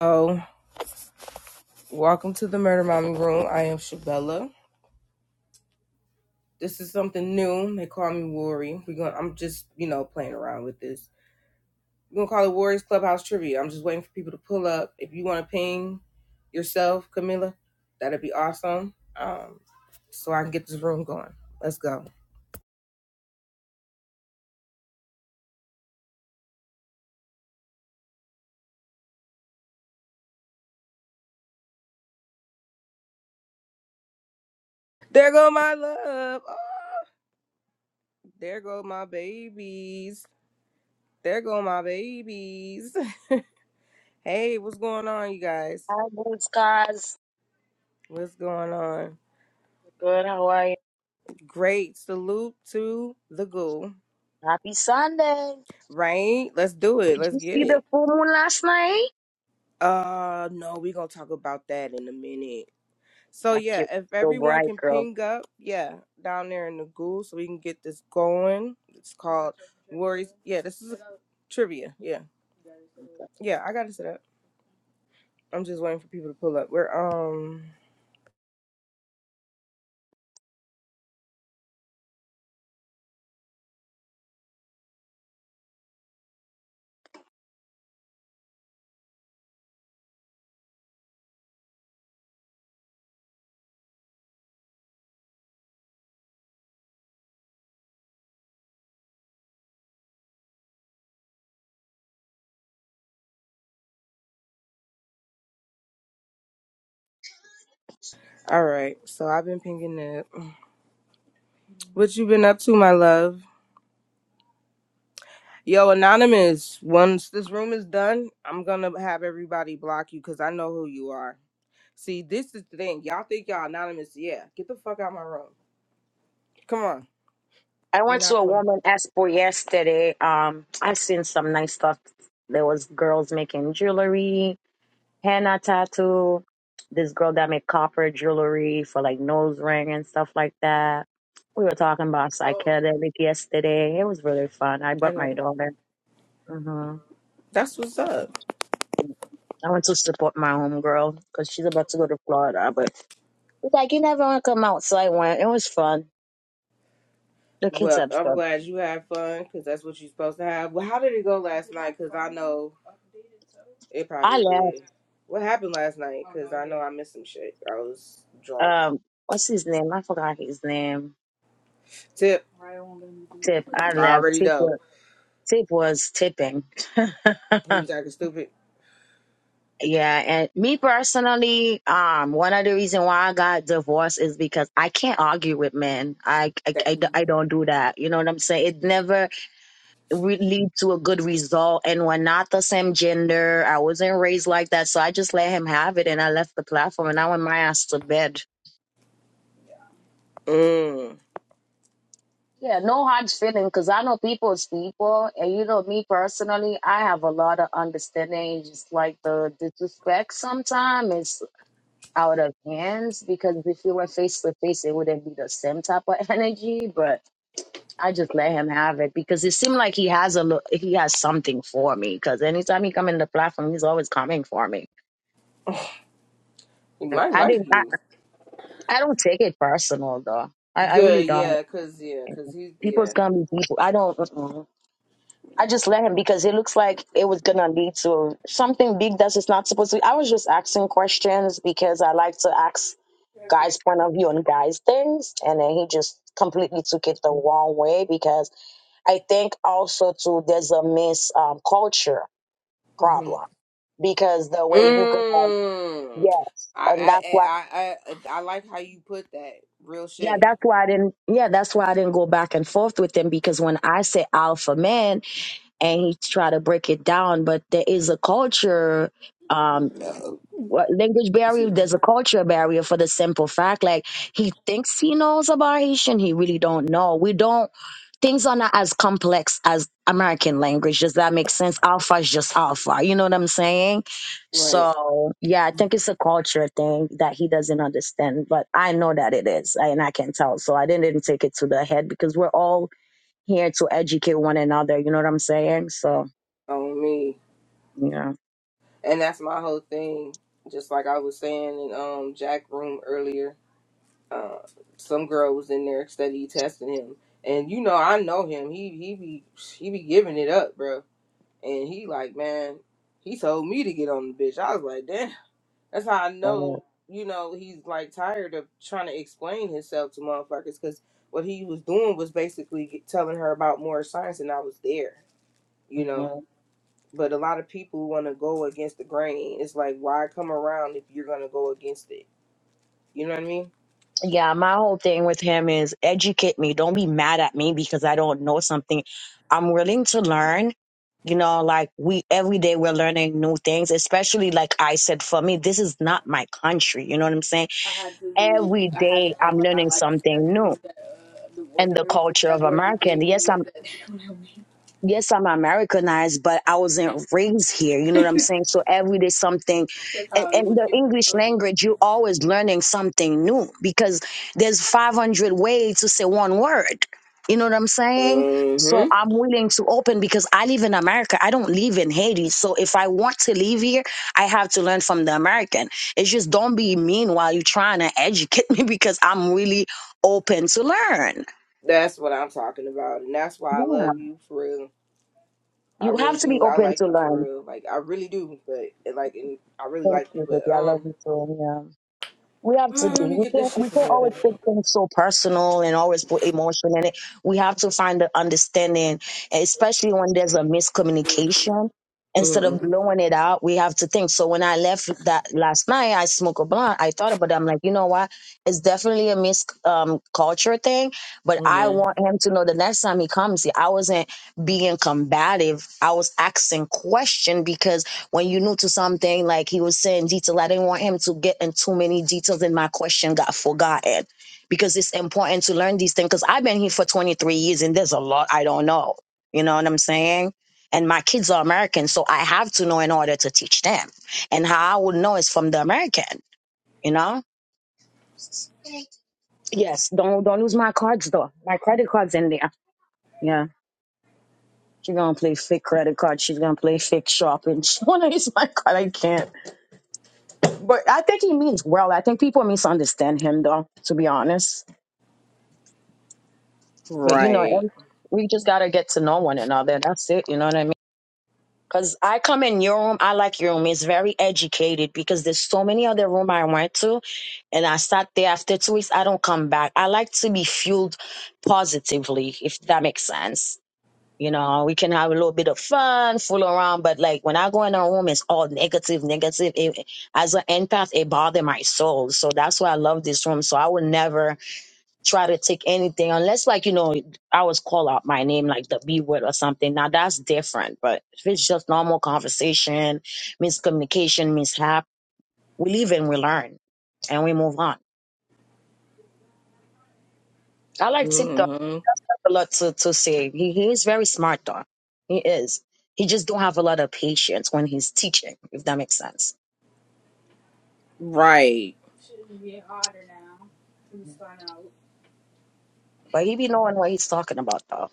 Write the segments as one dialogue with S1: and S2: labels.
S1: Oh, welcome to the Murder Mommy Room. I am Shabella. This is something new. They call me Worry. We're going I'm just, you know, playing around with this. We're gonna call it Warriors Clubhouse Trivia. I'm just waiting for people to pull up. If you wanna ping yourself, Camilla, that'd be awesome. Um, so I can get this room going. Let's go. There go my love. Ah, there go my babies. There go my babies. hey, what's going on, you guys?
S2: Hi, Bless guys.
S1: What's going on?
S2: Good, how are you?
S1: Great. Salute to the goo.
S2: Happy Sunday.
S1: Right? Let's do it.
S2: Did
S1: Let's
S2: you
S1: get
S2: see
S1: it.
S2: the full moon last night?
S1: Uh no, we're gonna talk about that in a minute. So
S2: That
S1: yeah,
S2: shit was
S1: if
S2: so
S1: everyone
S2: bright,
S1: can
S2: girl.
S1: ping up, yeah, down there in the goo so we can get this going. It's called Worries. Yeah, this is a trivia. Yeah. Yeah, I got to set up. I'm just waiting for people to pull up. We're um all right. So I've been pinging up. What you been up to, my love? Yo, Anonymous, once this room is done, I'm gonna have everybody block you because I know who you are. See, this is the thing. Y'all think y'all anonymous. Yeah, get the fuck out of my room. Come on.
S2: I
S1: We're
S2: went to
S1: not
S2: a
S1: playing.
S2: woman expo yesterday. Um, I seen some nice stuff. There was girls making jewelry, henna tattoo. This girl that made copper jewelry for like nose ring and stuff like that. We were talking about psychedelic yesterday. It was really fun. I
S1: I
S2: brought
S1: got
S2: my
S1: it.
S2: daughter. hmm
S1: That's
S3: That's
S1: what's
S3: what's up.
S1: up.
S2: I went to support my homegirl because she's about to go to Florida, but It's like you never want to come out, so I went. It was fun. The kids
S1: Well,
S2: had
S1: I'm
S2: fun.
S1: glad you had fun because that's what you're supposed to have. Well, how did it go last night? Because I know it
S2: I
S1: probably
S2: left.
S1: did. What happened last night? Because I know I missed some shit. I was drunk.
S2: Um, what's his name? I forgot his name.
S1: Tip. I
S2: Tip. I left.
S1: already
S2: Tip.
S1: know.
S2: wa- Tip was tipping.
S1: He was acting stupid.
S2: yeah, and me personally, um, one of the reason why I got divorced is because I can't argue with men. I I,
S1: That-
S2: I d- I don't do that. You know what I'm saying? It never re- lead to a good result. And we're not the same gender. I wasn't raised like that, so I just let him have it, and I left the platform, and I went my ass to bed.
S1: Mm.
S2: Yeah, no hard feeling because I know people is people, and you know me personally, I have a lot of understanding. It's Just like the disrespect sometimes is out of hands because if you were face to face, it wouldn't be the same type of energy. But I just let him have it because it seemed like he has a lo- he has something for me. Because anytime he come in the platform, he's always coming for me.
S1: He
S2: I
S1: might
S2: I
S1: like
S2: didn't. I,
S1: you.
S2: I don't take it personal though. I, I really
S1: Good,
S2: don't.
S1: yeah, cause yeah, cause he's
S2: People's
S1: yeah.
S2: gonna be people. I don't. I just let him because it looks like it was gonna lead to something big that's just not supposed to. Be. I was just asking questions because I like to ask guys' point of view on guys' things, and then he just completely took it the wrong way because I think also too there's a miss um, culture
S1: hmm
S2: problem because the way you go,
S1: Mm.
S2: yes,
S1: I,
S2: and
S1: I
S2: that's
S1: I
S2: why.
S1: I I I like how you put that. Real
S2: Yeah,
S1: shit.
S2: that's why I didn't. Yeah, that's why I didn't go back and forth with him because when I say alpha man, and he tried to break it down. But there is a culture, um, what- language barrier. There's a culture barrier for the simple fact, like he thinks he knows about Haitian, he really don't know. We don't. Things are not as complex as American language. Does that make sense? Alpha is just alpha. You know what I'm saying?
S1: Right.
S2: So yeah, I think it's a culture thing that he doesn't understand. But I know that it is, and I can tell. So I didn't, didn't take it to the head because we're all here to educate one another. You know what I'm saying? So
S1: On me.
S2: yeah.
S1: And that's my whole thing. Just like I was saying in um Jack room earlier, uh some girl was in there study testing him. And you know, I know him. He he be he be giving it up, bro. And he like, man, he told me to get on the bitch. I was like, damn. That's how I know, you know, he's like tired of trying to explain himself to motherfuckers because what he was doing was basically get- telling her about more science, and I was there, you know.
S2: Mm-hmm.
S1: But a lot of people want to go against the grain. It's like, why come around if you're going to go against it? You know what I mean?
S2: Yeah, my whole thing with him is educate me. Don't be mad at me because I don't know something. I'm willing to learn. You know, like we every day we're learning new things, especially like I said, for me, this is not my country. You know what I'm saying? Every day I'm learning something new and the culture of America. And yes, yes, I'm Americanized, but I wasn't raised here. You know what I'm saying? So every day something, and, and the English language, you're always learning something new because there's 500 ways to say one word. You know what I'm saying? So
S1: Mm-hmm.
S2: I'm willing to open because I live in America. I don't live in Haiti. So if I want to live here, I have to learn from the American. It's just don't be mean while you're trying to educate me because I'm really open to learn.
S1: That's what I'm talking about. And that's why I
S2: Yeah.
S1: love you for real. I
S2: You
S1: really
S2: have to be
S1: do. I
S2: open
S1: like
S2: to
S1: you
S2: learn.
S1: for real. Like, I really do. But, like, and I really
S2: Thank
S1: like you.
S2: you,
S1: But,
S2: baby. I love
S1: um,
S2: you too. Yeah. We have to be.
S1: let me
S2: We
S1: get
S2: can't.
S1: this shit
S2: We can't
S1: together.
S2: always take things so personal and always put emotion in it. We have to find the understanding, especially when there's a miscommunication. Instead of
S1: Mm-hmm.
S2: blowing it out, we have to think. So when I left that last night, I smoked a blunt. I thought about it. I'm like, you know what? It's definitely a mis um, culture thing. But I want him to know the next time he comes, here, I wasn't being combative. I was asking question because when you new to something, like he was saying detail, I didn't want him to get in too many details and my question got forgotten because it's important to learn these things. Because I've been here for 23 years and there's a lot I don't know. You know what I'm saying? And my kids are American, so I have to know in order to teach them. And how I would know is from the American, you know? Yes, don't don't lose my cards though. My credit cards in there. Yeah. She's gonna play fake credit card. She's gonna play fake shopping. She wanna use my card. I can't. But I think he means well. I think people misunderstand him, though, to be honest. But you know,
S1: Right.
S2: and we just gotta get to know one another. That's it. You know what I mean? Because I come in your room, I like your room. It's very educated because there's so many other room I went to, and I sat there after two weeks. I don't come back. I like to be fueled positively, if that makes sense. You know, we can have a little bit of fun, fool around, but like when I go in a room, it's all negative, negative. It, as an empath, it bothers my soul. So that's why I love this room. So I would never try to take anything unless, like, you know, I was called out my name, like the B word or something. Now that's different. But if it's just normal conversation, miscommunication, mishap, we leave and we learn and we move on. I like TikTok.
S1: Mm-hmm.
S2: a lot to, to say. He, he is very smart though. He is. He just don't have a lot of patience when he's teaching, if that makes sense.
S1: Right.
S2: But he be knowing what he's talking about though.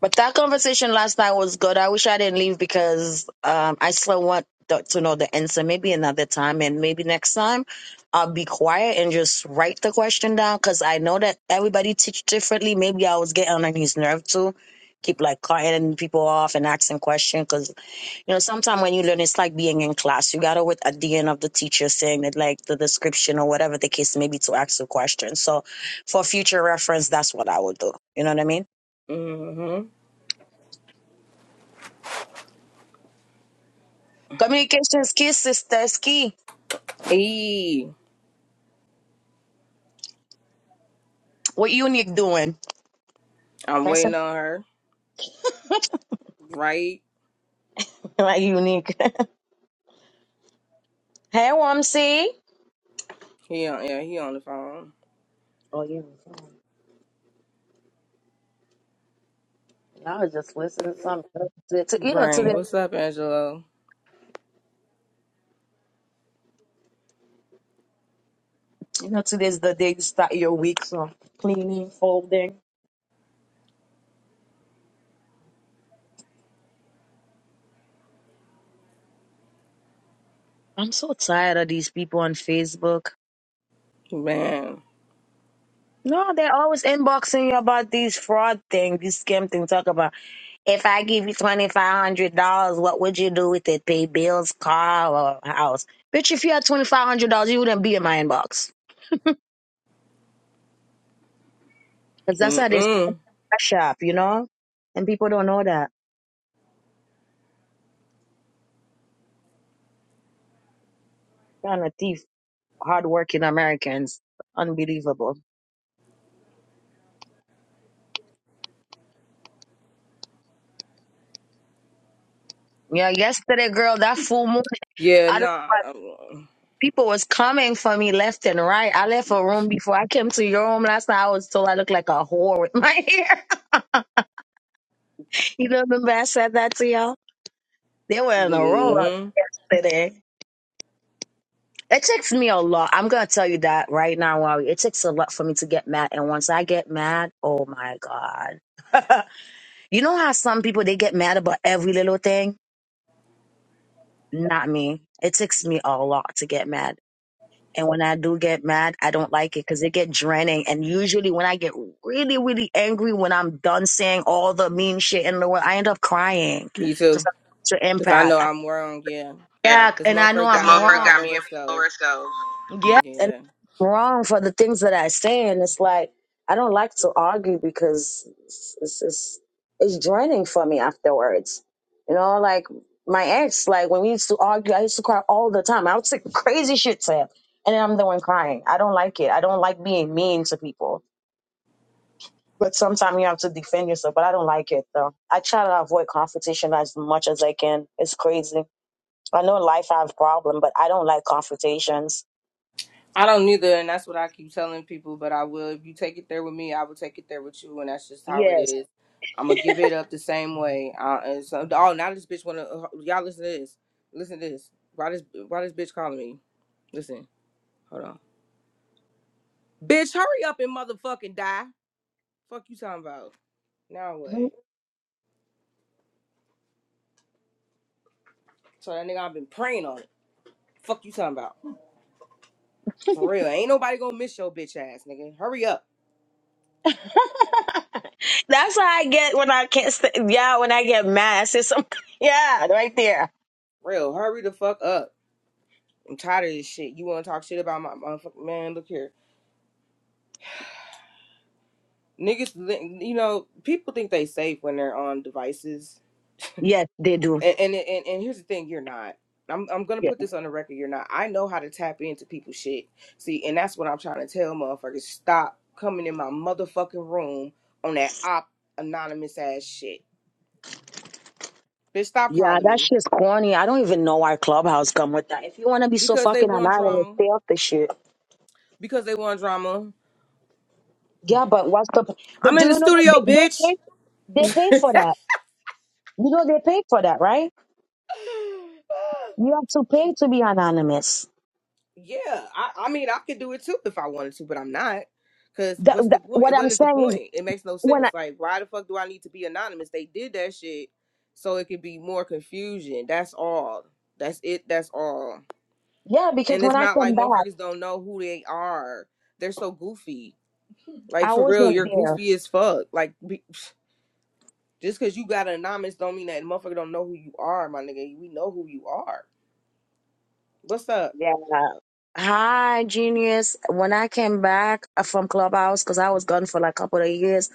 S2: But that conversation last night was good. I wish I didn't leave because um, I still want the, to know the answer. Maybe another time and maybe next time I'll be quiet and just write the question down because I know that everybody teach differently. Maybe I was getting on his nerve too. Keep like cutting people off and asking questions because You know, sometimes when you learn, it's like being in class. You gotta wait at the end of the teacher saying that, like the description or whatever the case may be, to ask the question. So, for future reference, that's what I would do. You know what I mean?
S1: Mm-hmm.
S2: Communication is key, sister. Is key.
S1: E.
S2: What unique doing?
S1: I'm
S2: That's
S1: waiting on her. Right.
S2: like unique. hey, Wamsi.
S1: He on yeah, he on the phone.
S2: Oh yeah, I was just listening to something. To- to- You know,
S1: Right.
S2: today,
S1: What's up, Angelo?
S2: you know, today's the day you start your week. So cleaning, folding. I'm so tired of these people on Facebook.
S1: Man.
S2: No, they're always inboxing you about these fraud things, these scam things. Talk about if I give you twenty five hundred dollars, what would you do with it? Pay bills, car, or house? Bitch, if you had twenty five hundred dollars, you wouldn't be in my inbox. Cause that's how they
S1: Mm-mm.
S2: stash up, you know. And people don't know that. Trying to thief hardworking Americans, unbelievable. Yeah, yesterday, girl, that full moon.
S1: Yeah,
S2: I don't know
S1: nah.
S2: why people was coming for me left and right. I left a room before I came to your room last night. I was told I looked like a whore with my hair. You know, remember I said that to y'all? They were in a row up
S1: Mm-hmm.
S2: yesterday. It takes me a lot. I'm gonna tell you that right now, Wally. It takes a lot for me to get mad, and once I get mad, oh my god! you know how some people they get mad about every little thing? Not me. It takes me a lot to get mad, and when I do get mad, I don't like it because it get draining. And usually, when I get really, really angry, when I'm done saying all the mean shit in the world, I end up crying
S1: Me
S2: because
S1: too.
S2: I'm such an
S1: Cause I
S2: empath.
S1: know I'm wrong, yeah.
S2: Yeah, Yeah,
S1: Cause
S2: and I
S1: motherfucker
S2: know this I'm
S1: got me in
S2: motherfucker got
S1: my
S2: wrong. me
S1: lower
S2: in my
S1: self.
S2: horoscope. Yeah, and
S1: Yeah.
S2: I'm wrong for the things that I say. And it's like I don't like to argue because it's it's, it's it's draining for me afterwards. You know, like my ex, like when we used to argue, I used to cry all the time. I would say crazy shit to him, and then I'm the one crying. I don't like it. I don't like being mean to people. But sometimes you have to defend yourself. But I don't like it though. I try to avoid confrontation as much as I can. It's crazy. I know in life I have problem, but I don't like confrontations.
S1: I don't either, and that's what I keep telling people. But I will. If you take it there with me, I will take it there with you, and that's just how it
S2: Yes.
S1: is. I'm gonna give it up the same way. Uh, and so, oh, now this bitch wanna uh, y'all listen to this. Listen to this. Why this? Why this bitch calling me? Listen, hold on. Bitch, hurry up and motherfucking die. Fuck you talking about? Now what?
S2: Mhm.
S1: So that nigga, I've been praying on it. Fuck you talking about? For real, ain't nobody gonna miss your bitch ass, nigga. Hurry up,
S2: That's how I get when I can't. St- yeah, when I get mad, I say something. Yeah, right there.
S1: real. Hurry the fuck up. I'm tired of this shit. You wanna talk shit about my motherfucking man? Look here. niggas you know people think they safe when they're on devices
S2: Yes, they do.
S1: and and and, and here's the thing you're not I'm, I'm gonna
S2: Yeah,
S1: put this on the record. You're not. I know how to tap into people's shit. See, and that's what I'm trying to tell motherfuckers. Stop coming in my motherfucking room on that op anonymous ass shit. Bitch, stop
S2: yeah,
S1: calling
S2: that
S1: me
S2: shit's corny. I don't even know why Clubhouse come with that. If you want to be so
S1: because they
S2: fucking
S1: want
S2: anonymous,
S1: drama.
S2: stay off the shit.
S1: Because they want drama.
S2: Yeah, but what's the?
S1: I'm
S2: But do
S1: in the
S2: you know that
S1: studio,
S2: they, they
S1: bitch.
S2: pay? They pay for that. You know they pay for that, right? You have to pay to be anonymous.
S1: Yeah, I, I mean, I could do it too if I wanted to, but I'm not. Cause
S2: That,
S1: what's the
S2: that, what
S1: point? What
S2: I'm
S1: is the
S2: saying is,
S1: point? It makes no
S2: when
S1: sense. Like, why the fuck do I need to be anonymous? They did that shit so it could be more confusion. That's all. That's it. That's all.
S2: Yeah, because
S1: And it's
S2: when I
S1: not like
S2: come back,
S1: motherfuckers don't know who they are. They're so goofy. Like
S2: I
S1: for real,
S2: wasn't
S1: you're
S2: there.
S1: goofy as fuck. Like be, just cause you got anonymous don't mean that motherfucker don't know who you are, my nigga. We know who you are. What's up?
S2: Yeah. Hi, genius. When I came back uh, from Clubhouse, because I was gone for like a couple of years,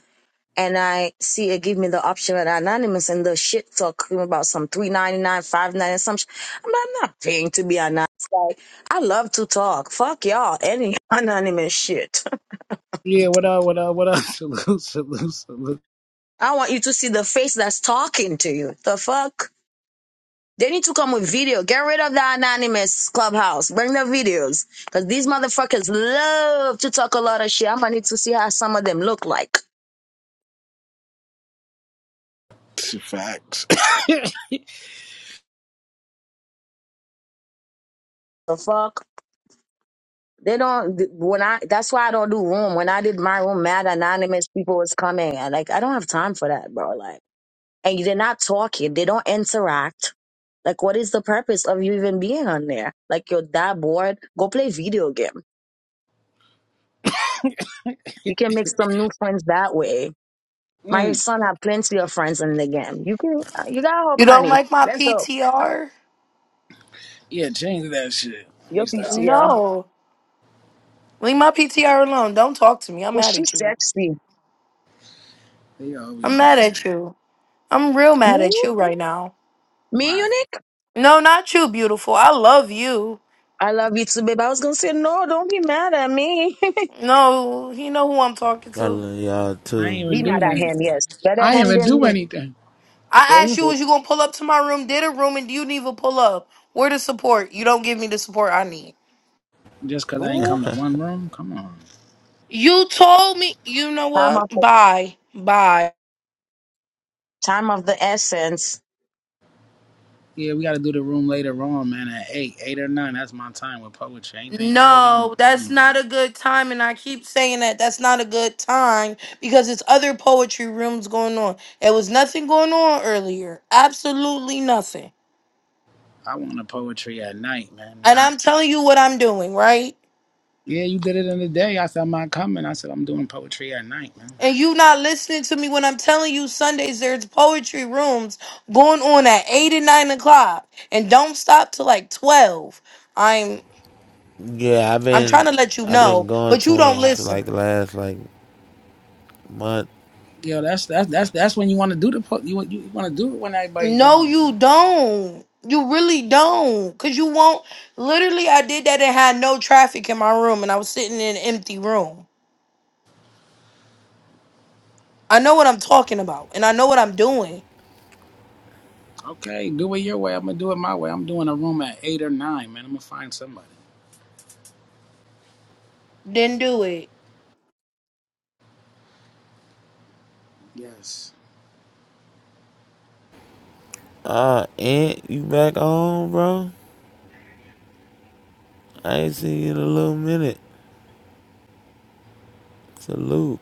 S2: and I see it give me the option at Anonymous, and the shit talk about some three ninety nine, five ninety some. Sh- I'm, not, I'm not paying to be anonymous. Like I love to talk. Fuck y'all. Any anonymous shit.
S4: Yeah, what up, what up, what up? Salute, salute, salute.
S2: I want you to see the face that's talking to you. The fuck. They need to come with video. Get rid of the anonymous clubhouse. Bring the videos. Because these motherfuckers love to talk a lot of shit. I'm going to need to see how some of them look like.
S4: Facts.
S2: The fuck? They don't, when I, that's why I don't do room. When I did my room, mad anonymous people was coming. And like, I don't have time for that, bro. Like, and they're not talking. They don't interact. Like, what is the purpose of you even being on there? Like, you're that bored. Go play video game. You can make some new friends that way My
S4: mm,
S2: son have plenty of friends in the game. You can, uh, you gotta hope,
S5: You don't
S2: honey.
S5: like my
S2: Let's hope.
S5: PTR?
S4: yeah, change that shit. Let
S2: Your
S4: me stop.
S2: PTR.
S5: No. Leave my PTR alone. Don't talk to me. I'm
S2: Oh,
S5: mad
S2: she's
S5: at you.
S2: sexy.
S4: They
S5: I'm
S4: always
S5: mad
S4: mad.
S5: at you. I'm real mad
S2: Me,
S5: at you right now.
S2: me,
S4: Why?
S2: unique.
S5: No, not you, beautiful. I love you.
S2: I love you too, babe. I was gonna say no. Don't be mad at me.
S5: No, you know who I'm talking
S6: I
S5: to.
S6: love y'all
S4: I
S6: too.
S4: ain't even
S2: be
S4: do
S2: mad at
S4: that.
S2: him. Yes, better
S4: I ain't
S2: him
S4: even
S2: than
S4: do
S2: me.
S4: anything.
S2: There
S5: I
S2: you
S5: asked you,
S2: go.
S5: was you gonna pull up to my room? Did a room and you didn't even pull up. Where the support? You don't give me the support I need.
S4: Just 'cause I ain't
S2: Ooh,
S4: come to one room? Come on.
S5: You told me. You know
S2: Time
S5: what?
S2: of the
S5: Bye. Bye.
S2: time of the essence.
S4: Yeah, we gotta do the room later on, man, at 8, 8 or 9. That's my time with poetry. Anything early?
S5: No, that's
S4: Mm.
S5: not a good time, and I keep saying that that's not a good time because it's other poetry rooms going on. There was nothing going on earlier, absolutely nothing.
S4: I want a poetry at night, man.
S5: And
S4: Not.
S5: I'm telling you what I'm doing, right?
S4: Yeah, you did it in the day. I said, I'm not coming. I said, I'm doing poetry at night, man.
S5: And you not listening to me when I'm telling you Sundays there's poetry rooms going on at eight and nine o'clock, and don't stop till like twelve. I'm
S6: Yeah, I've
S5: I'm trying
S6: been
S5: to let you
S6: I've been
S5: know,
S6: going
S5: but
S6: to
S5: you don't
S6: him for like
S5: listen.
S6: the last like month.
S4: Yo, that's that's that's that's when you want to do the po- you want you want to do it when everybody's
S5: No,
S4: doing it,
S5: you
S4: man.
S5: don't. You really don't. Cause you won't literally I did that and had no traffic in my room and I was sitting in an empty room. I know what I'm talking about and I know what I'm doing.
S4: Okay, do it your way. I'm gonna do it my way. I'm doing a room at eight or nine, man. I'm gonna find somebody.
S5: Didn't do it.
S4: Yes,
S6: Ah, Uh, Aunt, you back home, bro? I ain't seen you in a little minute. Salute.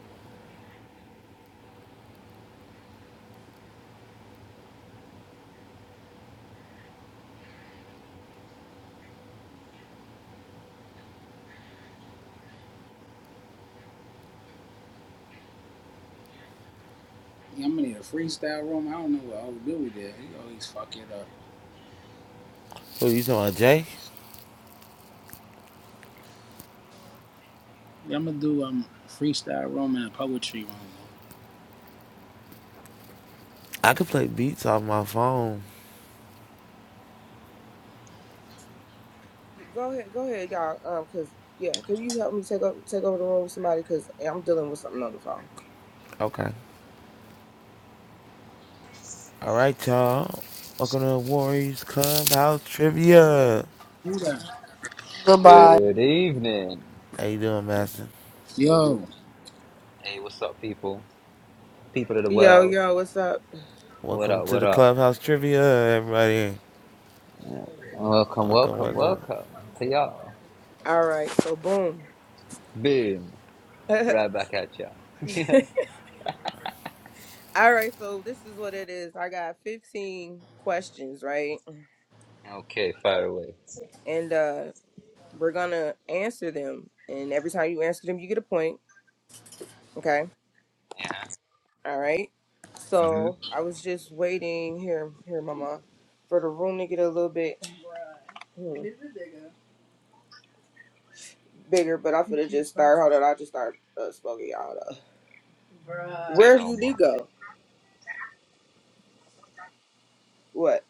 S4: yeah, I'm gonna need a freestyle room. I don't know what old dude there. He always fuck it up.
S6: Who you talking about, Jay?
S4: Yeah, I'm gonna do um a freestyle room and a poetry room. Man.
S6: I could play beats off my phone.
S1: Y- Go ahead, go ahead, y'all. Um, cause yeah, can you help me take over take over the room with somebody? Cause I'm dealing with something on the phone.
S6: Okay. All right, y'all. Welcome to Warriors Clubhouse Trivia.
S4: Who that?
S5: Goodbye.
S7: Good evening.
S6: How you doing, Master?
S4: Yo,
S7: Hey, what's up, people? People of the
S1: Yo,
S7: world.
S1: yo, what's up?
S7: What
S6: Welcome
S7: up,
S6: to
S7: what
S6: the
S7: up?
S6: Clubhouse Trivia, everybody.
S7: Yeah. Welcome,
S6: Welcome,
S7: welcome,
S6: welcome.
S7: welcome to y'all.
S1: All right, so boom.
S7: Boom.
S1: All
S7: Right back at y'all. yeah.
S1: right, so this is what it is. I got 15 questions, right?
S7: Okay, fire away.
S1: And uh we're gonna answer them. And every time you answer them, you get a point. Okay.
S7: Yeah.
S1: All right.
S7: Mm-hmm.
S1: So I was just waiting here, here, mama, for the room to get a little bit. Hmm. bigger, but I am finna just start. Hold on, I just start uh, smoking y'all. Hold up.
S7: Say
S1: Where's
S7: no more.
S1: Unigo? What?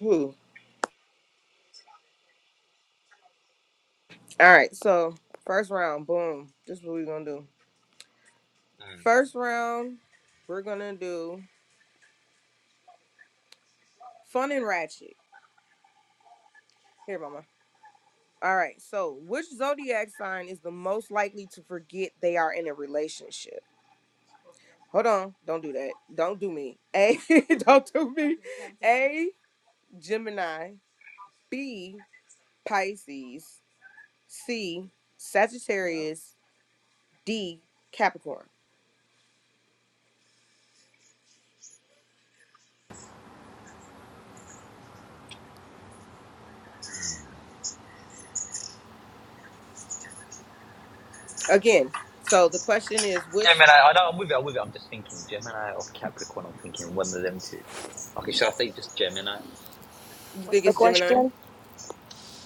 S1: Who? All right. So first round, boom. This is what we gonna do. First round, we're gonna do fun and ratchet. Here, mama. All right. So which zodiac sign is the most likely to forget they are in a relationship? Hold on. Don't do that. Don't do me. A. don't do me. A. Gemini. B. Pisces. C, Sagittarius, D, Capricorn. Again, so the question is which
S7: Gemini, I I know I'm with you, I'm with you. I'm just thinking Gemini or Capricorn. I'm thinking one of them two. Okay, should I say just Gemini?
S1: you
S2: What's
S1: think
S2: the
S1: is Gemini?
S2: question?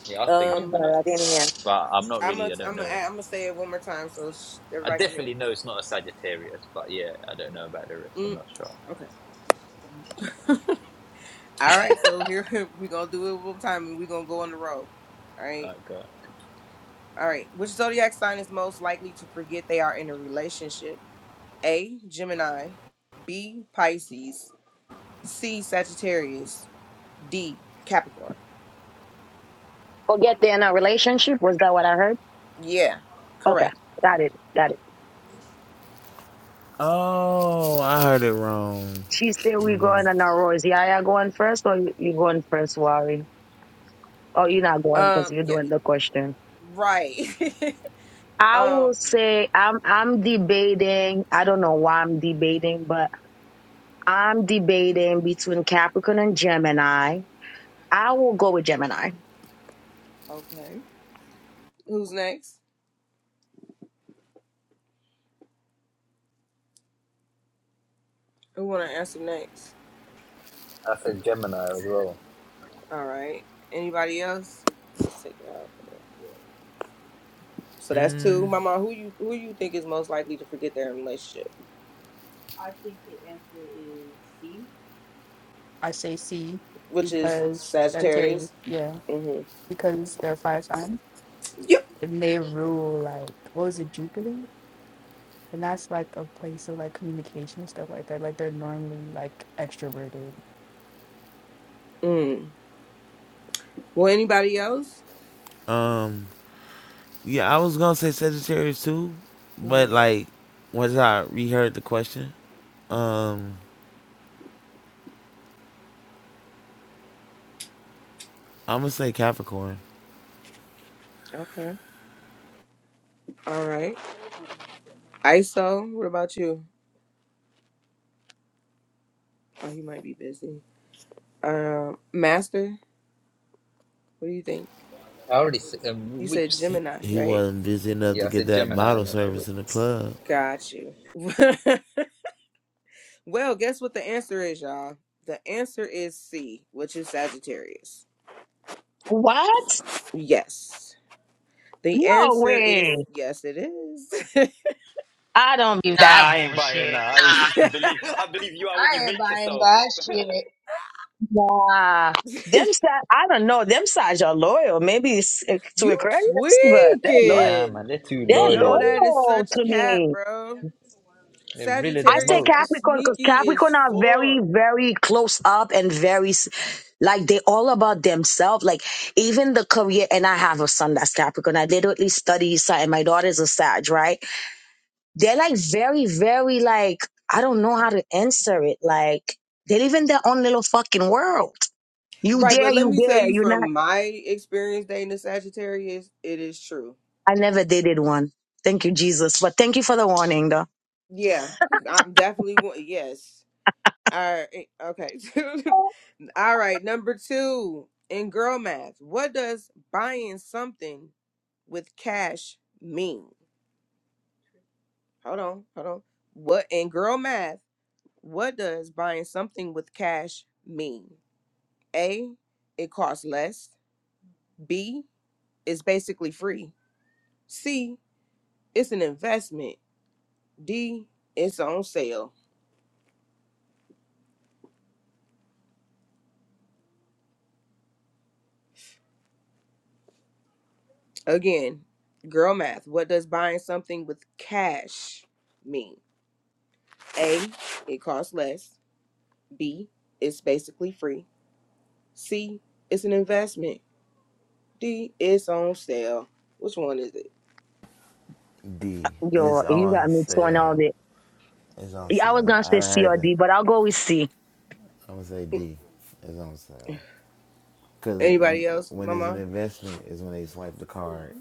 S7: Yeah, I'll say
S2: I'm
S1: Um
S2: sorry,
S7: Gemini.
S2: I didn't hear.
S7: But I'm not
S1: I'm
S7: really,
S1: gonna
S7: I don't
S1: I'm gonna
S7: know.
S1: I'm gonna say it one more time so sh-
S7: I
S1: everybody can hear.
S7: definitely know it's not a Sagittarius, but yeah, I don't know about the rest. I'm
S1: Mm,
S7: not sure.
S1: okay. All right, so here we gonna do it one more time and we are gonna go on the road. All
S7: Oh,
S1: right.
S7: God.
S1: All right. Which zodiac sign is most likely to forget they are in a relationship? A. Gemini. B. Pisces. C. Sagittarius. D. Capricorn.
S2: Forget they're in a relationship. Was that what I heard?
S1: Yeah.
S2: Okay,
S1: Correct.
S2: got it, got it.
S6: Oh, I heard it wrong.
S2: She said we
S6: Mm.
S2: going on our roads. Yaya going first, or you you going first, Wari? Oh, you're not going because
S1: Um.
S2: you're
S1: Yeah.
S2: doing the question.
S1: Right.
S2: I will
S1: um,
S2: say I'm I'm debating. I don't know why I'm debating, but I'm debating between Capricorn and Gemini. I will go with Gemini.
S1: who's next? Who wanna answer next?
S7: I said Gemini as well.
S1: All right. Anybody else? Let's take it out. So that's
S6: Mm.
S1: two. Mama, who you who you think is most likely to forget their relationship?
S3: I say C
S1: Which is Uh,
S3: because that's
S1: Sagittarius.
S3: yeah
S1: hmm
S3: because there are five signs.
S1: Yep.
S3: And they rule like what was it Jupiter, and that's like a place of like communication and stuff like that. Like they're normally like extroverted.
S1: Mm. Well, anybody else?
S6: Um, yeah, I was gonna say Sagittarius too, but
S1: hmm
S6: like once I reheard the question, um, I'm gonna say Capricorn.
S1: Okay. All right. ISO, what about you? Oh, you might be busy. Um, Master, what do you think?
S7: I already said, um,
S1: You
S7: which,
S1: said
S6: He,
S1: Gemini,
S6: he
S1: right?
S6: wasn't busy enough
S7: yeah,
S6: to
S7: I
S6: get
S7: said
S6: that
S7: Gemini
S6: bottle
S7: initially.
S6: service in the club.
S1: Got you. Well, guess what the answer is, y'all? The answer is C, which is Sagittarius.
S2: What?
S1: Yes. The
S2: No
S1: answer is
S2: way.
S1: yes, it is.
S2: I don't believe
S7: Nah,
S2: that
S7: I ain't buying
S2: bullshit.
S7: that. I refuse to believe. I believe you are what you
S2: I ain't
S7: make
S2: buying
S7: yourself.
S2: that shit. Nah. Them si- I don't know. Them sides are loyal. Maybe it's eh, to
S1: you
S2: Aquarius, but they're loyal.
S7: Nah,
S1: tweaking.
S7: man, they're too
S2: They're
S1: No,
S7: loyal.
S1: that is
S2: loyal
S1: such
S2: to
S1: cap,
S2: me.
S1: bro.
S7: They're really the
S2: I say
S1: Sagittarius are
S7: most.
S2: Capricorn because
S1: sneaky as
S2: Capricorn are very,
S1: fuck.
S2: very close up and very, s- like, they all about themselves. Like, even the career, and I have a son that's Capricorn. I literally study Sag, and my daughter's a Sag, right? They're like very, very, like, I don't know how to answer it. Like, they live in their own little fucking world. You
S1: Right, but
S2: there,
S1: let
S2: you
S1: me tell
S2: there,
S1: you
S2: you're not.
S1: from my experience dating a Sagittarius, it is true.
S2: I never dated one. Thank you, Jesus. But thank you for the warning, though.
S1: Yeah, I'm definitely one. Yes. All right. eh, Okay. All right, number two in girl math, what does buying something with cash mean? Hold on, hold on. What in girl math, what does buying something with cash mean? A, it costs less. B, it's basically free. C, it's an investment. D, it's on sale. Again, girl math, what does buying something with cash mean? A, it costs less. B, it's basically free. C, it's an investment. D, it's on sale. Which one is it?
S6: D.
S2: Yo,
S6: It's
S2: you got
S6: on
S2: me torn all
S6: sale. It's on
S2: Yeah, I was
S6: sale.
S2: gonna
S6: I
S2: say
S6: done
S2: C
S6: heard
S2: or
S6: that.
S2: D, but I'll go with C.
S6: I'm gonna say D. It's on sale. Cause when
S1: Anybody else,
S6: when it's an
S1: Mama?
S6: investment is when they swipe the card.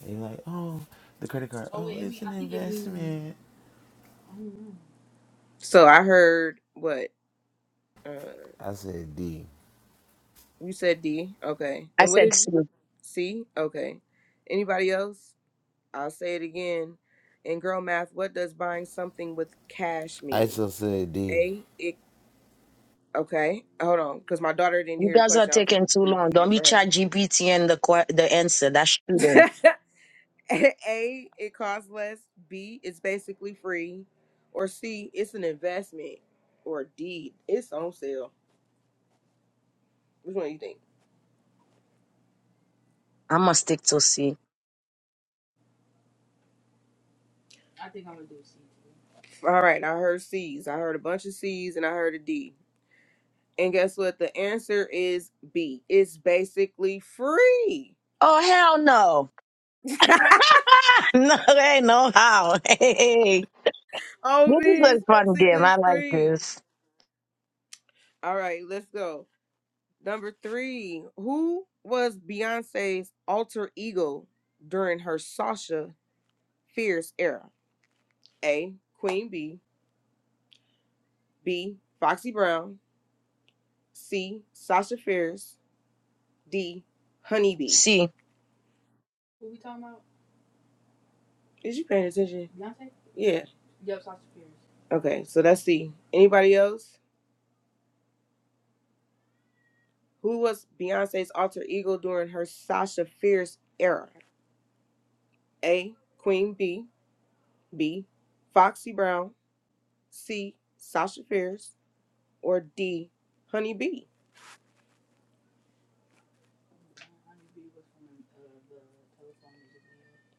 S6: And you're like, oh, the credit card. Oh, it's an investment.
S1: So I heard what uh,
S6: I said D.
S1: you said. D, okay.
S2: I
S1: And what
S2: said
S1: did you-
S2: C.
S1: C? Okay. Anybody else? I'll say it again. In girl math, what does buying something with cash
S6: I
S1: mean?
S6: still said D.
S1: A, it. Okay, hold on, because my daughter didn't
S2: You
S1: hear the
S2: guys are
S1: question. I'm
S2: taking too long.
S1: repeating
S2: Don't
S1: it
S2: be
S1: for
S2: chat GPT and the que- the answer. That's shooting.
S1: her. A, it costs less. B, it's basically free. Or C, it's an investment. Or D, it's on sale. Which one do you think?
S2: I'm gonna stick to C.
S1: All right, I heard C's. I heard a bunch of C's and I heard a D. And guess what? The answer is B. It's basically free.
S2: Oh hell no! no, there ain't no how. Hey,
S1: oh man,
S2: this is a
S1: it's
S2: fun game.
S1: basically
S2: I like
S1: free.
S2: this.
S1: All right, let's go. Number three, who was Beyonce's alter ego during her Sasha Fierce era? A. Queen B. B. Foxy Brown. C. Sasha Fierce. D. Honeybee.
S2: C.
S1: Is you paying attention? Yeah. Okay, so that's C. Anybody else? Who was Beyonce's alter ego during her Sasha Fierce era? A. Queen B. B. Foxy Brown. C. Sasha Fierce. Or D. Honey B.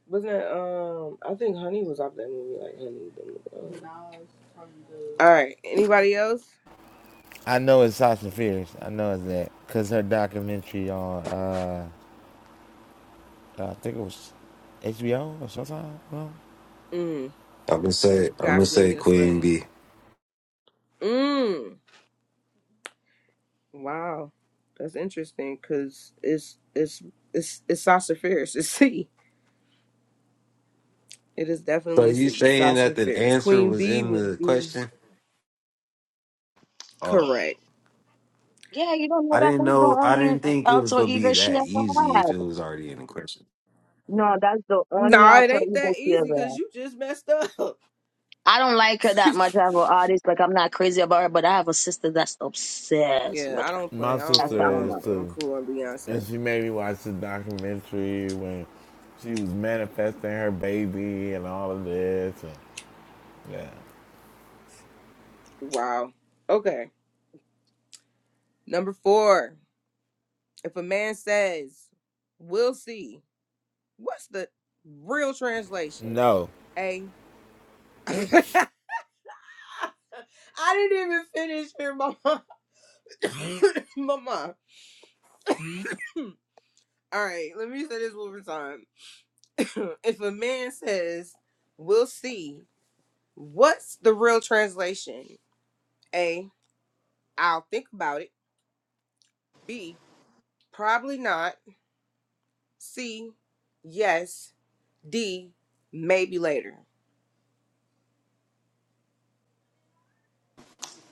S1: Wasn't that, um, I think Honey was off that movie, like Honey. the- uh, no, it's from the- All right, anybody else?
S6: I know it's Sasha Fierce. I know it's that because her documentary on uh, I think it was HBO or Showtime. No,
S1: Mm,
S8: I'm gonna say I'm gonna
S1: got you and
S8: say
S1: guess what?
S8: Queen B.
S1: Mm. Wow, that's interesting because it's it's it's it's Sassiferous. It's C. It is
S8: So
S1: definitely
S8: you
S1: C.
S8: saying that the
S1: Sassiferous.
S8: answer
S1: Queen
S8: was
S1: B
S8: in
S1: would
S8: the
S1: be
S8: question? Oh,
S1: correct.
S2: Yeah, you don't know
S8: I
S2: that
S8: didn't
S2: that's the
S8: know. I
S2: only
S8: didn't
S2: uh,
S8: think it was
S2: alter
S8: gonna be
S2: ego she
S8: that
S2: ever
S8: easy
S2: had.
S8: if it was already in the question.
S2: No, that's the only
S1: Nah, it
S2: alter
S1: ain't
S2: ego
S1: that
S2: she
S1: easy
S2: ever
S1: because
S2: had.
S1: you just messed up.
S2: I don't like her that much as an artist. Like I'm not crazy about her, but I have a sister that's obsessed
S1: Yeah,
S2: with
S1: I
S2: her.
S1: don't play.
S6: my
S1: I
S2: That's
S1: don't,
S2: how
S1: I
S2: I
S6: sister is
S1: don't.
S2: know.
S1: I'm
S6: too,
S1: cool on
S6: and
S1: Beyonce.
S6: she made me watch the documentary when she was manifesting her baby and all of this. And yeah,
S1: Wow. Okay. Number four. If a man says, "We'll see," what's the real translation?
S6: no,
S1: A. I didn't even finish here, mama. Mama. All right, let me say this one more time. if a man says, "We'll see," what's the real translation? A. I'll think about it. B. Probably not. C. Yes. D. Maybe later.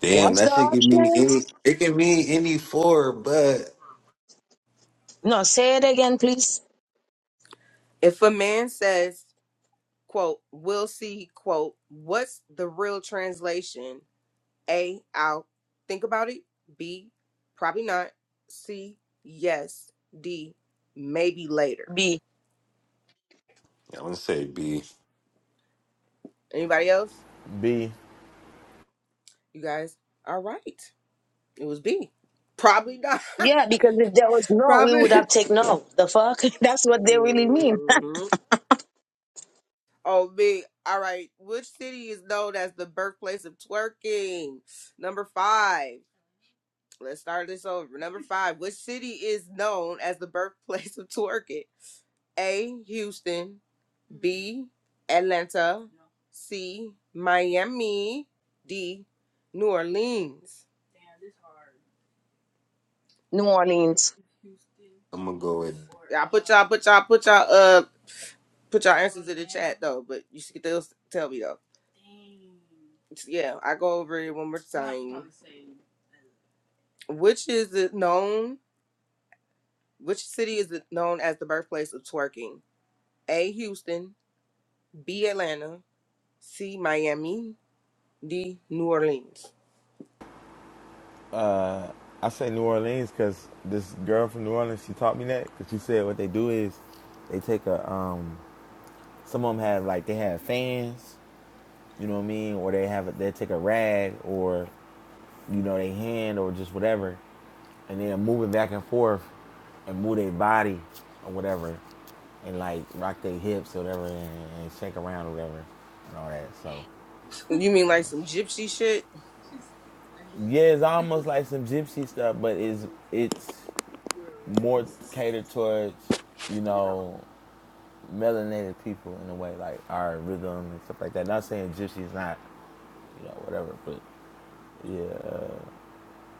S8: Damn,
S2: What's the
S8: that shit can mean
S2: options?
S8: any. It can mean any four, but
S2: No, say it again, please.
S1: If a man says, "Quote, we'll see," quote, what's the real translation? A, I'll think about it. B, probably not. C, yes. D, maybe later.
S2: B.
S8: I'm gonna say B.
S1: Anybody else?
S6: B.
S1: You guys? All right. It was B. Probably not.
S2: Yeah, because if there was no, we
S1: probably.
S2: would have taken no. The fuck? That's what they really mean.
S1: Mhm. Oh, B. All right. Which city is known as the birthplace of twerking? Number five. Let's start this over. Number five. Which city is known as the birthplace of twerking? A. Houston, B. Atlanta, C. Miami, D. New Orleans.
S2: New Orleans.
S8: I'm gonna go with
S1: Yeah, I put y'all, put y'all, put y'all, uh, put y'all answers in the chat though. But you should still tell me though. Yeah, I go over it one more time. Which is it known? Which city is it known as the birthplace of twerking? A. Houston, B. Atlanta, C. Miami, D. New Orleans.
S6: I say New Orleans because this girl from New Orleans she taught me that because she said what they do is they take a um some of them have like they have fans you know what i mean or they have a, they take a rag or you know, their hand or just whatever, and they're moving back and forth and move their body or whatever, and like rock their hips or whatever and, and shake around or whatever and all that. So
S1: You mean like some gypsy shit?
S6: yeah, it's almost like some gypsy stuff, but it's it's more catered towards you know melanated people in a way, like our rhythm and stuff like that. Not saying gypsy is not you know whatever, but yeah, uh,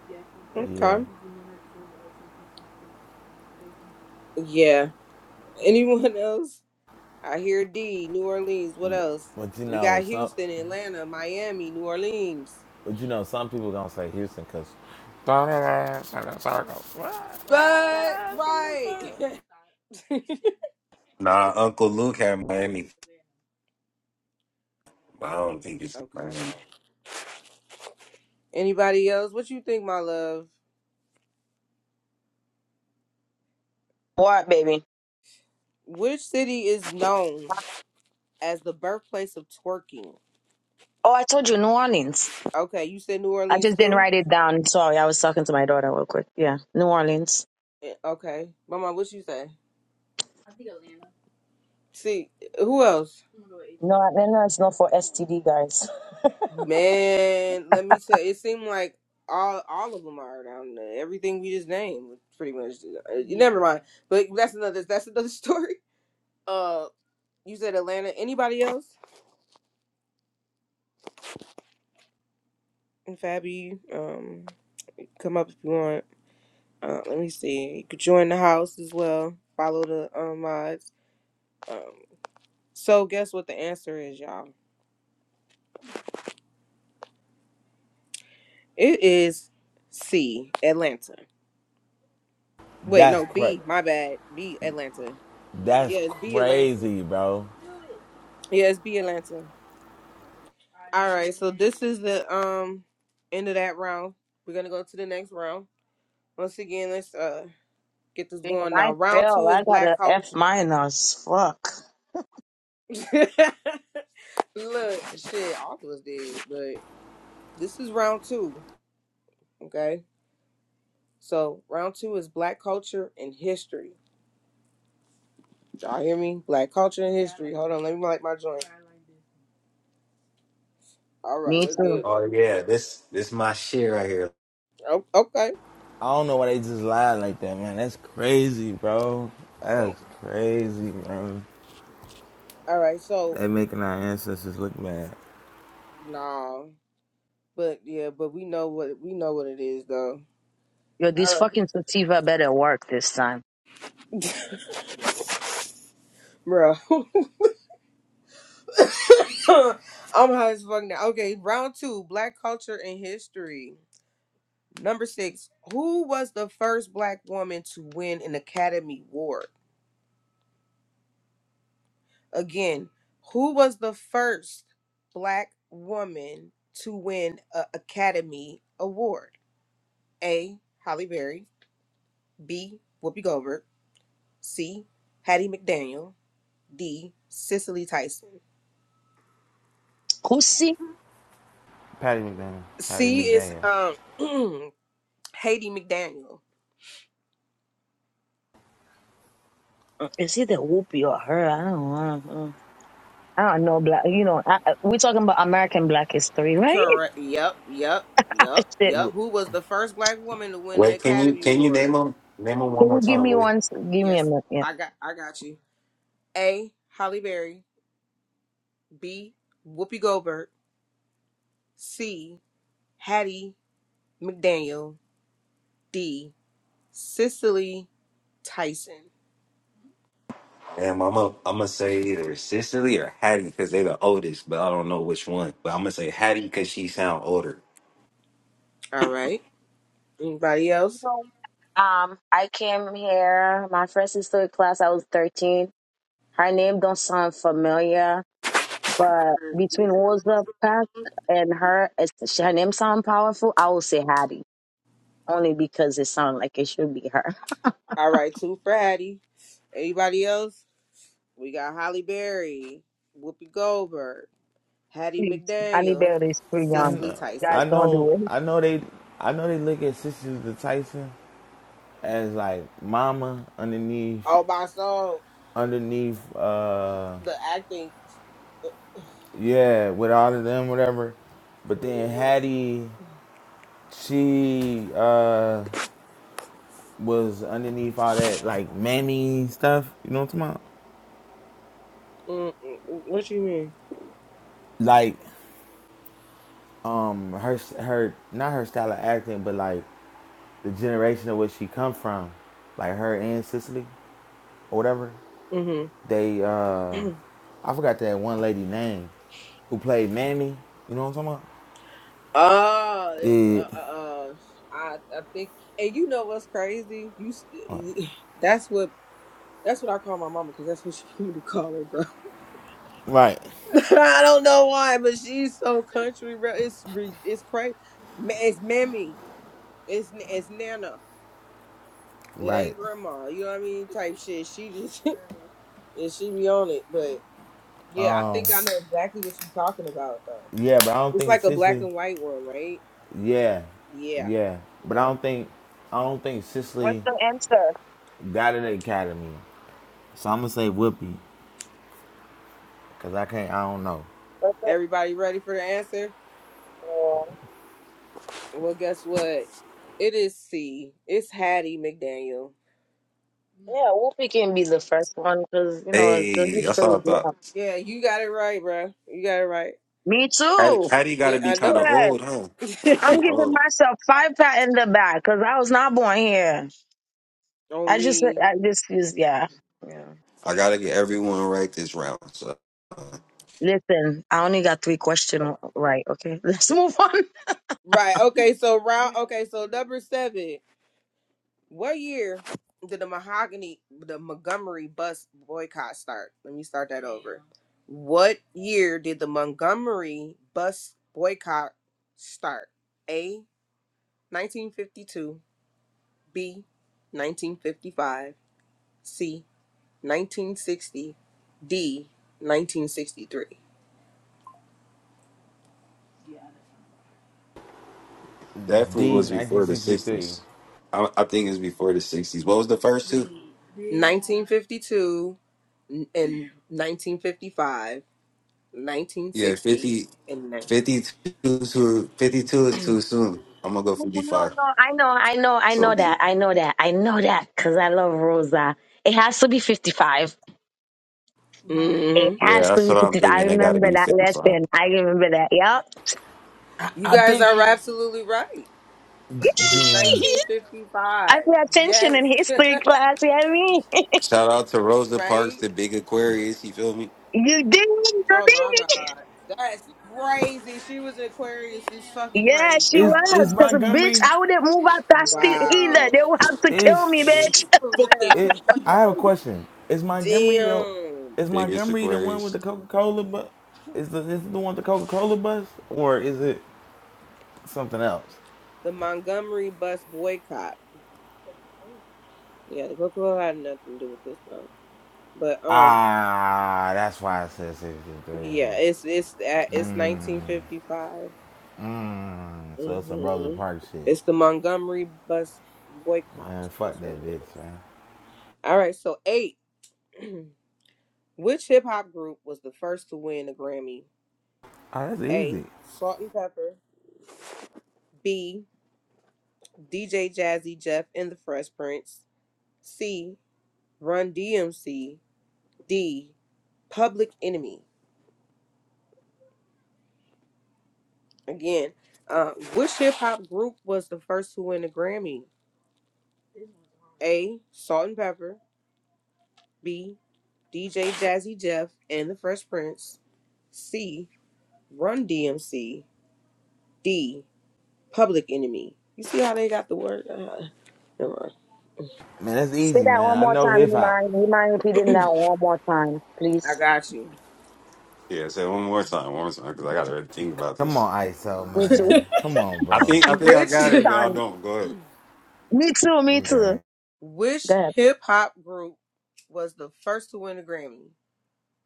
S1: Yeah, from
S6: yeah.
S1: Okay. Yeah. Anyone else? I hear D, New Orleans. What else?
S6: But you
S1: We
S6: know,
S1: got
S6: some
S1: Houston, Atlanta, Miami, New Orleans.
S6: But you know, some people gonna say Houston because
S1: but right.
S8: Nah. Uncle Luke had Miami. but I don't think it's
S1: okay.
S8: Miami.
S1: Anybody else? What you think, my love?
S2: What, baby?
S1: Which city is known as the birthplace of twerking?
S2: Oh, I told you New Orleans.
S1: Okay, you said New
S2: I
S1: Orleans
S2: just didn't
S1: too.
S2: write it down. Sorry, I was talking to my daughter real quick. Yeah, New Orleans.
S1: Eh, Okay, Mama, what you say? See, who else?
S2: No, no, no, it's not for STD, guys.
S1: Man, let me tell. It seemed like all all of them are down there. Everything we just named, pretty much. uh, Never mind. But that's another. That's another story. Uh, you said Atlanta. Anybody else? And Fabi, um, come up if you want. Uh, let me see. You could join the house as well. Follow the um, mods. Um, so guess what the answer is, y'all? It is C, Atlanta. Wait,
S6: that's
S1: no,
S6: cra
S1: B. My bad. B, Atlanta.
S6: That's
S1: Yes, B, Atlanta.
S6: crazy, bro.
S1: Yeah, it's B Atlanta. All right, so this is the um end of that round. We're gonna go to the next round. Once again, let's uh get this
S2: Damn,
S1: going now.
S2: I
S1: Round
S2: fail.
S1: two is
S2: I got
S1: black
S2: a F
S1: culture.
S2: minus. Fuck.
S1: Look, shit, Arthur was dead, but this is round two. Okay, so round two is black culture and history. Y'all hear me? Black culture and history. Hold on, let me light my joint. All right,
S2: Me
S1: let's get
S2: too.
S1: it.
S8: Oh
S1: Up.
S8: yeah, this this my shit right here.
S1: Oh, okay.
S6: I don't know why they just lied like that, man. That's crazy, bro. That's crazy, bro.
S1: All right, so
S6: They making our ancestors look bad.
S1: nah. But yeah, but we know what we know what it is though.
S2: Yo, this
S1: All right,
S2: fucking sativa better work this time.
S1: bro. I'm high as fuck now. Okay, round two: Black culture and history. Number six: Who was the first Black woman to win an Academy Award? Again, who was the first Black woman to win an Academy Award? A. Holly Berry. B. Whoopi Goldberg. C. Hattie McDaniel. D. Cicely Tyson.
S2: Who see?
S6: Patty McDaniel. Patty
S1: C is
S6: McDaniel.
S1: um Haiti McDaniel.
S2: Is it the whoopee or her? I don't know. Mm. I don't know black. You know, I, I- we're talking about American Black history, right?
S1: Correct. Yep. Yep. Yep.
S2: Shit.
S1: Yep. Who was the first black woman to win an
S8: Wait, can you
S1: Academy
S8: can you name
S1: Award?
S8: them name them one
S2: Can
S8: more
S2: you give
S8: time?
S2: me
S8: Will?
S2: one? s- Give me a
S1: Yes,
S2: minute. Yeah.
S1: I got. I got you. A. Holly Berry. B. Whoopi Goldberg. C. Hattie McDaniel. D. Cicely Tyson.
S8: Damn, I'm gonna I'm gonna say either Cicely or Hattie because they're the oldest, but I don't know which one. But I'm gonna say Hattie because she sound older.
S1: All right. Anybody else?
S2: Um, I came here. My first historic class. I was thirteen. Her name don't sound familiar, but between Rosa Parks and her, it's, her name sound powerful. I will say Hattie only because it sounds like it should be her.
S1: All right. Two for Hattie. Anybody else? We got Holly Berry, Whoopi Goldberg, Hattie
S2: Please, Annie
S1: McDaniel,
S2: Bell is too
S6: I
S2: young.
S1: Cicely
S6: know,
S2: Guys,
S6: I
S1: Tyson.
S2: don't
S6: know,
S2: do it.
S6: I know they, I know they look at sisters the Tyson as like mama underneath,
S1: Oh, my soul.
S6: underneath, uh,
S1: The acting.
S6: yeah, with all of them, whatever. But then
S1: Mm-hmm.
S6: Hattie, she uh was underneath all that like mammy stuff. You know what I'm talking about?
S1: Mm-mm. What you mean?
S6: Like, um, her her not her style of acting, but like the generation of where she come from, like her and Cicely or whatever.
S1: Mm-hmm.
S6: They uh, I forgot that one lady name who played mammy. You know what I'm talking about?
S1: Oh, it's,
S6: It,
S1: uh, uh, uh, I I think, and you know what's crazy? You s- that's what that's what I call my mama because that's what she want me to call her, bro.
S6: right,
S1: I don't know why, but she's so country, bro. It's re- it's crazy. It's Mammy. It's it's Nana. It
S6: right.
S1: ain't grandma. You know what I mean? Type shit. She just and she be on it. But yeah, I
S6: Um,
S1: think I know exactly what you're talking about though.
S6: yeah, but I don't
S1: It's
S6: think
S1: like a black
S6: Cicely.
S1: and white one, right?
S6: Yeah,
S1: Yeah.
S6: yeah, but I
S1: Yep.
S6: don't think I don't think
S2: What's
S6: Cicely
S2: the answer?
S6: got an academy. So I'm gonna say Whoopi, cause I can't. I don't know.
S2: What's
S1: Everybody ready for the answer?
S2: the?
S1: Well, guess what? It is C. It's Hattie McDaniel.
S2: Yeah, Whoopi can be the first one because, you know, the
S8: Hey, that's
S2: history
S8: all
S2: is
S8: I thought.
S2: well.
S1: Yeah, you got it right, bruh. You got it right.
S2: Me
S8: Hattie,
S2: too.
S8: Hattie got
S1: Yeah,
S8: to be
S1: I
S8: kind of
S1: know.
S2: Yeah.
S8: old, huh?
S2: I'm
S8: She
S2: giving
S8: old.
S2: myself five pat in the back because I was not born here.
S1: on
S2: I just,
S1: me.
S2: I just, just yeah. Yeah.
S8: I gotta get everyone right this round. So
S2: Listen, I only got three questions right. Okay. Let's move on.
S1: Right. Okay. So round. Okay. So number seven. What year did the mahogany, the Montgomery bus boycott start? Let me start that over. What year did the Montgomery bus boycott start? A. 1952. B. 1955. C. 1960. D. 1963.
S8: definitely
S6: D
S8: was before the
S6: 1963.
S8: '60s. I, I think it's before the '60s. What was the first two?
S1: 1952 n- and 1955,
S8: Yeah,
S1: 1960
S8: fifty
S1: and
S8: fifty two 52, to, 52 is too soon. I'm gonna go
S2: No, no,
S8: 55.
S2: no. I know, I know, I
S8: So
S2: know
S8: B.
S2: that. I know that. I know that because I love Rosa. It has to be 55.
S1: 19.
S2: It
S8: yeah,
S2: has
S8: that's
S2: to be
S8: what I'm
S2: 55. I
S8: thinking. They gotta give
S2: remember
S8: me
S2: that
S8: 55.
S2: lesson. I remember that. Yep.
S6: I,
S1: You
S6: I
S1: guys
S6: think.
S1: are absolutely right. It is
S6: Yeah.
S1: 1955.
S2: I pay attention in
S1: Yes.
S2: history class. You know what I mean?
S8: Shout out to Rosa Parks,
S1: right?
S8: the big Aquarius. You feel me?
S2: You did. You
S1: Oh my
S2: did.
S1: God. That's crazy. She was an Aquarius. She's fucking
S2: Yeah,
S1: crazy.
S2: she
S6: Is
S1: Oh my
S2: was.
S6: is
S1: God.
S2: Because, bitch,
S6: Montgomery?
S2: I wouldn't move out that street either.
S1: Wow.
S2: They would have to kill
S6: Is
S2: me, bitch.
S1: For Fuck that. real.
S6: it?
S1: it. Fuck
S6: I have a
S1: that.
S6: question. Is Montgomery the?
S1: Damn.
S8: The
S6: Is
S8: Biggest
S6: Montgomery the one with
S8: Aquarius.
S6: the Coca Cola? bus? is the is it the one with the Coca Cola bus or is it something else?
S1: The Montgomery bus boycott. Yeah, the Coca Cola had nothing to do with this though. But um,
S6: Ah, that's why I said 63.
S1: yeah, it's it's uh, it's 1955.
S6: So it's some Rosa
S1: hmm
S6: Parks shit.
S1: It's the Montgomery bus boycott.
S6: Man,
S1: That's
S6: fuck
S1: what
S6: that
S1: it
S6: bitch,
S1: is.
S6: man.
S1: All right, so eight. Which hip hop group was the first to win a Grammy?
S6: Oh, that's
S1: A.
S6: easy.
S1: Salt and Pepper. B. DJ Jazzy Jeff and the Fresh Prince. C. Run DMC. D. Public Enemy. Again, uh, which hip hop group was the first to win a Grammy? A. Salt and Pepper. B. DJ Jazzy Jeff and the Fresh Prince. C. Run DMC, D, Public Enemy. You see how they got the word? Uh, never mind.
S6: Man, that's
S2: Say
S6: easy,
S2: that
S6: man.
S2: one
S6: I
S2: more
S6: know
S2: time,
S6: hip
S2: you
S6: hop.
S2: mind? You mind repeating that one more time,
S1: I
S2: please?
S1: got you.
S8: Yeah, say it one more time, one more time, because I gotta really think about
S6: Come
S8: this.
S6: on, ISO,
S2: Me too.
S6: man. Come on,
S8: I
S6: bro.
S8: think I think I
S1: which
S8: got it, but I
S2: Son.
S8: don't. Go ahead.
S2: Me too, me too.
S6: Okay.
S2: Go
S1: which
S2: ahead.
S1: hip hop group was the first to win a Grammy?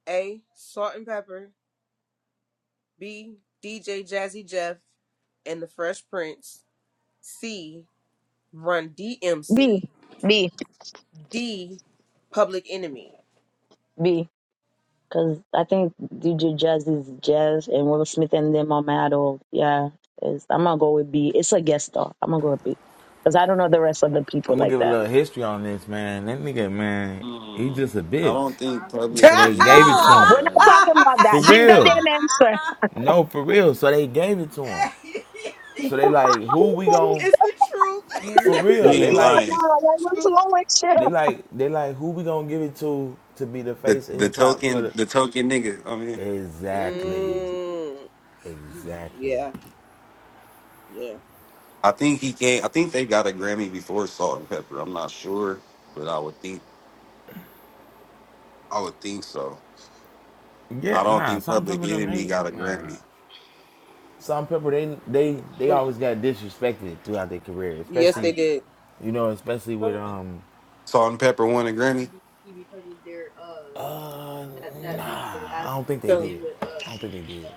S1: A. Salt and Pepper. B. DJ Jazzy Jeff and the Fresh Prince. C. Run
S2: B.
S1: DMC.
S2: B.
S1: D. Public Enemy.
S2: B. Because I think DJ Jazz is Jazz and Will Smith and them are mad or, yeah. It's, I'm going to go with B. It's a guest star. I'm going to go with B. Because I don't know the rest of the people
S6: I'm gonna
S2: like
S6: give a
S2: that.
S6: little history on this, man. That nigga, man, he
S8: Mm,
S6: just a
S8: I
S6: bitch.
S8: don't think Public
S6: So they gave
S8: Enemy
S6: it to
S2: Yeah,
S8: got a
S6: him.
S2: we're not
S8: Grammy.
S2: talking about
S6: For
S2: that. Give the
S6: real.
S2: damn answer.
S6: No, for real. So they gave it to him. So they
S2: so
S6: like, who we gonna
S1: it's the truth.
S6: for
S2: you
S8: He
S6: real?
S2: can
S6: They
S2: be
S8: ain't
S2: on
S6: like,
S8: lying.
S2: now. I want to
S1: truth.
S2: know what's wrong with you?
S6: they like, they like, who we gonna give it to to be the
S8: The
S6: face of
S8: the
S6: hip hop for
S8: token
S6: the
S8: the token nigga. I mean,
S6: exactly,
S1: Mm, you,
S6: exactly.
S1: yeah, yeah.
S8: I think he came. I think they got a Grammy before Salt and Pepper. I'm not sure, but I would think I would think so. I
S6: Yeah,
S8: don't
S6: nah,
S8: think
S6: Salt and
S8: Public
S6: Pepper them
S8: Enemy
S6: they
S8: got a
S6: nah.
S8: Grammy.
S6: Salt and Pepper they they they
S1: But
S6: always got disrespected throughout their career,
S1: yes, I they
S6: especially
S1: think- did.
S6: you know, especially
S1: Go
S6: with
S1: ahead, man.
S6: um
S8: Salt and Pepper won a Grammy.
S6: uh
S1: That, that like collab
S6: nah, I
S1: that
S6: don't
S1: they
S6: think they
S1: so, did
S6: did.
S1: with
S6: I
S1: uh.
S6: don't think they did.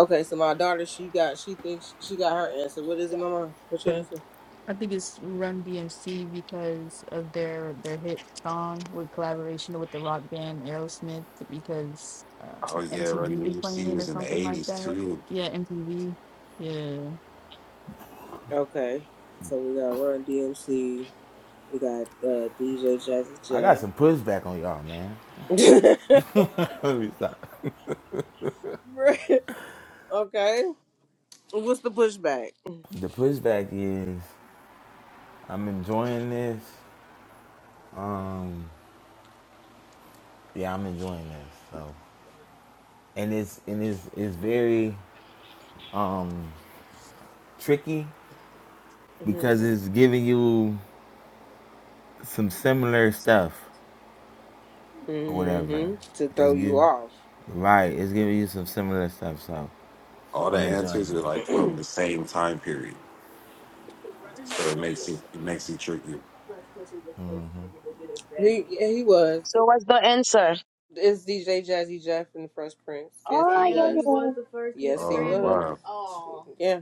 S1: Okay, so my daughter, she got, she thinks she got her answer. What is it, Mama? What's your
S3: So
S1: answer?
S3: I think it's Run DMC because of their their hit song with collaboration with the rock band Aerosmith because um,
S8: Oh yeah, Run
S3: MTV was playing
S8: DMC
S3: it or
S8: was in the
S3: something like
S8: eighties
S3: that.
S8: too.
S3: Yeah, MTV. Yeah.
S1: Okay, so we got Run DMC, we got uh, DJ Jazzy
S6: I got
S1: Jeff.
S6: some pushback on y'all, man. Let me stop.
S1: Right. okay, what's the pushback?
S6: The pushback is I'm enjoying this. Um yeah, I'm enjoying this. So and it's and it's it's very um tricky
S1: hmm
S6: because it's giving you some similar stuff or whatever.
S1: hmm To throw
S6: It's
S1: you
S6: give
S1: off,
S6: right. It's giving you some similar stuff. So
S8: All the
S1: Mama.
S6: I'm
S1: Your turn.
S6: enjoying
S8: answers are like
S6: this.
S8: from the same time period, so it makes it it makes it tricky.
S1: He yeah, he was.
S2: So what's the answer?
S1: It's DJ Jazzy Jeff and the Fresh Prince. Yes,
S2: Oh,
S1: he was.
S2: yeah,
S1: was.
S2: yeah.
S1: Yes, Yes, he
S8: Oh
S1: was.
S8: wow!
S1: Yeah,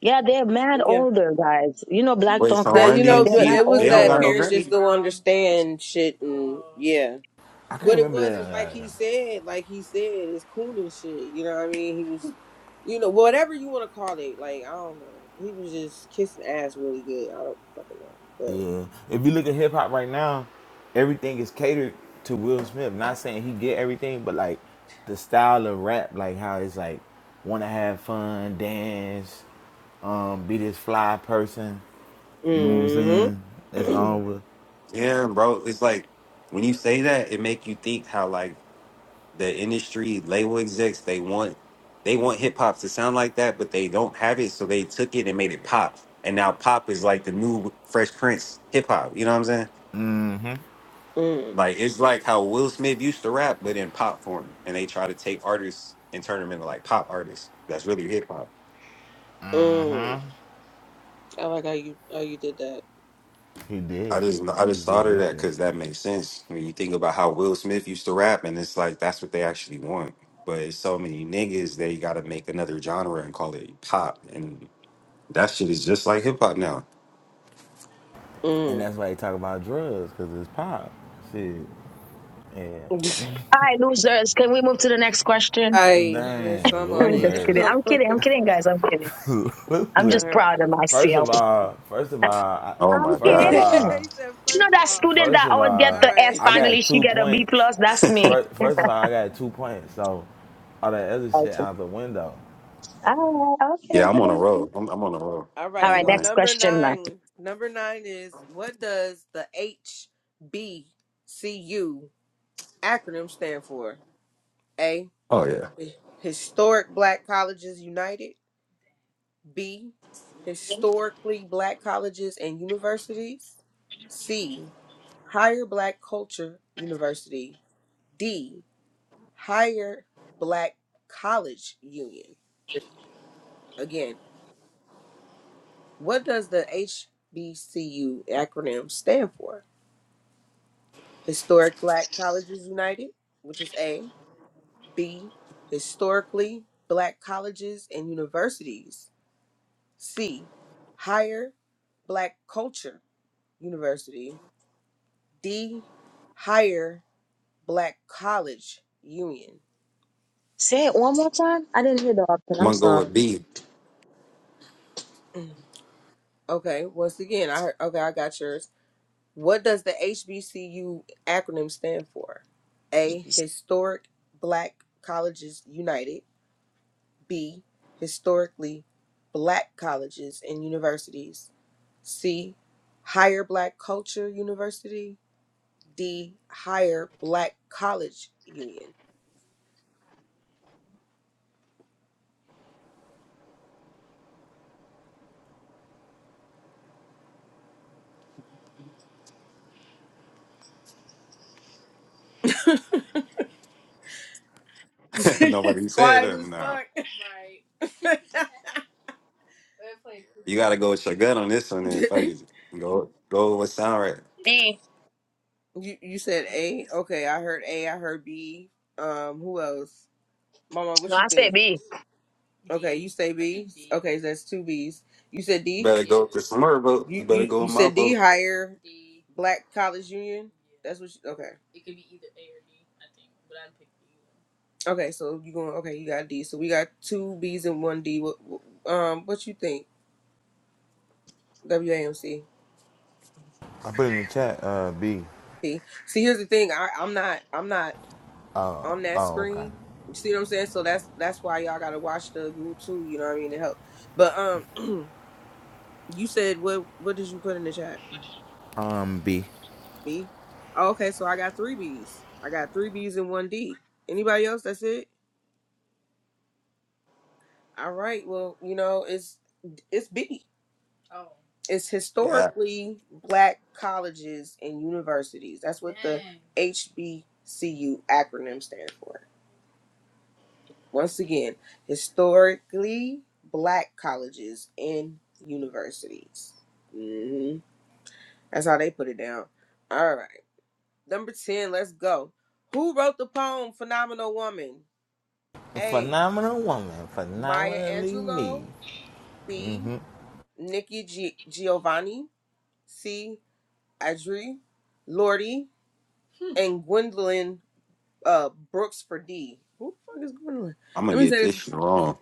S2: Yeah, they're mad
S1: yeah.
S2: older, guys. You know, black
S8: Wait,
S2: don't
S8: so
S1: That
S2: crack,
S8: Run
S1: you
S2: but
S1: know,
S2: they're
S1: but
S2: mad
S8: DMC
S1: it was
S8: they don't
S1: that
S8: got
S2: older.
S8: no
S2: All
S1: parents just
S8: Grammy?
S1: don't understand shit, and yeah.
S6: I can't
S1: But it
S6: remember that
S1: was was
S6: on the
S1: like
S6: other
S1: he
S6: one.
S1: said, like he said, it's cool and shit. You know what I mean? He was, you know, whatever you want to call it. Like I don't know. He was just kissing ass really good. I don't fucking know, but.
S6: Yeah. If you look at hip hop right now, everything is catered to Will Smith. Not saying he get everything, but like the style of rap, like how it's like want to have fun, dance, um, be this fly person. You know what I'm
S1: Mm-hmm.
S6: saying? That's all what
S8: Yeah, bro. It's like when you say that, it make you think how like the industry label execs they want they want hip hop to sound like that, but they don't have it, so they took it and made it pop, and now pop is like the new Fresh Prince hip hop. You know what I'm saying?
S1: mm
S8: Like it's like how Will Smith used to rap, but in pop form, and they try to take artists and turn them into like pop artists. That's really hip hop.
S1: mm. I like how you how you did that.
S6: he
S8: I
S6: did.
S8: just I
S6: He
S8: just thought
S6: just
S8: of
S6: did
S8: that
S6: that.
S8: because that makes sense when you think about how Will Smith used to rap, and it's like that's what they actually want. But it's so many niggas they got to make another genre and call it pop, and that shit is just like hip hop now.
S6: And
S1: Mm.
S6: that's why he talk about drugs, cause it's pop. Shit. Yeah.
S2: right, losers, can we move to the next question?
S1: I yes,
S6: Dang,
S1: I'm on
S2: I'm just
S1: it.
S6: losers,
S2: kidding.
S1: I'm
S2: I'm
S1: on
S2: kidding. I'm
S1: it.
S2: kidding, guys. I'm kidding. I'm
S1: All
S6: loser.
S2: just
S1: right.
S2: proud of
S6: First of
S2: myself.
S6: all, first of all, I-
S8: Oh
S2: I'm
S8: my
S6: first
S1: he
S6: of
S8: gosh,
S2: kidding.
S6: all,
S1: said,
S2: You know
S1: first of
S2: that
S1: all,
S2: student
S6: first
S2: that
S6: of
S2: always get
S1: all
S6: all,
S2: the F
S1: right.
S6: I
S2: finally,
S6: got
S2: she
S6: two
S2: get a B
S6: points.
S2: plus? That's me.
S6: First, first of all, I got two points. So all that other shit
S2: Okay.
S6: out the window.
S2: All right. Okay.
S8: yeah, I'm on a
S2: okay.
S8: roll. I'm, I'm on a roll.
S1: all
S2: All
S1: right,
S8: I ain't
S2: right,
S1: so
S8: lying.
S2: next
S1: number
S2: question,
S1: nine. Number nine is what does the HBCU acronym stand for? A.
S8: Oh yeah,
S1: Historic Black Colleges United. B. Historically Black Colleges and Universities. C. Higher Black Culture University. D. Higher Black College Union. Again, what does the HBCU acronym stand for? Historic Black Colleges United, which is A. B. Historically Black Colleges and Universities. C. Higher Black Culture University. D. Higher Black College Union.
S2: Say it one more time. I didn't hear the option.
S8: I'm
S2: I'm
S8: gonna go
S2: sorry.
S8: with B.
S1: Okay, once again, I heard, okay, I got yours. What does the HBCU acronym stand for? A. Historic Black Colleges United. B. Historically Black Colleges and Universities. C. Higher Black Culture University. D. Higher Black College Union. it's
S8: Nobody said
S1: quiet
S8: that
S1: as
S8: now.
S1: fuck.
S8: You gotta go with your gut on this one then. Fuck it. Go go with what sound right.
S2: B.
S1: You you said A. Okay, I heard A. I heard B. Um, who else? Mama,
S2: No,
S1: what you
S2: I said
S1: think?
S2: B.
S1: Okay, you say B. Okay, so that's two B's. You said D.
S8: Better go with the smart vote.
S1: You
S8: You better
S1: you
S8: go
S1: you
S8: with my
S1: said D.
S8: vote.
S1: Higher Black College Union. That's what. You, okay. Okay, so you going? Okay, you got D. So we got two B's and one D. What what- um? What you think? WAMC.
S6: I put in the chat, uh, B.
S1: See, see, here's the thing. I I'm not I'm not on that
S6: Oh, okay.
S1: screen. You see what I'm saying? So that's that's why y'all gotta watch the Google too. You know what I mean to help. But um, you said what what did you put in the chat?
S6: Um, B.
S1: B. Oh, okay, so I got three B's. I got three B's and one D. Anybody else? That's it. All right. Well, you know, it's it's B. It's
S8: Yeah.
S1: historically black colleges and universities. That's what the Mm. HBCU acronym stands for. Once again, historically black colleges and universities. hmm That's how they put it down. All right. Number 10, let's go. Who wrote the poem Phenomenal Woman? A.
S6: Phenomenal woman,
S1: Maya
S6: phenomenally me.
S1: Angelou. B. Nikki G- Giovanni. C. Adri Lordy. And Gwendolyn uh, Brooks for D. Who the fuck is Gwendolyn?
S8: I'm gonna
S1: Let me
S8: get
S1: say
S8: this
S1: this.
S8: shit wrong.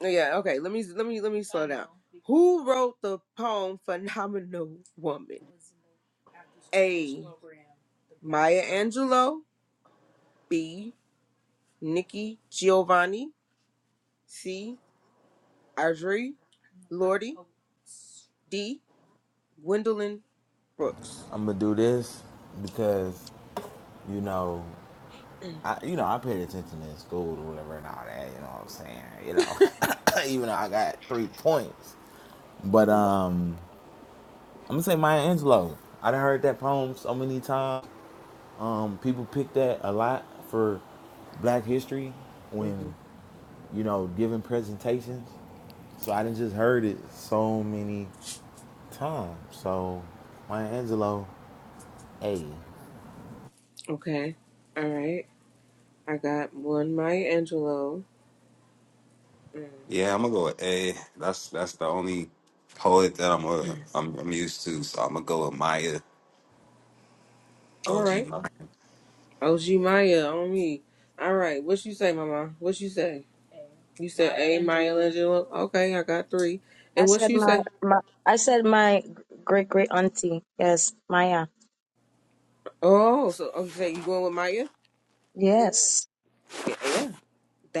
S1: Yeah, okay. Let me let me let me slow down. Who wrote the poem "Phenomenal Woman"? A. Maya Angelou. B. Nikki Giovanni. C. Adri Lordy. D. Gwendolyn Brooks.
S6: I'm gonna do this because you know
S1: hmm
S6: I, you know, I paid attention in school or whatever and all that. You know what I'm saying? You know, even though I got three points, but um, I'm gonna say Maya Angelou. I done heard that poem so many times. Um, people pick that a lot for Black History when you know giving presentations. So I done just heard it so many times. So Maya Angelou, a
S1: Okay. All right. I got one Maya Angelou. Mm.
S8: Yeah, I'm gonna go with A. That's that's the only poet that I'm uh, I'm, I'm used to. So I'm gonna go with Maya.
S1: All
S8: OG
S1: right.
S8: Maya.
S1: OG Maya on me. All right. What you say, Mama? What you say? You said Maya A Maya Angelou. Angelou. Okay, I got three.
S2: I
S1: And what
S2: said
S1: you
S2: my,
S1: say?
S2: my I said my great great auntie. Yes, Maya.
S1: Oh, so okay, you going with Maya?
S2: Yes.
S1: Yeah, yeah.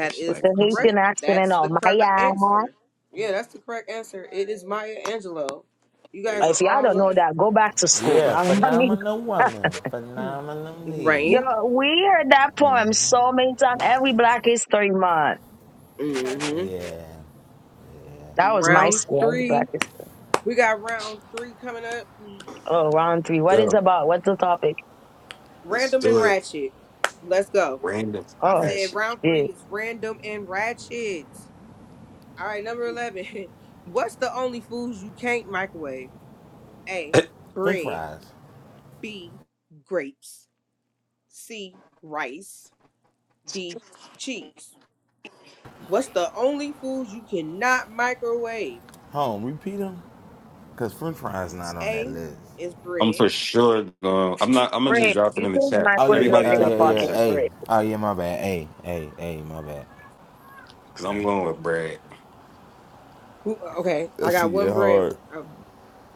S8: That shit
S2: With
S1: is
S8: like
S2: the
S8: MC.
S1: correct.
S2: Haitian accent and
S1: That's the
S2: all.
S1: correct answer.
S2: Maya.
S1: Yeah, that's the correct answer. It is Maya Angelou. You guys
S8: 80
S1: are
S2: If y'all
S1: all
S2: don't know
S1: right.
S2: that, go back to school.
S6: yeah,
S2: I mean,
S6: phenomenal woman, phenomenally,
S2: yo,
S1: Right.
S2: we heard that poem so many times. Every Black History Month.
S1: Mm-hmm.
S6: yeah.
S2: That was my
S1: Round
S2: school. Every
S1: three.
S2: Black History.
S1: We got round three coming up.
S2: Oh, round three. What is
S8: Go.
S2: about? What's the topic?
S8: Let's
S1: Random
S8: do
S1: and
S8: it.
S1: ratchet. Let's go.
S8: Random
S1: I
S2: Oh,
S1: said
S8: ratchet.
S1: round three
S2: shit.
S1: is random and ratchet. All right, number 11. What's the only foods you can't microwave? A.
S6: French
S1: Bread.
S6: fries.
S1: B. Grapes. C. Rice. D. Cheese. What's the only foods you cannot microwave?
S6: Home, repeat them. Cause French fries not on that
S1: A.
S6: list.
S1: Is
S8: I'm
S1: bread.
S8: for sure going. I'm not. I'm gonna just
S2: Rape.
S8: drop it
S2: You
S8: in the
S2: think
S8: chat.
S2: my
S6: Oh
S2: would have
S6: yeah,
S2: no
S8: Everybody
S6: oh
S2: daily
S8: drop
S6: yeah,
S8: it in the
S6: yeah.
S2: pocket
S8: chat.
S6: Hey,
S2: rape?
S6: oh yeah, my bad. Hey, hey, hey, my bad.
S8: Cause I'm going with Brad.
S1: Who- Okay, I
S6: That
S1: got
S6: shit get
S1: one bread.
S6: hard.
S1: Um,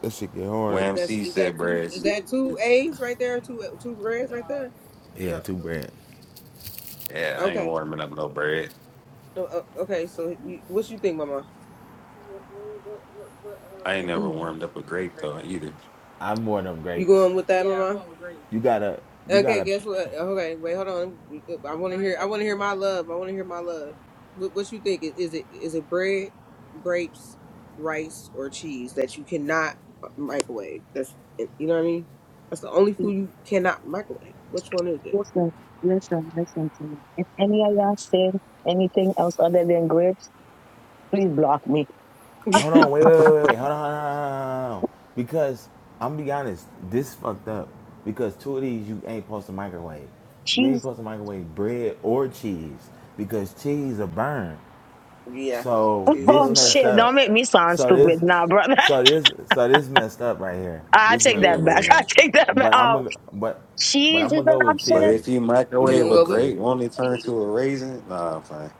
S6: That shit get hard.
S8: Wham
S1: that's
S8: C
S1: is
S8: said
S1: that two?
S8: Brad.
S1: Is that two A's right there? Two two breads right there?
S6: Yeah,
S1: No.
S6: two bread.
S8: Yeah, I ain't
S1: Okay.
S8: warming up no bread.
S1: No, uh, okay. So, you, what you think, Mama? What what what what
S8: I ain't
S1: what
S8: never
S1: um?
S8: warmed
S1: answer
S8: up a
S1: was
S8: grape though
S1: grapes.
S8: either.
S6: I'm more them
S1: You
S6: grapes.
S1: going with that, yeah, Mama? I'm going with grapes.
S6: You gotta, you
S1: Okay.
S6: gotta.
S1: Guess what? Okay. Wait. Hold on. I want to hear. I want to hear my love. I want to hear my love. What What you think? Is is it is it bread, grapes, rice, or cheese that you cannot microwave? That's you know what I mean. That's the only food you cannot microwave. Which one is it?
S2: Listen, listen, Listen to me. If any of y'all say anything else other than grapes, please block me.
S6: Hold on, wait, wait, wait, wait, wait. Hold on, hold on, hold on, hold on. Because I'm gonna be honest, this fucked up. Because two of these you ain't supposed to microwave. You ain't
S2: She's
S6: supposed to microwave bread or cheese because cheese will burn.
S1: Yeah,
S6: So
S1: cheese
S2: oh
S6: this
S1: will
S6: messed
S1: burn.
S2: shit,
S6: up.
S2: don't make me sound
S6: So this,
S2: stupid now, brother.
S6: so this, so this messed up right here.
S2: I
S6: This
S2: take
S6: messed up
S2: that
S6: right
S2: back.
S6: here.
S1: hmm
S2: I take that
S6: But
S2: back.
S6: I'm
S2: Um,
S6: gonna, but, but
S2: cheese is
S6: I'm
S2: an
S6: gonna go with
S8: But
S2: option.
S6: cheese.
S8: if you
S6: I'm
S1: You
S6: gonna go
S8: microwave
S1: gonna
S8: a
S1: go
S6: with
S1: with?
S6: cheese.
S8: grape, won't it turn to a raisin? Nah, I'm fine.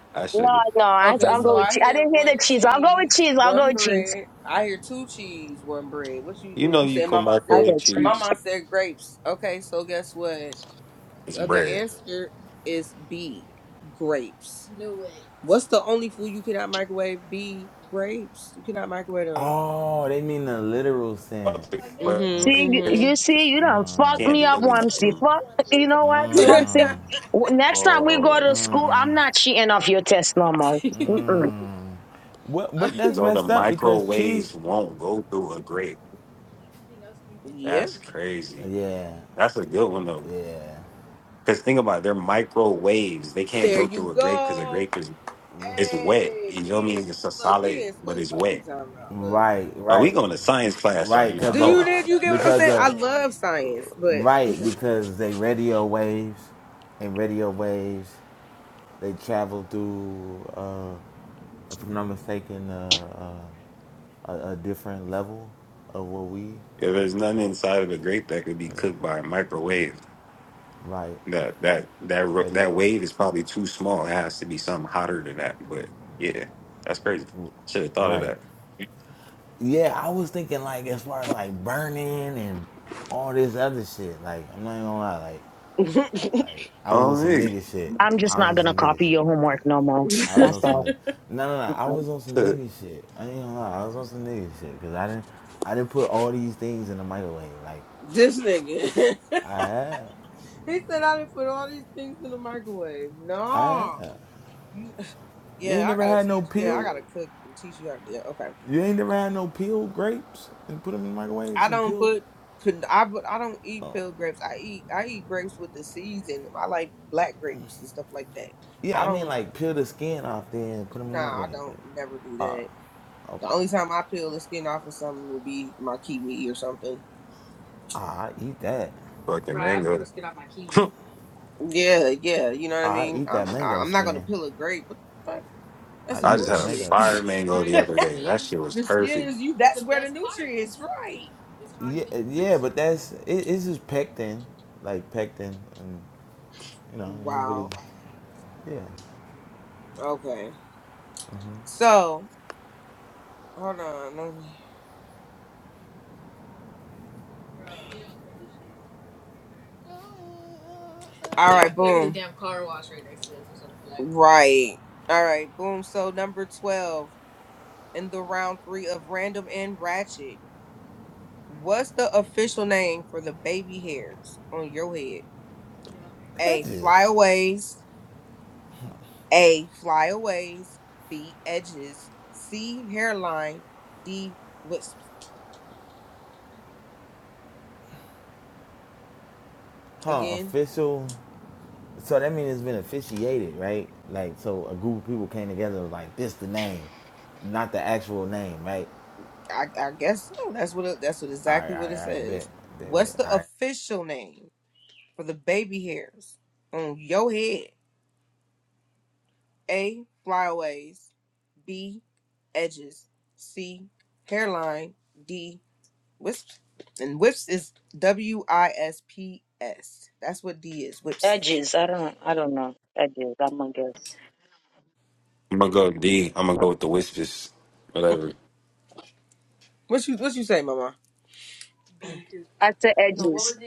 S8: I
S2: No,
S8: should.
S2: no, I,
S1: Okay,
S2: I'll
S1: so
S2: go with
S1: I
S2: cheese. I
S1: hear
S2: didn't hear
S1: one
S2: the cheese. I'll go with
S1: cheese,
S2: cheese. I'll go
S1: one
S2: with cheese.
S1: bread. I hear two cheese, one bread. What you
S8: You
S1: do?
S8: know
S1: You
S8: you
S1: said
S8: can
S1: mama
S2: I'll
S1: said
S2: go
S8: microwave
S2: with cheese.
S8: cheese.
S1: mama said grapes. Okay, so guess what?
S8: It's
S1: Uh, The
S8: bread.
S1: answer is B, grapes. Knew it. What's the only food you cannot microwave? B, grapes. You cannot microwave them.
S6: Oh, they mean the literal
S8: Okay,
S6: sense.
S1: I knew
S8: But
S1: it.
S2: See,
S6: Mm,
S2: you
S8: the
S1: Mhm.
S2: you
S8: question
S2: see, you done fuck
S6: mm.
S8: Can't
S2: me up,
S8: really.
S2: Wamsi. Fuck, you know
S1: Mhm.
S2: what, Wamsi?
S6: mm,
S2: W- Next time we go to
S8: Oh,
S2: school, I'm not cheating off your test no more.
S6: mm. What? But that's
S8: so the
S6: messed up because cheese.
S8: microwaves won't go through a grape.
S1: Everything else you can yeah. throw
S8: That's
S1: in the
S8: crazy.
S1: microwave a little
S6: Yeah,
S1: bit.
S8: That's a good one though.
S6: yeah.
S8: Because think about it, they're microwaves. They can't
S1: There
S8: go
S1: you
S8: through a grape because a
S1: go.
S8: grape is It's wet.
S1: Hey,
S8: You feel
S1: we
S8: me?
S1: in,
S8: It's a
S1: look, we
S8: solid,
S1: in
S8: but
S1: school.
S8: it's
S1: What you
S8: wet.
S1: talking about? Look,
S6: Right,
S8: But we
S6: right,
S8: going to science class right
S6: right.
S8: now.
S1: do
S6: Cause
S8: Hold
S6: of,
S1: you
S8: on.
S1: did you get what I'm
S6: because
S1: saying? I
S6: of,
S1: love science, but
S6: Right, because they radio waves, and radio waves they travel through, uh, if I'm not mistaken, uh, uh, a, a different level of what we
S8: If there's nothing inside of the grape that could be cooked by a microwave,
S6: right
S8: that that that ro- that
S6: radio,
S8: wave is probably too small. It has to be something hotter than that. But yeah, that's crazy. Should have thought of
S6: right.
S8: that.
S6: Yeah, I was thinking like as far as like burning and all this other shit. Like I'm not even gonna lie, like like I was on
S8: Oh,
S6: some
S8: nigga.
S6: nigga shit.
S2: I'm just
S6: I was
S2: not
S6: on
S2: gonna
S6: some nigga
S2: copy
S6: shit.
S2: your homework no more.
S6: I was
S2: That's
S1: this
S6: on some
S2: all.
S6: nigga. No, no, no. I was on some nigga shit. I ain't gonna lie. I was on some nigga shit because I didn't, I didn't put all these things in the microwave. Like,
S1: nigga,
S6: I had,
S1: he said I didn't put all these things in the microwave.
S6: I had.
S1: No, you,
S6: You ain't
S1: yeah, I
S6: never
S1: gotta
S6: had no
S1: teach. Yeah, I
S6: peeled.
S1: gotta cook and teach you how to. do it. Okay,
S6: You ain't never had no peeled grapes and put them in the microwave.
S1: I
S6: Some
S1: don't
S6: peeled.
S1: put. put- I put, I don't eat
S6: Oh,
S1: peel grapes. I eat I eat grapes with the seeds in them. I like black grapes and stuff like that.
S6: yeah.
S1: I
S6: I mean,
S1: don't.
S6: like peel the skin off then and put them in
S1: Nah,
S6: the
S1: I
S6: microwave.
S1: don't. Never do that. The
S6: Okay.
S1: only time I peel the skin off of something would be my kiwi or something.
S6: Ah, I eat that.
S8: Fucking mango.
S1: Yeah, yeah, you know what I
S6: I
S1: mean.
S6: eat that
S1: I'm I-
S6: mango
S1: I'm not gonna
S6: skin.
S1: peel a grape. What the fuck? That's
S6: I
S1: some
S8: I
S6: eat
S8: just
S6: that
S8: had a
S1: bullshit.
S6: mango
S8: fire
S6: skin.
S8: mango the other day. That shit was
S1: the skin
S8: perfect.
S1: is you. That's The where the best part. nutrients, right?
S6: Yeah, yeah, but that's it, it's just pectin, like pectin and You know, I don't really.
S1: Wow.
S6: Yeah,
S1: Okay. So hold on. Let me. All right. There's a boom. Literally damn car wash right next to us or something like. Right. All right. Boom. So number twelve in the round three of random and ratchet. What's the official name for the baby hairs on your head? A.
S6: badges,
S1: Flyaways. A. Flyaways. B. Edges. C. Hairline. D. Wisps.
S6: huh?
S1: Again,
S6: Official. So that means it's been officiated, right? Like, so a group of people came together like this the name, not the actual name, right?
S1: I, I guess so. That's what it, that's what
S6: All right,
S1: exactly
S6: all
S1: what
S6: right,
S1: it
S6: all right, bet,
S1: says.
S6: bet,
S1: What's
S6: bet.
S1: the
S6: All right.
S1: official name for the baby hairs on your head? A. Flyaways. B. Edges. C. Hairline. D. Wisps. And wisps is W I S P S. That's what D is. Wisps.
S2: Edges. I don't. I don't know. Edges. I'm gonna guess.
S8: I'm gonna go D. I'm gonna go with the whispers. Whatever.
S1: What you what you say, Mama?
S2: at the edges.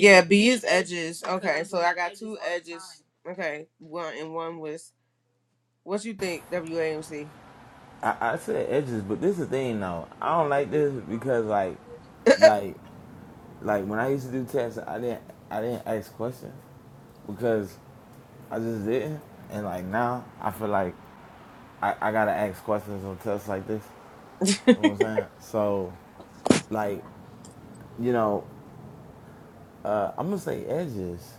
S1: Yeah, B is edges. Okay, so I got two edges. Okay, one and one was. What you think, WAMC?
S6: I, I said edges, but this is the thing though. I don't like this because like, like, like when I used to do tests, I didn't I didn't ask questions because I just didn't, and like now I feel like I, I gotta ask questions on tests like this. You know what I'm saying? So, like, you know, uh, I'm gonna say edges,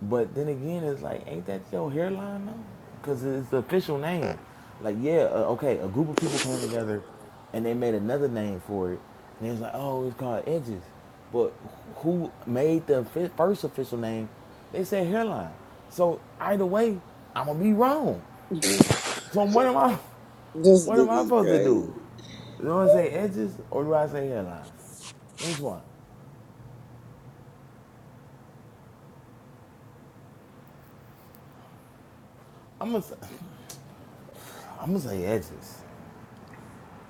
S6: but then again, it's like, ain't that your hairline though? Because it's the official name. Like, yeah, uh, okay, a group of people came together, and they made another name for it, and it's like, oh, it's called edges. But who made the first official name? They said hairline. So either way, I'm gonna be wrong.
S1: This
S6: So what am I? What am I
S1: nigga's
S6: supposed to
S1: crazy.
S6: do? Do I say edges or do I say hairline? Which one? I'm gonna I'm gonna say edges.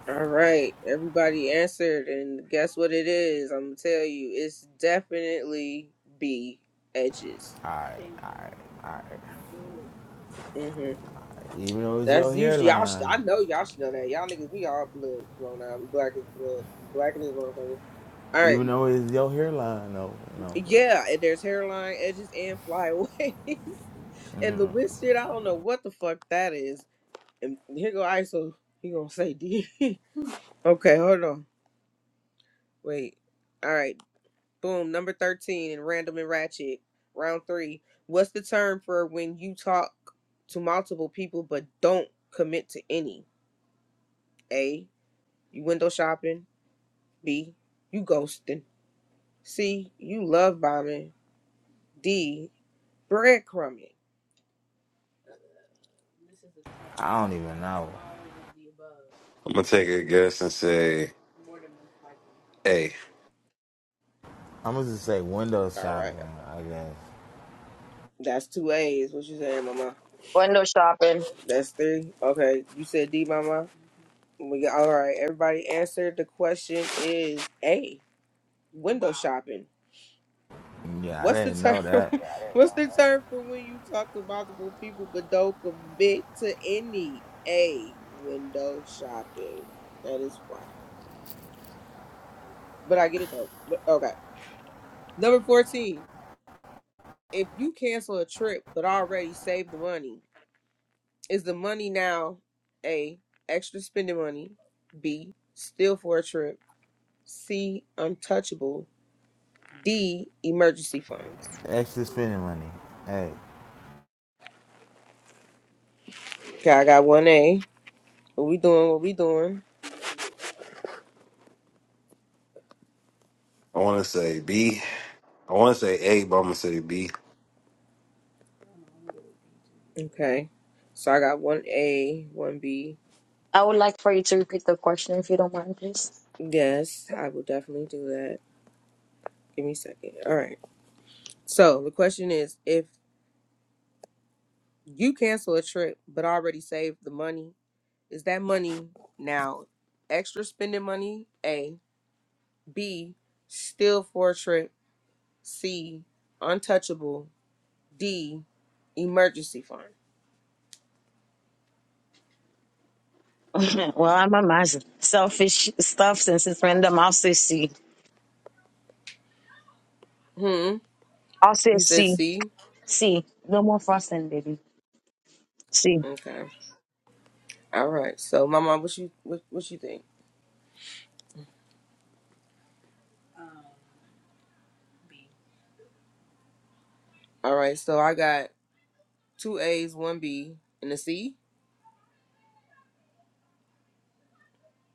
S1: All right, everybody answered, and guess what it is? I'm gonna tell you, it's definitely B edges.
S6: Alright, alright, alright.
S1: hmm
S6: Even though it's your
S1: That's usually y'all. sh-
S6: hairline,
S1: I know y'all should know that. Y'all niggas, we all blood. Come on now, we black as blood, black in this motherfucker. All right,
S6: even though it's your hairline, no, no, but
S1: yeah. And there's hairline edges and flyaway. And the witch shit, I don't know what the fuck that is. And here go ISO. He gonna say D. okay, hold on. Wait. All right. Boom. Number thirteen in random and ratchet. Round three. What's the term for when you talk to multiple people but don't commit to any? A. You window shopping. B. You ghosting. C. You love bombing. D. Breadcrumbing.
S6: I don't even know.
S8: I'm gonna take a guess and say A.
S6: I'm gonna just say window
S1: All right.
S6: shopping, I guess.
S1: That's two A's. What you saying, Mama?
S2: Window shopping.
S1: That's three. Okay. You said D, Mama. We got, all right. Everybody answered. The question is A. Window shopping.
S6: Yeah, I
S1: What's the
S6: didn't
S1: term?
S6: know that.
S1: What's the term for when you talk to multiple people but don't commit to any? A. Window shopping. That is wild. But I get it though. But okay. Number fourteen. If you cancel a trip but already saved the money, is the money now A. Extra spending money. B. Still for a trip. C. Untouchable. D emergency funds.
S6: Extra spending money. Hey,
S1: Okay, I got one A. What we doing? What we doing?
S8: I want to say B. I want to say A, but I'm gonna say B.
S1: Okay. So I got one A, one B.
S2: I would like for you to repeat the question if you don't mind, please.
S1: Yes, I will definitely do that. Give me a second. All right. So the question is if you cancel a trip but already saved the money, is that money now extra spending money? A. B. Still for a trip. C. Untouchable. D. Emergency fund.
S2: well, I'm a mess. Selfish stuff since it's random. I'll say C.
S1: Hmm.
S2: I'll say
S1: You said
S2: C.
S1: C?
S2: C. no more frosting, baby. C.
S1: Okay. All right. So, Mama, what you what what you think? All right. So I got two A's, one B, and a C.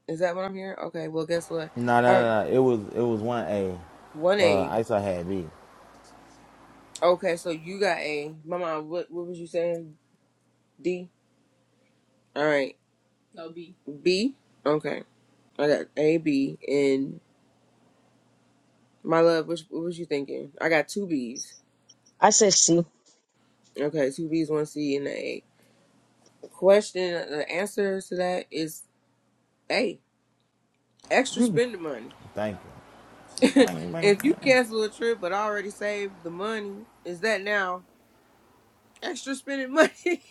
S1: Is that what I'm hearing? Okay. Well, guess what?
S6: no, no,
S1: All right.
S6: no, no. It was, it was one A.
S1: One
S6: Uh,
S1: A.
S6: I saw had B.
S1: Okay. So you got A. Mama, what what was you saying? D. All right. B. Okay. I got A, B, and my love. Which what was you thinking? I got two B's.
S2: I said C.
S1: Okay. Two B's, one C, and a A. Question. The answer to that is A. Extra
S2: Mm.
S1: spending money.
S6: Thank you. Bang,
S1: if you
S6: bang.
S1: cancel a trip but already saved the money, is that now extra spending money?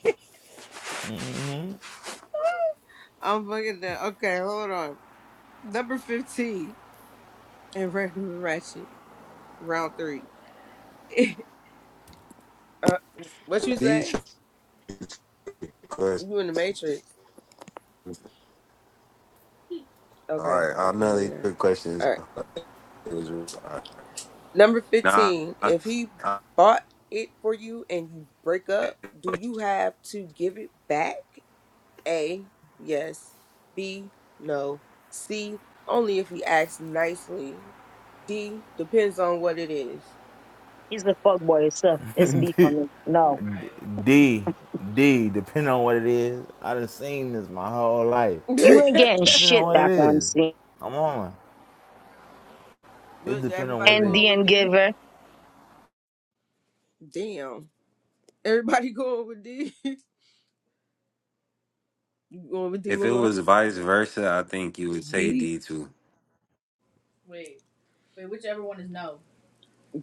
S1: I'm fucking done. Okay, hold on. Number 15 and Random and Ratchet, round three. uh, what you
S8: These
S1: say?
S8: should be good questions.
S1: You in the Matrix.
S8: All
S1: Okay,
S8: right,
S1: I
S8: I
S1: can
S8: know
S1: hear
S8: these
S1: you
S8: good
S1: now.
S8: questions.
S1: All right.
S8: It was uh,
S1: Number
S8: nah.
S1: 15,
S8: I-
S1: if he
S8: I-
S1: bought it for you and you break up, do you have to give it back? A, yes. B, no. C, only if you ask nicely. D, depends on what it is.
S2: He's the fuck boy. It's a, it's B for
S6: D,
S2: me. No,
S6: D, D, depending on what it is. I done seen this my whole life.
S2: you ain't getting
S6: Depending on
S2: shit
S6: what it
S2: back on
S6: is.
S2: C.
S6: I'm on. It
S1: With
S6: depends on what
S1: everybody
S6: it
S2: And
S6: is.
S1: going
S2: D
S1: with
S2: and
S1: D?
S2: giver.
S1: Damn. Everybody going with D? you going with D,
S8: If it
S1: mama?
S8: was vice versa, I think you would say
S1: B?
S8: D too.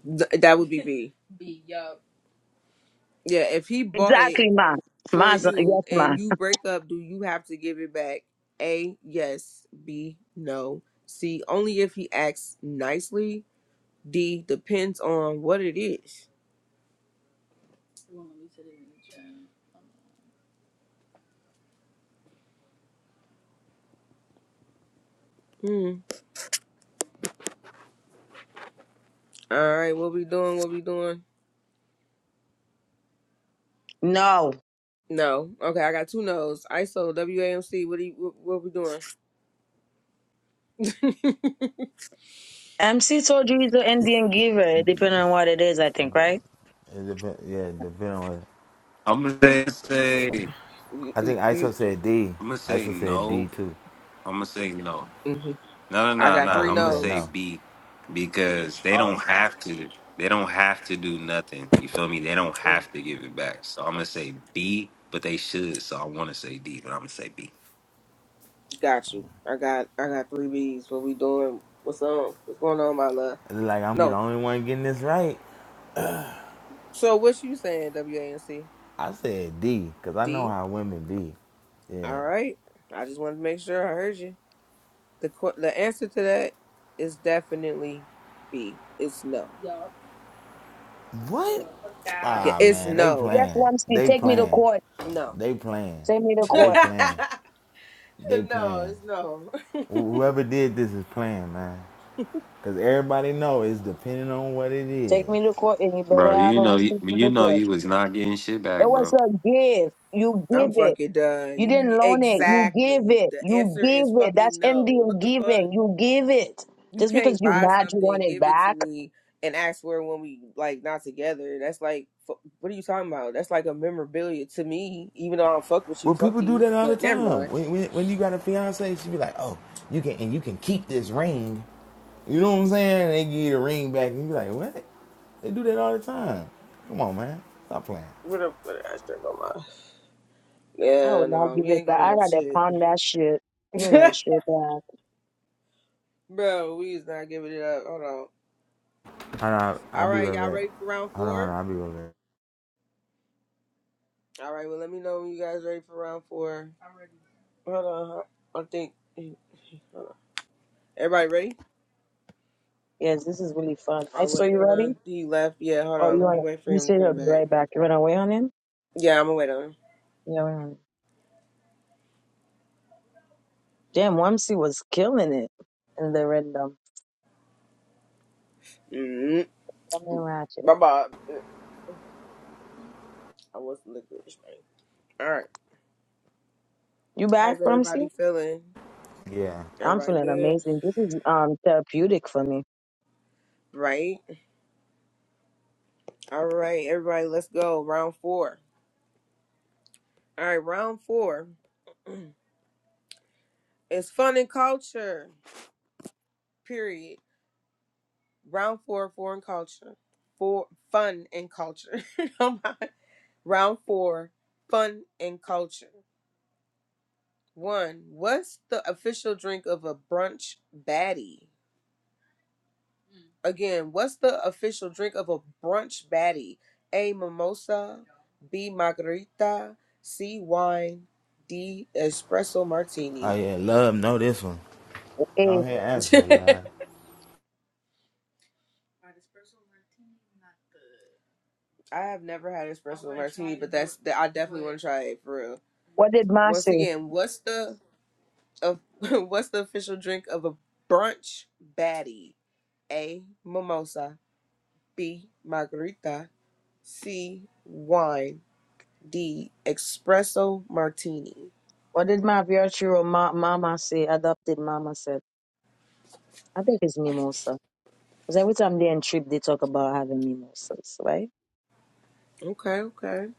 S1: Th- that would be B. Yeah, if he bought it
S2: Exactly, ma.
S1: for
S2: Ma's
S1: you
S2: yes, ma.
S1: and you break up, do you have to give it back? A, yes. B, no. C, only if he acts nicely. D, depends on what it is. Hmm. All right. What we doing? What we doing?
S2: No.
S1: No. Okay. I got two no's. ISO WAMC. What do you? What, what we doing?
S2: MC told you he's an Indian giver, depending on what it is, I think, right?
S6: It depend, yeah, it depend on what it is.
S8: I'm gonna say, say
S1: You-
S6: I
S1: you-
S6: think
S1: you-
S6: ISO said D.
S8: I'm gonna say
S6: ISO said D
S8: no.
S6: too.
S8: I'm gonna say no.
S1: mhm.
S8: No, no,
S1: I
S8: no,
S1: got
S8: no.
S6: Oh,
S1: three
S8: I'm
S6: he
S8: gonna
S6: said
S8: say
S1: no's.
S6: no.
S8: B because they
S1: Oh,
S8: don't have to. They don't have to do nothing. You feel me? They don't
S1: mm,
S8: have to give it back. So I'm gonna say B, but they should. So I want to say D, but I'm gonna say B.
S1: got you. I got. I got three B's. What we doing? What's on? What's going on, my love?
S6: It's like I'm be the
S1: No.
S6: only one getting this right.
S1: So what you saying? W A M C?
S6: I said D, cause I know
S1: D.
S6: how women be. Yeah.
S1: All right. I just wanted to make sure I heard you. The qu- the answer to that is definitely B. It's no. Bro,
S6: What?
S1: fuck that. Yeah,
S6: Ah
S1: it's
S6: man, they
S1: no.
S2: Yes,
S6: playing.
S2: Wamsi,
S6: They
S2: take me to
S6: playing.
S2: court.
S1: No.
S6: They playing.
S2: Take me to
S6: They
S2: court.
S6: playing. They
S1: no,
S6: playing.
S1: it's no.
S6: Whoever did this is playing, man. Cause everybody know it's depending on what it is.
S2: Take me to court, and you better
S8: Bro,
S2: have
S8: you
S2: a
S8: know, you,
S2: receipt from
S8: you
S2: the
S8: know, you
S2: judge.
S8: was not getting shit back,
S2: It was
S8: bro.
S2: a give. You
S1: I'm
S2: give it.
S1: fucking done.
S2: You didn't
S1: You
S2: loan it. You give
S1: exactly.
S2: it.
S1: The
S2: You
S1: answer is
S2: give it.
S1: fucking
S2: That's
S1: no.
S2: Indian
S1: What the fuck?
S2: giving. You give it.
S1: You
S2: Just because
S1: can't
S2: you
S1: buy
S2: mad you
S1: something,
S2: want it
S1: give it to
S2: back,
S1: me, and ask for it when we like not together. That's like, fu- what are you talking about? That's like a memorabilia to me. Even though I don't fuck with you,
S6: Well,
S1: fuck
S6: people do
S1: you.
S6: that all the
S1: But never
S6: time.
S1: mind.
S6: When, when, when you got a fiance, she be like, "Oh, you can and you can keep this ring." You know what I'm saying? They give you the ring back, and you be like, "What?" They do that all the time. Come on, man, stop playing.
S1: What up? What I straight my mind.
S2: I
S1: Yeah,
S2: will not
S1: no,
S2: give
S1: we
S2: it
S1: ain't
S2: back.
S1: giving
S2: I
S1: up
S2: rather
S1: shit,
S2: pound that shit. You ain't gonna shit back.
S1: bro. We is not giving it up. Hold on.
S6: Hold on, I'll
S1: All
S6: be
S1: right, y'all
S6: right back.
S1: ready for round
S6: Hold on, hold
S1: four?
S6: on, I'll be right
S1: All right, well, let me know when you guys ready for round four. Hold on, I think. Hold on. Everybody ready?
S2: Yes, this is really fun. I
S1: Oh
S2: saw
S1: wait,
S2: you
S1: hold
S2: ready?
S1: on. He left. Yeah, hold
S2: Oh, you
S1: on. Let me
S2: want
S1: wait for
S2: you
S1: him to
S2: said he'll
S1: come
S2: be
S1: back.
S2: right back. You ran away on him?
S1: Yeah, I'm gonna wait on him.
S2: Yeah, ran away. Damn, Wamsi was killing it in the random.
S1: Mm-hmm.
S2: I mean, Ratchet.
S1: Bye bye. I wasn't looking at this thing. All right.
S2: You back,
S1: How's
S2: Rumsey?
S1: everybody feeling?
S6: back. Yeah.
S2: I'm
S1: Everybody
S2: feeling
S1: good?
S2: amazing. This is um therapeutic for me.
S1: Right. All right, everybody. Let's go. Round four. All right, round four is fun and culture. Period. Round four, foreign culture. For fun and culture. Oh my. Round four, fun and culture. One, what's the official drink of a brunch baddie? Again, what's the official drink of a brunch baddie? A mimosa, B margarita, C wine, D espresso
S6: Oh
S1: martini.
S6: yeah, love. Know this one.
S2: Hey,
S6: Don't hear answer,
S1: I
S6: love.
S1: have never had espresso martini, but that's I definitely want to try it for real.
S2: what did Ma
S1: Once
S2: say?
S1: again, what's the of what's the official drink of a brunch baddie? A mimosa, B. Margarita. C. Wine. D. Espresso Martini.
S2: What did my virtual ma- mama say? Adopted mama said. I think it's mimosa. Because every time they in trip, they talk about having mimosas, right?
S1: Okay, okay.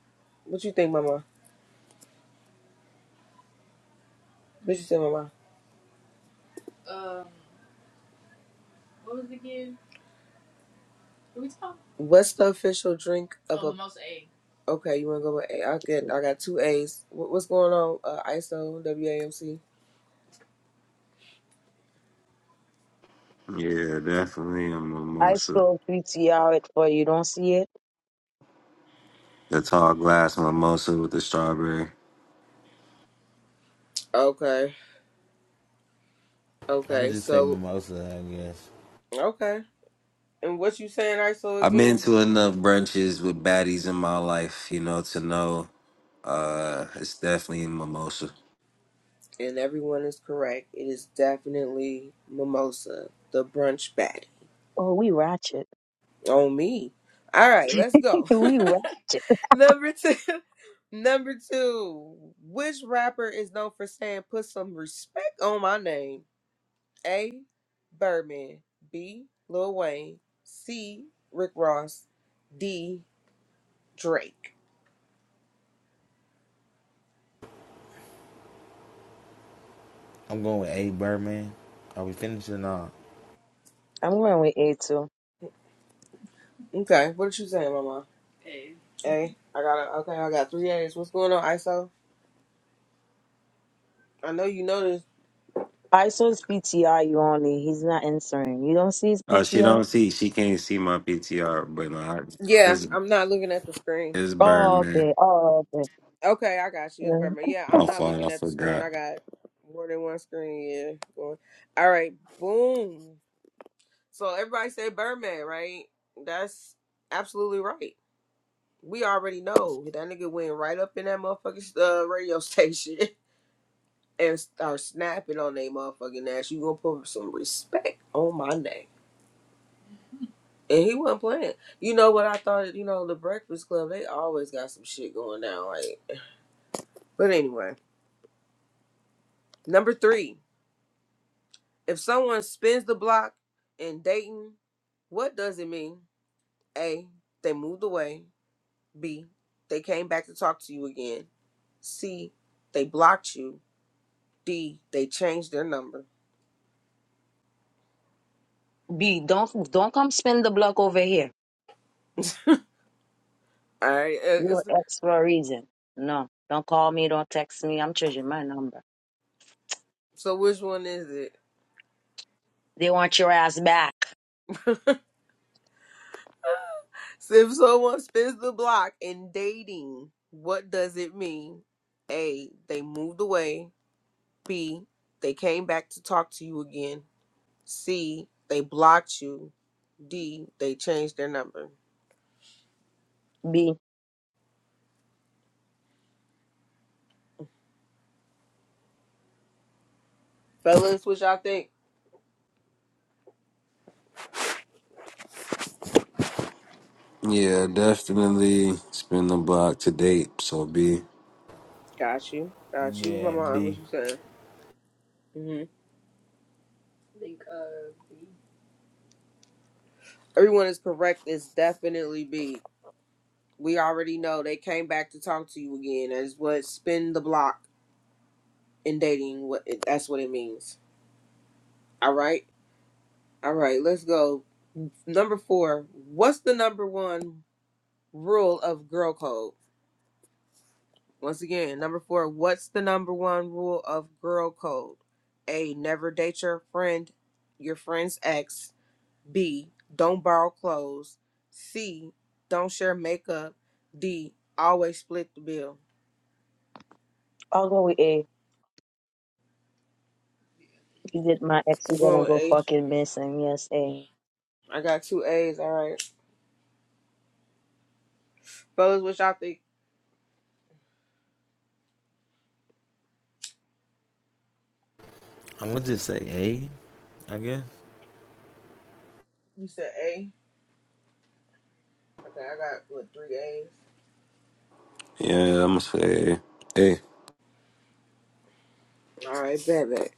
S1: What you think, Mama? What you say, Mama? What's the official drink of oh, a? Most A. Okay, you wanna go with A? I get. I got two A's. What, what's going on? Uh, ISO WAMC.
S8: Yeah, definitely a
S2: I
S8: mimosa.
S2: saw 3TR it, but you don't see it.
S8: The tall glass mimosa with the strawberry.
S1: Okay,
S6: I'm gonna
S1: okay.
S6: just say
S1: So
S6: mimosa, I guess.
S1: okay. And what you saying, ISO
S8: I've been
S1: again?
S8: to enough brunches with baddies in my life, you know, to know uh it's definitely a mimosa.
S1: And everyone is correct. It is definitely mimosa, the brunch baddie.
S2: Oh, we ratchet.
S1: On me. All right, let's go.
S2: we ratchet.
S1: Number two. Number two. Which rapper is known for saying put some respect on my name? A. Birdman. B. Lil Wayne. C. Rick Ross. D. Drake.
S6: I'm going with A Birdman. Are we finishing or not?
S2: I'm going with A2.
S1: Okay, what did you say, Mama? A. I got a, okay, I got three A's. What's going on, ISO? I know you know this.
S2: I saw his PTR you only. He's not answering. You don't see his
S8: Oh, she
S2: PTR?
S8: don't see, she can't see my PTR, but no, I,
S1: Yeah,
S8: it's
S1: I'm not looking at the screen.
S8: it's burn,
S2: Oh,
S8: man.
S2: okay. Oh, okay.
S1: Okay, I got you. It's
S2: Yeah.
S1: Birdman. Yeah, I'm
S8: My
S1: not
S8: fault, I
S1: looking at the screen. I
S8: forgot.
S1: got more than one screen, yeah. Going. All right, boom. So everybody say Birdman, right? That's absolutely right. We already know that nigga went right up in that motherfucking uh, radio station and start snapping on they motherfucking ass. You gonna put some respect on my name? And he wasn't playing. You know what I thought? You know the Breakfast Club. They always got some shit going down. Like, but anyway, number three. If someone spins the block in Dayton, what does it mean? A. They moved away. B. They came back to talk to you again. C. They blocked you. D. They changed their number.
S2: B, don't don't come spin the block over here.
S1: All right. uh,
S2: You
S1: it's-
S2: an ex for a reason. No, don't call me. Don't text me. I'm changing my number.
S1: So which one is it?
S2: They want your ass back.
S1: So if someone spins the block in dating, what does it mean? A. They moved away. B. They came back to talk to you again. C. They blocked you. D. They changed their number.
S2: B,
S1: Fellas, what y'all think?
S8: Yeah, definitely spin the block to date. So be
S1: Got you. Got you. My
S6: Yeah,
S1: mom, what
S6: B.
S1: you saying? hmm Everyone is correct. It's definitely B. We already know they came back to talk to you again. That's what spin the block in dating. What that's what it means. All right, all right. Let's go. Number four. What's the number one rule of girl code? Once again, number four. What's the number one rule of girl code? A. Never date your friend, your friend's ex. B. Don't borrow clothes. C. Don't share makeup. D. Always split the bill.
S2: I'll go with A. You did my ex.
S1: I'm
S2: You're
S1: going
S2: gonna
S1: with
S2: go
S1: A?
S2: fucking missing. Yes, A.
S1: I got two A's. All right, fellas, what y'all think?
S6: I'm gonna just say A, I guess.
S1: You said A. Okay, I got what three A's.
S8: yeah, I'm gonna say hey,
S1: All right, bet bet.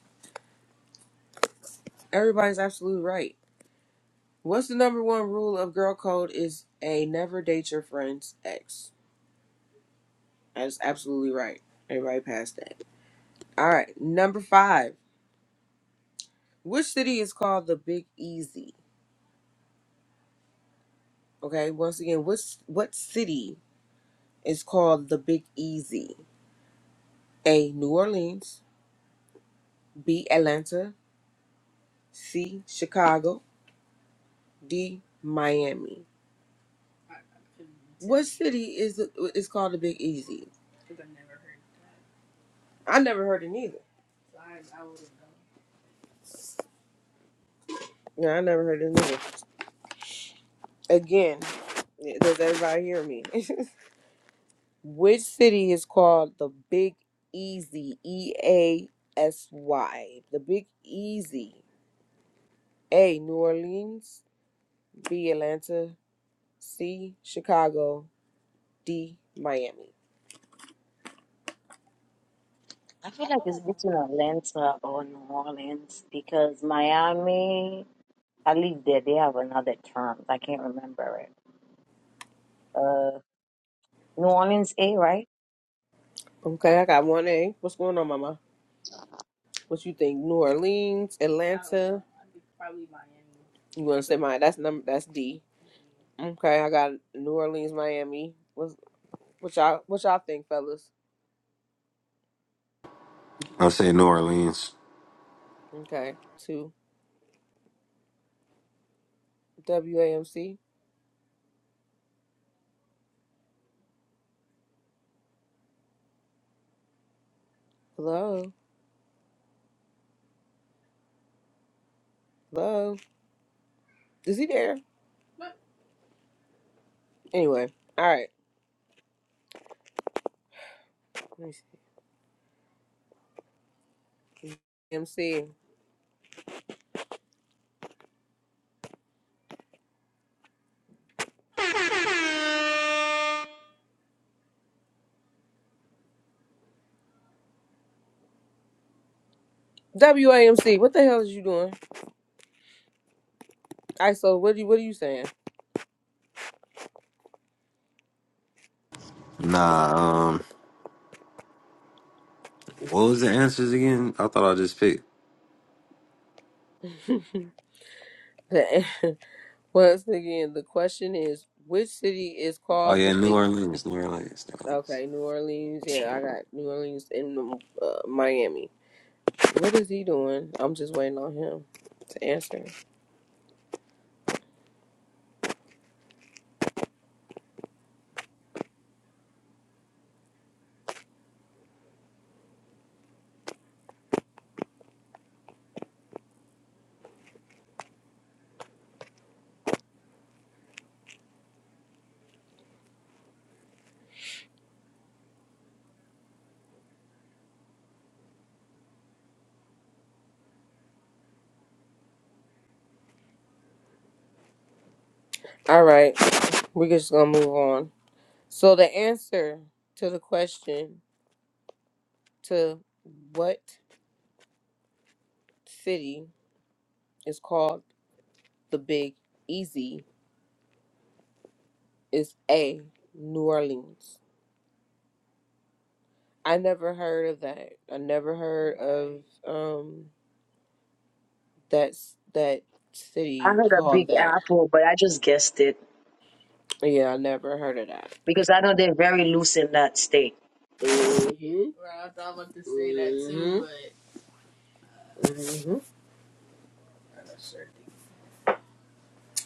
S1: Everybody's absolutely right. What's the number one rule of girl code? Is a never date your friend's ex. That's absolutely right. Everybody passed that. All right, number five. Which city is called the Big Easy? Okay, once again, what's what city is called the Big Easy? A. New Orleans. B. Atlanta. C. Chicago. D. Miami. What city is is called the Big Easy? I never heard it neither. No, I never heard it neither. Again, yeah, does everybody hear me? Which city is called the Big Easy? E A S Y. The Big Easy. A. New Orleans. B. Atlanta. C. Chicago. D. Miami.
S2: I feel like it's between Atlanta or New Orleans because Miami. I leave there. They have another term. I can't remember it. Uh, New Orleans A, right?
S1: Okay, I got one A. What's going on, Mama? What you think? New Orleans, Atlanta. You want to say mine? That's number. That's D. Okay, I got New Orleans, Miami. What's what y'all what y'all think, fellas?
S8: I'll say New Orleans.
S1: Okay. Two WAMC. Hello. Hello. Is he there? Anyway. All right. Let me see. MC. WAMC, what the hell is you doing? ISO, what do you what are you saying?
S8: Nah, um, what was the answers again? I thought I just picked.
S1: The- Once again, the question is which city is
S8: Oh
S1: called
S8: yeah,
S1: the
S8: New
S1: big
S8: Orleans, New Orleans, New Orleans.
S1: Okay, New Orleans. Yeah, I got New Orleans and uh, Miami. What is he doing? I'm just waiting on him to answer. All right, we're just gonna move on. So the answer to the question to what city is called the Big Easy is A. New Orleans. I never heard of that. I never heard of um that s- that
S2: I
S1: city
S2: heard a
S1: called
S2: big
S1: that.
S2: apple, but I just guessed it
S1: Yeah, I never heard of that.
S2: because I know they're very loose in that state.
S1: hmm hmm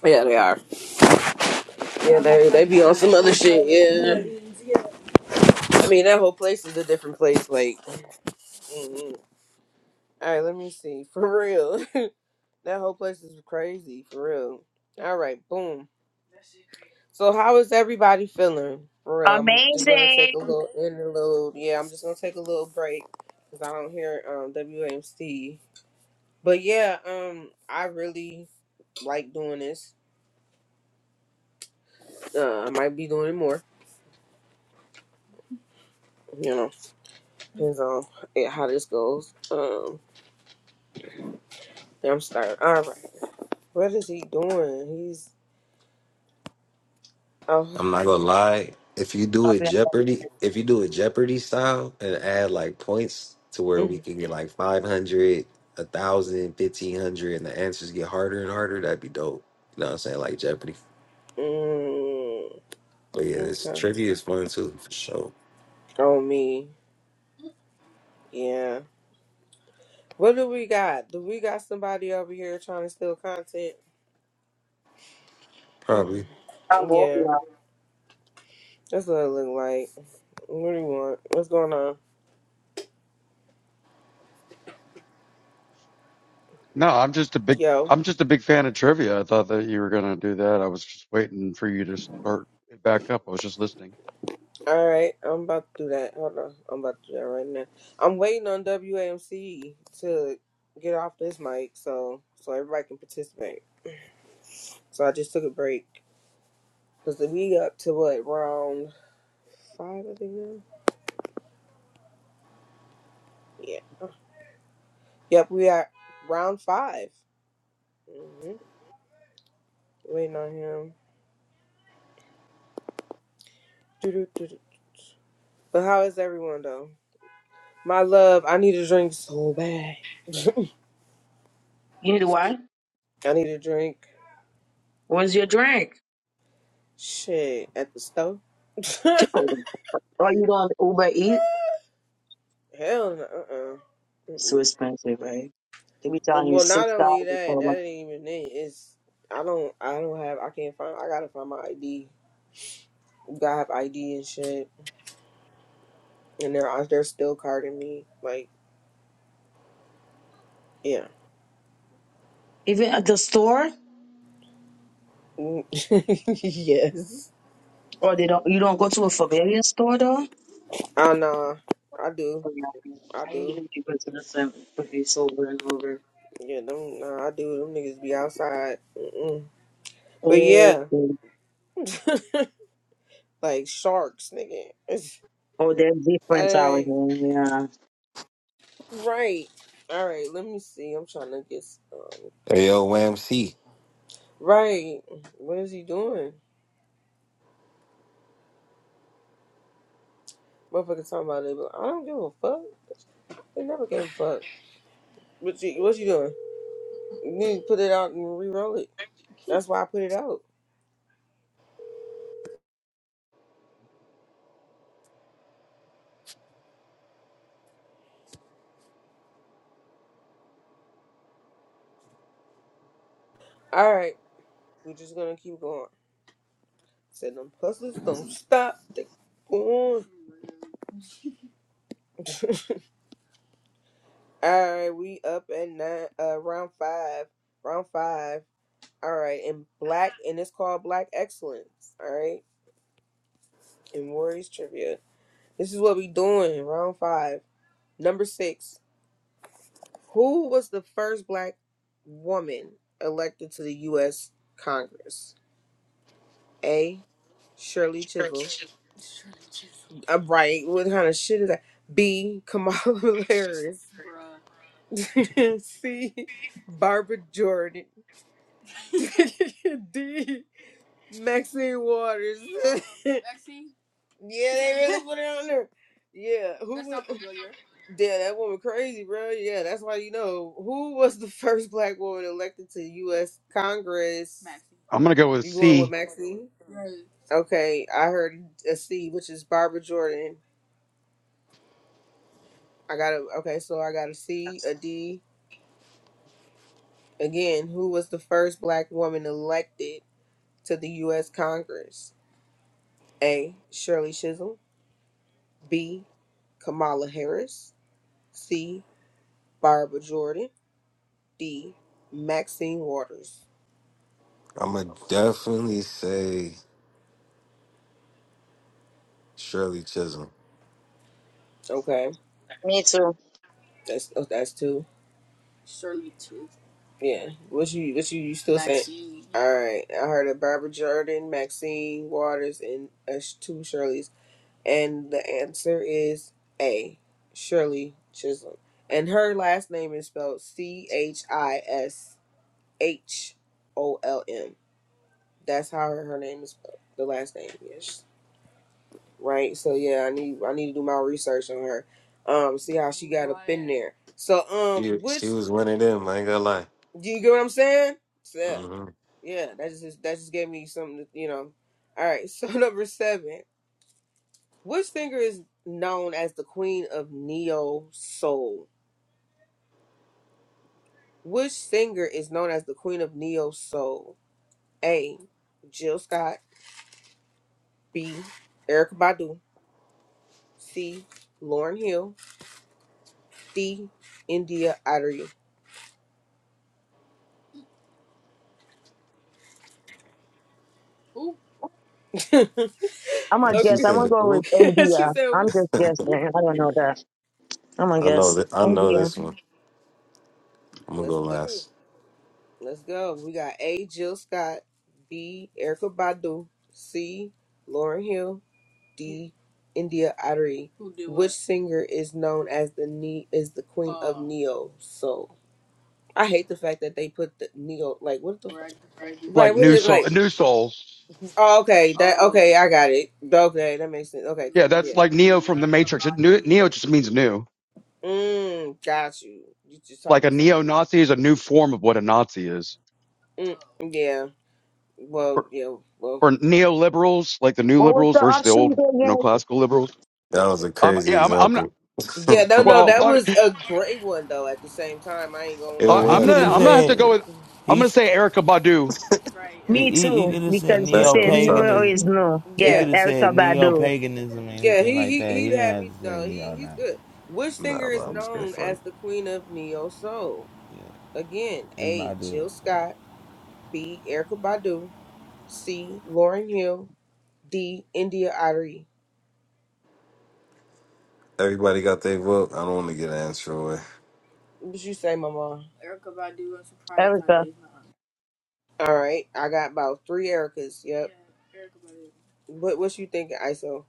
S1: Yeah, they are. Yeah, they they be on some other shit. Yeah. I mean, that whole place is a different place. Like, mm-mm. all right, let me see. For real, that whole place is crazy. For real. All right, boom. So, how is everybody feeling? For real, I'm just gonna take
S2: Amazing.
S1: a little interlude. Yeah, I'm just gonna take a little break because I don't hear um WMC. But yeah, um, I really like doing this. Uh, I might be doing it more. You know, depends on it- how this goes. Um, yeah, I'm starting. All right, what is he doing? He's oh.
S8: I'm not gonna lie. If you do it
S2: Papi,
S8: Jeopardy, if you do it Jeopardy style and add like points to where we can get like 500, a thousand, fifteen hundred, and the answers get harder and harder, that'd be dope. You know what I'm saying? Like Jeopardy.
S1: Mm,
S8: But yeah, this
S1: okay.
S8: trivia is fun too, for sure.
S1: On me. Yeah. What do we got? Do we got somebody over here trying to steal content? Mm,
S8: Probably.
S2: I'm going
S1: yeah.
S2: now.
S1: That's what it look like. What do you want? What's going on?
S9: No, I'm just a big
S1: Yo.
S9: I'm just a big fan of trivia. I thought that you were gonna do that. I was just waiting for you to start it back up. I was just listening.
S1: All right. I'm about to do that. Hold on. I'm about to do that right now. I'm waiting on WAMC to get off this mic so so everybody can participate. So I just took a break. Because we up to what? Round five, I think now? Yeah. Yep. We are round five. hmm Waiting on him. Doo-doo-doo-doo. But how is everyone though? My love, I need a drink so bad.
S2: You need what?
S1: I need a drink.
S2: What's your drink?
S1: Shit, at the store.
S2: Too. Or you don't Uber Eat?
S1: Hell no. Uh uh-uh. uh.
S2: It's so expensive, right? They be telling
S1: And
S2: you
S1: well, not
S2: six
S1: only
S2: dollars
S1: that,
S2: for one.
S1: that ain't even it. It's I don't I don't have I can't find I gotta find my ID. Gotta have ID and shit. And they're out- they're still carding me. Like yeah.
S2: Even at the store,
S1: Mm. yes.
S2: or they don't. You don't go to a familiar store though.
S1: I know. I do.
S2: Oh, yeah.
S1: I
S2: I
S1: do.
S2: usually go to the same place over and over.
S1: Yeah, them, nah, I do. Them niggas be outside. Mm-mm. But
S2: Oh,
S1: yeah,
S2: okay.
S1: like sharks, nigga. It's,
S2: oh, there's difference out
S1: hey,
S2: here. Yeah.
S1: right. All right, let me see. I'm trying to get, um, get
S8: Hey,
S1: this.
S8: yo, Wham C.
S1: Right. What is he doing? Motherfucker talking about it. But I don't give a fuck. They never gave a fuck. What you, what you doing? You need to put it out and re-roll it. That's why I put it out. All right, we're just gonna keep going. Said them hustlers don't stop. They going. All right, we up at nine, uh, round five. Round five. All right, and black, and it's called Black Excellence. All right, in Warriors trivia. This is what we doing. Round five. Number six. Who was the first black woman elected to the U.S. Congress? A. Shirley Chisholm. I'm right. What kind of shit is that? B. Kamala Harris. C. Barbara Jordan. D. Maxine Waters. yeah, they really put it on there. Yeah, who? That's not familiar. Yeah, that woman crazy, bro. Yeah, that's why you know who was the first black woman elected to U.S. Congress. Maxine.
S9: I'm gonna go with
S1: You going with
S9: C,
S1: Maxine? Okay, I heard a C, which is Barbara Jordan. I got a okay, so I got a C, a D. Again, who was the first black woman elected to the U.S. Congress? A. Shirley Chisholm. B. Kamala Harris. C. Barbara Jordan. D. Maxine Waters.
S8: I'm gonna definitely say Shirley Chisholm.
S1: Okay,
S2: Me too.
S1: that's oh, that's two. Yeah, what you what you, you still saying? All right, I heard of Barbara Jordan, Maxine Waters, and uh, sh- two Shirley's, and the answer is A. Shirley Chisholm, and her last name is spelled C H I S H O L M. That's how her, her name is spelled. The last name, yes. right? So yeah, I need I need to do my research on her. Um, see how she got up in there. So um,
S8: She,
S1: which
S8: she was one of them, I ain't gonna lie.
S1: do you get what I'm saying? So, yeah,
S8: hmm
S1: yeah. That just that just gave me something. To, you know. All right. So number seven, which singer is known as the queen of neo soul? Which singer is known as the queen of neo soul? A. Jill Scott. B. Erica Badu. C. Lauren Hill. D. India Idris.
S2: I'm gonna
S8: She
S2: guess.
S1: Okay.
S2: I'm gonna
S8: said,
S2: go
S8: "Ooh."
S2: with
S1: she
S2: India.
S1: said, "Who?"
S2: I'm just guessing. I don't know that. I'm gonna
S8: I know
S2: guess
S8: that. I know
S2: India.
S8: this one. I'm gonna
S1: Let's
S8: go
S1: go.
S8: last.
S1: Let's go. We got A. Jill Scott, B. Erica Badu, C. Lauren Hill, D. India Ari. Which singer is known as the ne- is the queen of neo soul? I hate the fact that they put the neo like what the right, fuck? Right,
S9: like
S1: what
S9: new
S1: is
S9: soul,
S1: like?
S9: new soul.
S1: Oh, okay, that okay, I got it. Okay, that makes sense. Okay,
S9: Yeah,
S1: cool,
S9: that's
S1: yeah.
S9: like Neo from the
S1: Erica
S9: Matrix. It- new- Neo just means new.
S1: Mm, got you. You just
S9: Like
S1: taught
S9: a
S1: me something.
S9: neo-Nazi is a new form of what a Nazi is,
S1: Mm, yeah. Well,
S9: or,
S1: yeah, well,
S9: or neoliberals, like the new
S2: What was
S9: liberals
S2: the
S9: versus the
S2: option
S9: old, you know,
S2: again?
S9: classical liberals.
S8: That was a
S9: Um,
S8: crazy
S9: yeah, I'm, I'm not.
S8: example.
S1: yeah,
S8: it
S1: no, no,
S9: Well,
S1: that
S9: I,
S1: was a great one though. At the same time, I ain't gonna
S9: I-
S1: lie.
S6: He
S9: I'm
S6: could
S8: was.
S9: gonna
S8: It
S6: have
S9: I'm gonna
S8: was.
S9: have
S8: it
S9: to
S6: said
S9: go
S8: was.
S9: with. I'm gonna
S6: he's
S9: say Erica Badu.
S6: he,
S2: Me
S6: he, he
S2: too,
S6: could have said
S2: because he
S8: Back
S6: neo
S2: said
S8: on the
S2: no
S8: topic.
S6: paganism.
S2: is no.
S6: He
S2: Yes,
S1: Yeah,
S6: could have
S2: Erica
S6: said neo
S2: Badu.
S6: paganism or
S1: yeah,
S6: anything
S1: he
S6: like
S1: he
S6: that. He
S1: he
S6: didn't
S1: had
S6: have
S1: me.
S6: to say
S1: No, he
S6: neo
S1: he's
S6: now.
S1: good. Which
S8: Nah,
S1: singer
S8: but
S1: is
S8: I'm just being
S1: known
S8: funny.
S1: as the queen of neo soul? Again,
S6: It's
S1: A.
S6: Badu.
S1: Jill Scott, B. Erica Badu, C. Lauren Hill, D. India Ari.
S8: Everybody got their vote. I don't want to get an answer away.
S1: What you say, Mama?
S2: Erica,
S1: All right, I got about three Ericas. Yep. What what you thinking, ISO?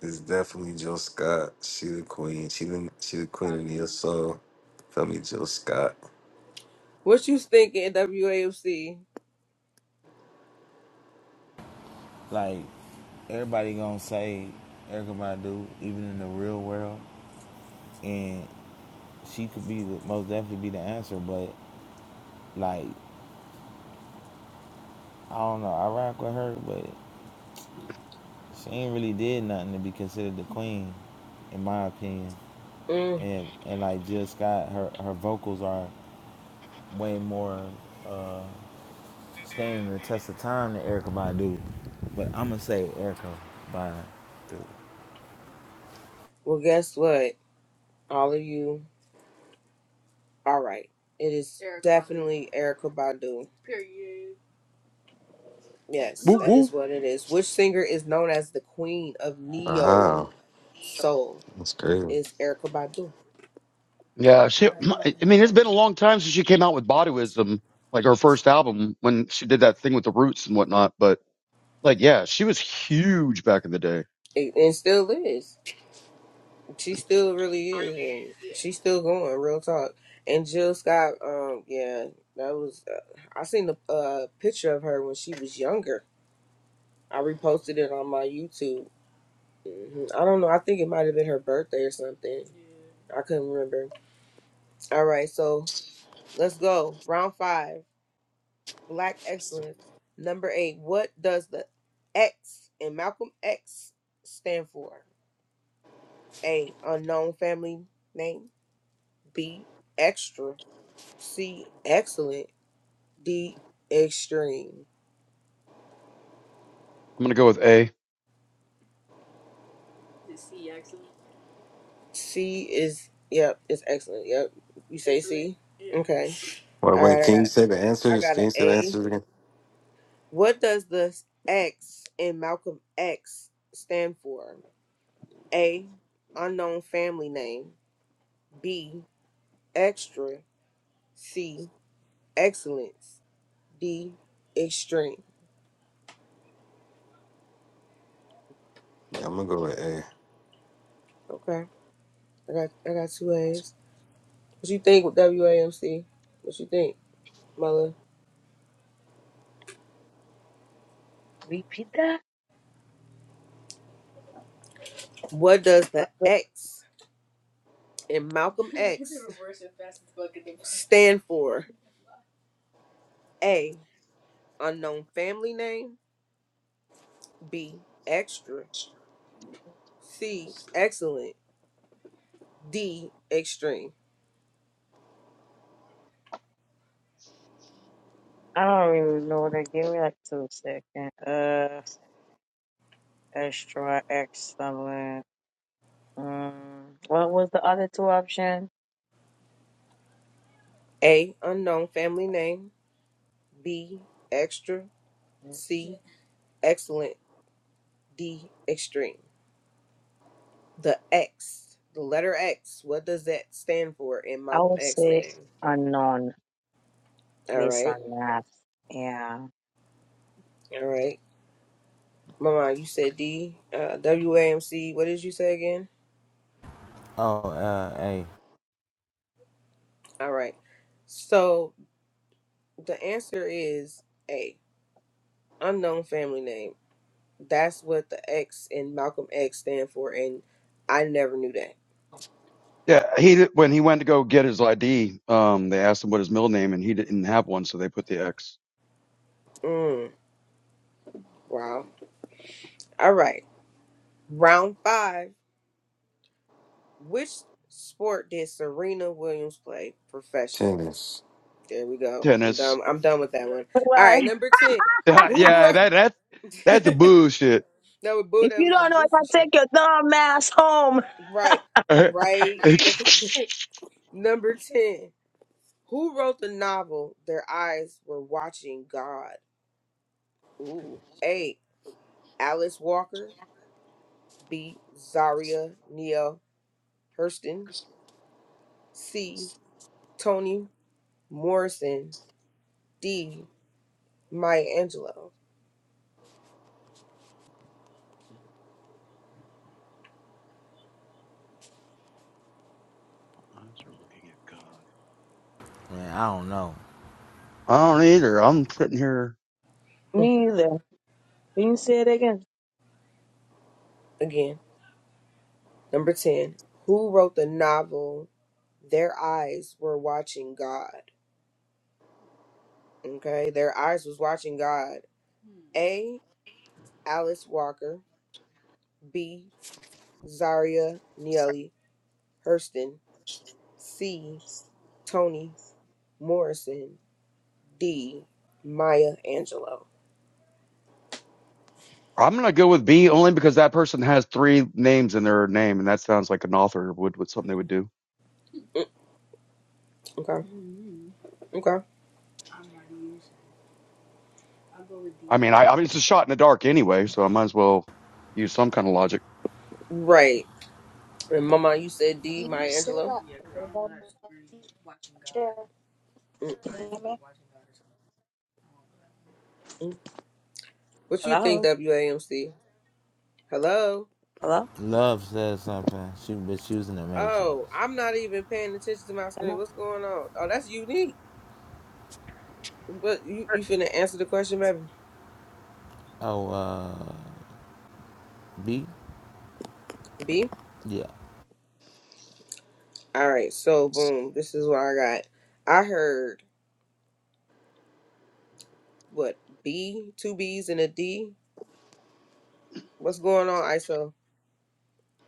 S8: It's definitely Jill Scott. She the queen. She the she the queen of Neo Soul. Feel me, Jill Scott.
S1: What you thinking, WAFC?
S6: Like everybody gonna say Erica Badu, even in the real world, and she could be the most definitely be the answer. But like I don't know, I rock with her, but She ain't really did nothing to be considered the queen, in my opinion. And and like Jill Scott, her her vocals are way more uh, standing the test of time than Erica Badu. But I'm gonna say Erica Badu.
S1: Well, guess what? All of you are right. It is Erykah definitely Erica Badu. Yes,
S9: Woo woo.
S1: what it is. Which singer is known as the queen of neo
S8: Wow,
S1: soul?
S8: that's crazy.
S1: Is Erica Badu,
S9: Yeah, she. I mean, it's been a long time since she came out with Body Wisdom, like her first album when she did that thing with the Roots and whatnot. But like, yeah, she was huge back in the day. I'm
S1: It- and still is. She still really is, and Yeah. she's still going. Real talk. And Jill Scott, um, yeah, that was. Uh, I seen a uh, picture of her when she was younger. I reposted it on my YouTube. hmm I don't know. I think it might have been her birthday or something. Yeah. I couldn't remember. All right, so let's go. Round five, Black Excellence. Number eight, what does the X in Malcolm X stand for? A, unknown family name. B, extra. C, excellent. D, extreme.
S9: gonna go with A.
S1: C is, yep, it's excellent. Yep. You say C? Yeah. Okay.
S8: Wait,
S1: All
S8: wait.
S1: right, I
S8: Can
S1: got
S8: you
S1: it.
S8: say the
S1: I
S8: answers?
S1: got
S8: Can
S1: an
S8: you say the
S1: A.
S8: answers again?
S1: What does the X in Malcolm X stand for? A. Unknown family name. B. Extra. C. Excellence. D. Extreme.
S8: Yeah, I'm gonna go with A.
S1: Okay. I got I got two A's. What you think with WAMC? What you think, Mother?
S2: repeat that.
S1: What does the X in Malcolm X stand for? A. Unknown family name. B. Extra. C. Excellent. D. Extreme.
S2: I don't really know that. Give me like two seconds. Uh, extra excellent. Mm, what was the other two option?
S1: A. Unknown family name. B. Extra. C, excellent. D, extreme. The X, the letter X, what does that stand for in
S2: I
S1: Malcolm
S2: would
S1: X
S2: say
S1: name?
S2: unknown
S1: All
S2: based
S1: right,
S2: on that. Yeah.
S1: all right. Mama, you said D, uh, WAMC. What did you say again?
S6: Oh, uh, hey,
S1: All right. So the answer is A, unknown family name. That's what the X in Malcolm X stand for, and I never knew that.
S9: Yeah, he did- when he went to go get his ID, um, they asked him what his middle name, and he didn't have one, so they put the X.
S1: Mm, wow. All right. Round five. Which sport did Serena Williams play professionally?
S8: Tennis.
S1: There we go. I'm
S9: Tennis.
S1: done. I'm done with that one. All
S2: Why?
S1: right, number ten.
S9: Yeah,
S1: Who
S9: yeah,
S1: wrote?
S9: that that that's a
S1: that
S9: bullshit.
S1: was boo.
S2: If
S1: That
S2: you
S1: was some
S2: don't know if I
S1: goofy shit.
S2: take your dumb ass home.
S1: Right.
S9: I
S1: Right.
S9: was
S1: Okay. number ten. Who wrote the novel "Their Eyes Were Watching God"? Ooh. A. Alice Walker. B. Zaria Neale Hurston. C. Toni Morrison. D. Maya Angelou.
S9: looking at God.
S6: man, I don't know.
S9: I don't either. I'm sitting here.
S2: Me either. Can you say it again?
S1: Again, number 10. Who wrote the novel Their Eyes Were Watching God? Okay, Their Eyes Was Watching God. A. Alice Walker. B. Zaria Neely Hurston. C. Toni Morrison. D. Maya Angelou.
S9: I'm gonna go with B only because that person has three names in their name, and that sounds like an author would would something they would do.
S1: Mm, okay, okay.
S9: I mean, I, I mean, it's a shot in the dark anyway, so I might as well use some kind of logic.
S1: Right. And Mama, you said
S2: Can
S1: D.
S2: you
S1: Maya
S2: say
S1: Angelou?
S2: that?
S1: Yeah, cause I don't know that story. Watching God. Mm-mm. What you think,
S2: Hello?
S1: WAMC? Hello?
S2: Hello?
S6: Love said something. She but she was in the Matrix.
S1: Oh, I'm not even paying attention to my screen.
S2: Hello?
S1: What's going on? Oh, that's unique. But you, you finna answer the question, baby.
S6: Oh, uh, B,
S1: B?
S6: yeah,
S1: All right, so boom. This is what I got. I heard, what, B? Two B's and a D? What's going on, ISO?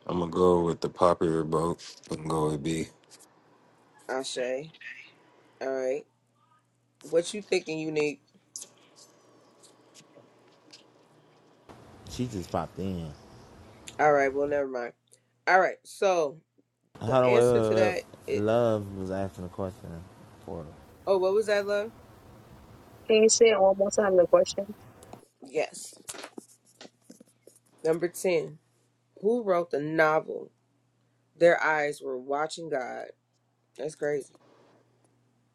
S8: I'm gonna go with the popular vote. I'm going with B.
S1: Ashe. All right. What you thinking, unique?
S6: she just popped in.
S1: All right, well, never mind. All right, so
S6: Hold
S1: the
S6: on, wait,
S1: answer to
S6: wait,
S1: that,
S6: wait.
S1: it,
S6: Love was asking a question for her.
S1: oh, what was that, love?
S2: Can you say it one more time? The question.
S1: Yes. Number 10. Who wrote the novel, Their Eyes Were Watching God? That's crazy.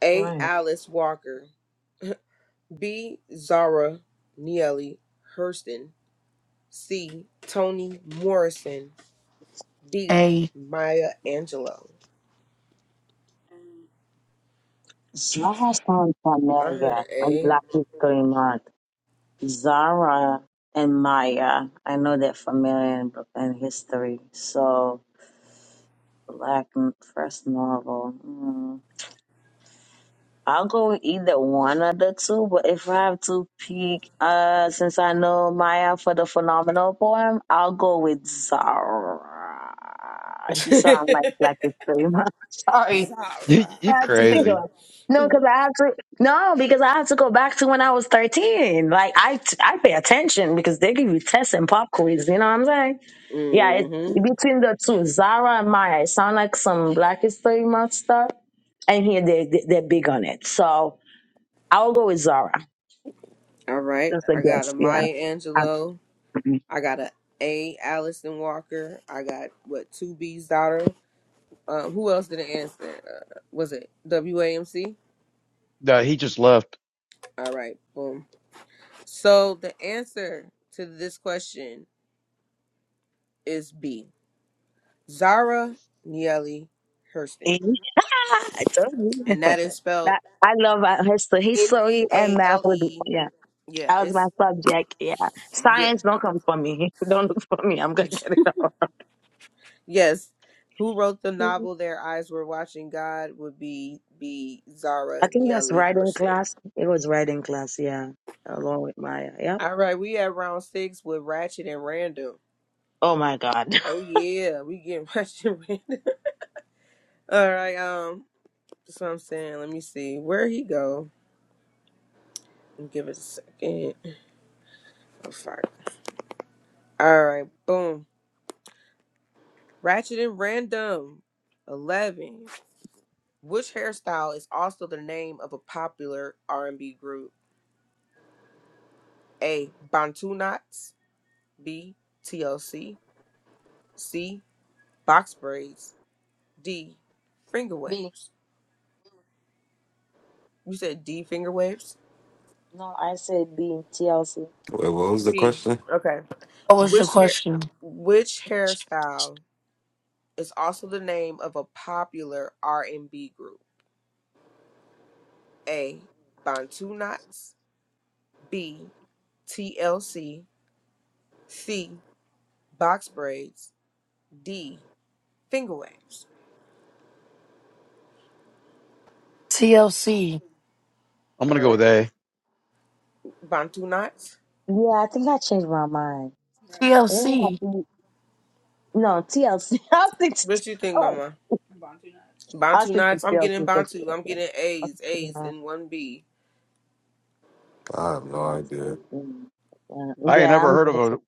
S1: A.
S2: Right.
S1: Alice Walker. B. Zara Neely Hurston. C. Toni Morrison. D.
S5: Hey,
S1: Maya Angelou.
S2: Zara sounds
S1: I heard
S2: familiar.
S1: an
S2: When
S1: A.
S2: Black History Month. Zara and Maya. I know they're familiar in, in history. So, Black n- first novel. Hmm. I'll go with either one of the two, but if I have to pick, uh, since I know Maya for the phenomenal poem, I'll go with Zara. She sounds like Black Extrema. Sorry,
S9: You,
S1: Zara.
S2: I have to think
S9: crazy?
S2: of. No, because I have to. No, because I have to go back to when I was thirteen. Like I, t- I pay attention because they give you tests and pop quiz. You know what I'm saying? Yeah, it's
S1: mm-hmm.
S2: between the two, Zara and Maya. It sound like some Black History Month stuff, and here they, they they're big on it. So. I'll go with Zara.
S1: All right.
S2: That's a
S1: I got a
S2: guess. Yeah.
S1: Maya
S2: I,
S1: Angelou.
S2: Mhm.
S1: I got a A. Allison Walker. I got what two B's daughter. Um, who else didn't answer? Uh, was it WAMC?
S9: No, he just left.
S1: All right. Boom. So the answer to this question is B. Zara Neale Hurston,
S2: I told you.
S1: and that is spelled
S2: That- I love uh, history,
S1: N E
S2: history and
S1: A
S2: math.
S1: L
S2: Would, be-
S1: E.
S2: yeah,
S1: Yeah,
S2: that was my
S1: it's
S2: subject. Yeah,
S1: yeah,
S2: science don't come for me. Don't look for me. I'm gonna get it all.
S1: yes. Who wrote the
S2: Mhm.
S1: novel "Their Eyes Were Watching God"? Would be be
S2: I
S1: Zara
S2: think
S1: Neale
S2: that's writing
S1: Hurston.
S2: class. It was writing class. Yeah, along with Maya. Yeah.
S1: All right, we at round six with Ratchet and Random.
S2: Oh my God.
S1: Oh yeah, we getting Ratchet and Random. All right, um, that's what I'm saying. Let me see where he go. Give it a second. Oh, sorry. All right, boom. Ratchet and Random. 11. Which hairstyle is also the name of a popular R&B group? A. Bantu knots. B. TLC. C. C. Box braids. D. Finger
S2: B.
S1: waves. You said D. Finger waves.
S2: No, I said B. TLC.
S8: Wait, what was the
S1: B.
S8: question?
S1: Okay.
S5: what was your
S1: Which hair?
S5: question?
S1: Which hairstyle is also the name of a popular R&B group? A. Bantu knots. B. TLC. C. C. box braids, D, finger waves,
S5: TLC.
S9: I'm gonna go with
S1: or
S9: A.
S1: bantu knots.
S2: Yeah, I think I changed my mind. It
S5: TLC.
S2: was no TLC. I think.
S1: What you think, Mama?
S2: I
S1: Bantu
S2: should just
S1: knots?
S2: be
S1: I'm
S2: able
S1: getting
S2: to
S1: bantu. I'm getting A's, A's,
S2: do
S1: and one B.
S8: I have no idea.
S2: Yeah,
S9: I ain't
S2: Yeah,
S9: never
S2: I'm
S9: heard
S2: good.
S9: of a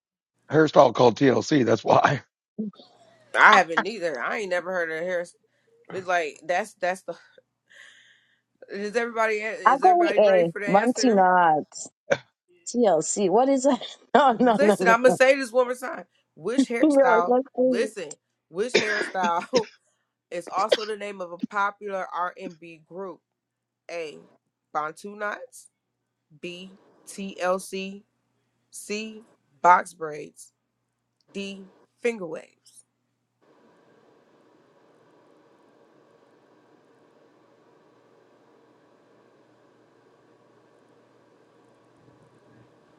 S9: hairstyle called TLC. That's why.
S1: I haven't neither. I ain't never heard of hair. It's like that's that's the. Is everybody
S2: I
S1: is
S2: go with
S1: everybody ready
S2: A.
S1: for the
S2: Monty
S1: answer?
S2: Not. TLC. What is it? No, no, no,
S1: Listen,
S2: no,
S1: I'm gonna
S2: no.
S1: say this one more time. Which
S2: Yo,
S1: hairstyle?
S2: let's see.
S1: Listen, which hairstyle is also the name of a popular R&B group? A. Bantu knots. B. TLC C. Box braids. D. Finger waves.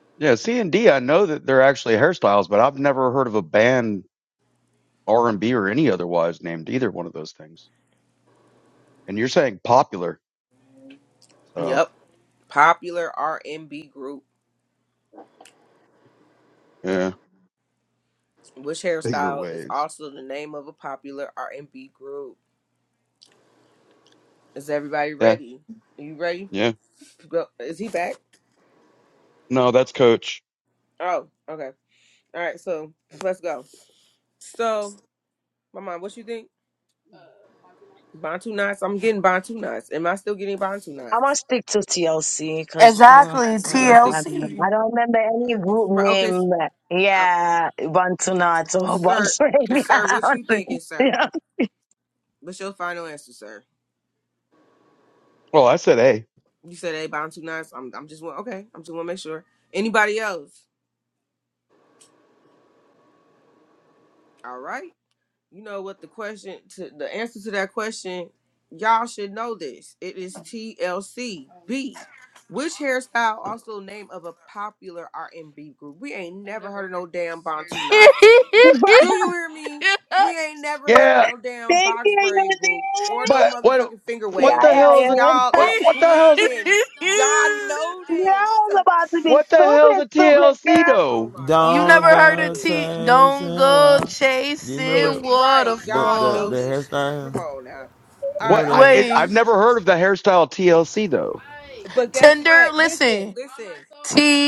S9: yeah, C and D. I know that they're actually hairstyles, but I've never heard of a band R and B or any otherwise named either one of those things. And you're saying popular, so
S1: Yep. Popular R&B group.
S9: yeah,
S1: Which
S9: bigger
S1: hairstyle is
S9: waves.
S1: also the name of a popular R&B group? Is everybody
S9: Yeah,
S1: ready? Are you ready?
S9: yeah.
S1: Go. Is he back?
S9: No, that's coach.
S1: Oh, okay. All right, so let's go. So, my mom, what you think? Bantu knots. I'm getting Bantu knots. Am I still getting Bantu
S2: I'm gonna
S1: knots?
S2: stick to TLC because mm,
S5: Exactly,
S1: You gonna
S2: mm,
S1: stick?
S2: I don't know. I
S5: TLC.
S2: don't remember any group
S1: Right, Okay, s-
S2: name.
S1: uh,
S2: Yeah, Bantu Nuts or
S1: sir.
S2: Box Radio.
S1: Sir,
S2: I
S1: what
S2: don't
S1: you
S2: think-
S1: thinking, sir?
S2: Yeah,
S1: What's your final answer, sir?
S9: Well, I said A.
S1: You said everybody on two nines. I'm I'm just want okay. I'm just want to make sure. Anybody else? All right. You know what the question to the answer to that question. Y'all should know this. It is TLCB. Which hairstyle also name of a popular R&B group? We ain't never never heard of no damn Bantu Knots.
S2: But
S1: Do you hear me? We ain't never heard of
S9: Yeah,
S1: no damn
S2: thank
S1: box
S2: you, you know.
S1: braid group or no
S9: but what
S1: motherfucking finger
S9: what
S1: wave
S2: Yeah,
S9: the
S2: yeah,
S9: hell is
S1: groups.
S9: it?
S2: yeah.
S1: Y'all is
S9: What what the hell is it?
S1: tweaking. Y'all know
S2: Y'all's
S1: this.
S2: about to be
S9: What the hell is
S2: stupid,
S9: a
S2: stupid
S9: TLC
S2: girl.
S1: Oh
S9: though?
S1: my
S5: you
S1: God,
S6: Don't
S5: never
S1: y'all
S5: heard
S1: know
S5: of
S6: go
S1: this.
S5: T don't
S6: chasing
S5: go
S6: why. Do you
S1: Ex-
S5: chasing
S6: remember
S1: right,
S6: the
S1: y'all
S6: the
S1: know
S6: the
S5: waterfalls.
S1: this shit.
S6: hairstyle?
S1: Come on now.
S6: You
S1: All
S9: What
S6: remember the
S1: right.
S9: I
S6: hair?
S9: it,
S5: Wait.
S9: I've never heard of the hairstyle TLC though.
S1: Right. But guess
S5: Tinder,
S1: what? Listen, On
S5: listen,
S1: my listen. soul,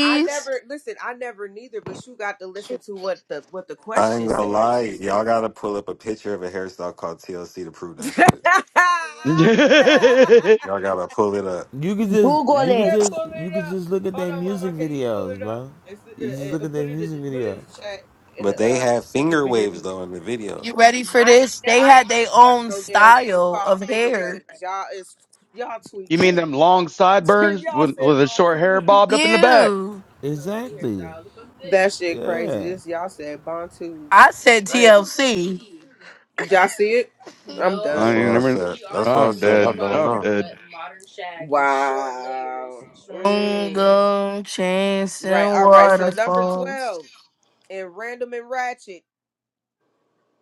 S1: I never, I heard never that. listen. I never neither. But you got to listen to what the what the
S8: I ain't
S1: question
S8: gonna
S1: says.
S8: lie, y'all gotta pull up a picture of a hairstyle called TLC to prove
S1: it
S8: that
S1: said,
S8: shit.
S9: you
S8: Y'all gotta pull it up.
S6: You could just you
S2: Google
S6: could
S2: it.
S6: just
S1: "Pull it
S6: you could
S1: up."
S6: just look at
S1: Hold
S6: their
S1: on, Mama.
S6: music
S1: Can you pull
S6: videos,
S1: it up
S6: bro.
S1: and, s- uh,
S6: You just
S1: uh,
S6: look
S1: uh,
S6: at
S1: put
S6: their
S1: it
S6: music
S1: in, put it in
S6: videos.
S1: the chat in the
S8: But they
S1: uh,
S8: have
S1: chat up
S8: finger
S1: in here?
S8: waves though in the video.
S5: You ready for
S1: I ain't,
S5: this?
S1: ne-
S5: They
S1: I ain't
S5: had their
S1: never heard
S5: own
S1: no damn group
S5: style of
S1: called finger
S5: hair.
S1: waves. Y'all is y'all
S9: mean
S1: tweaking.
S9: them long sideburns
S1: y'all
S9: with, with
S1: said
S9: the short hair
S1: Bantu.
S9: bobbed up in the back?
S5: You,
S6: Exactly.
S1: That shit crazy.
S6: Yeah.
S1: This y'all said Bantu.
S5: I said
S1: I ain't-
S5: TLC.
S1: Y'all see it? I'm
S8: That's
S9: I
S1: done.
S9: ain't
S8: why I
S9: never.
S8: said. That's why I
S9: I'm
S8: said I
S9: dead.
S8: don't
S9: I'm
S8: know.
S9: dead.
S1: Wow.
S5: Don't
S1: Mm.
S5: go
S1: Right.
S5: chasing
S1: All right. So number
S5: waterfalls.
S1: twelve and random and ratchet.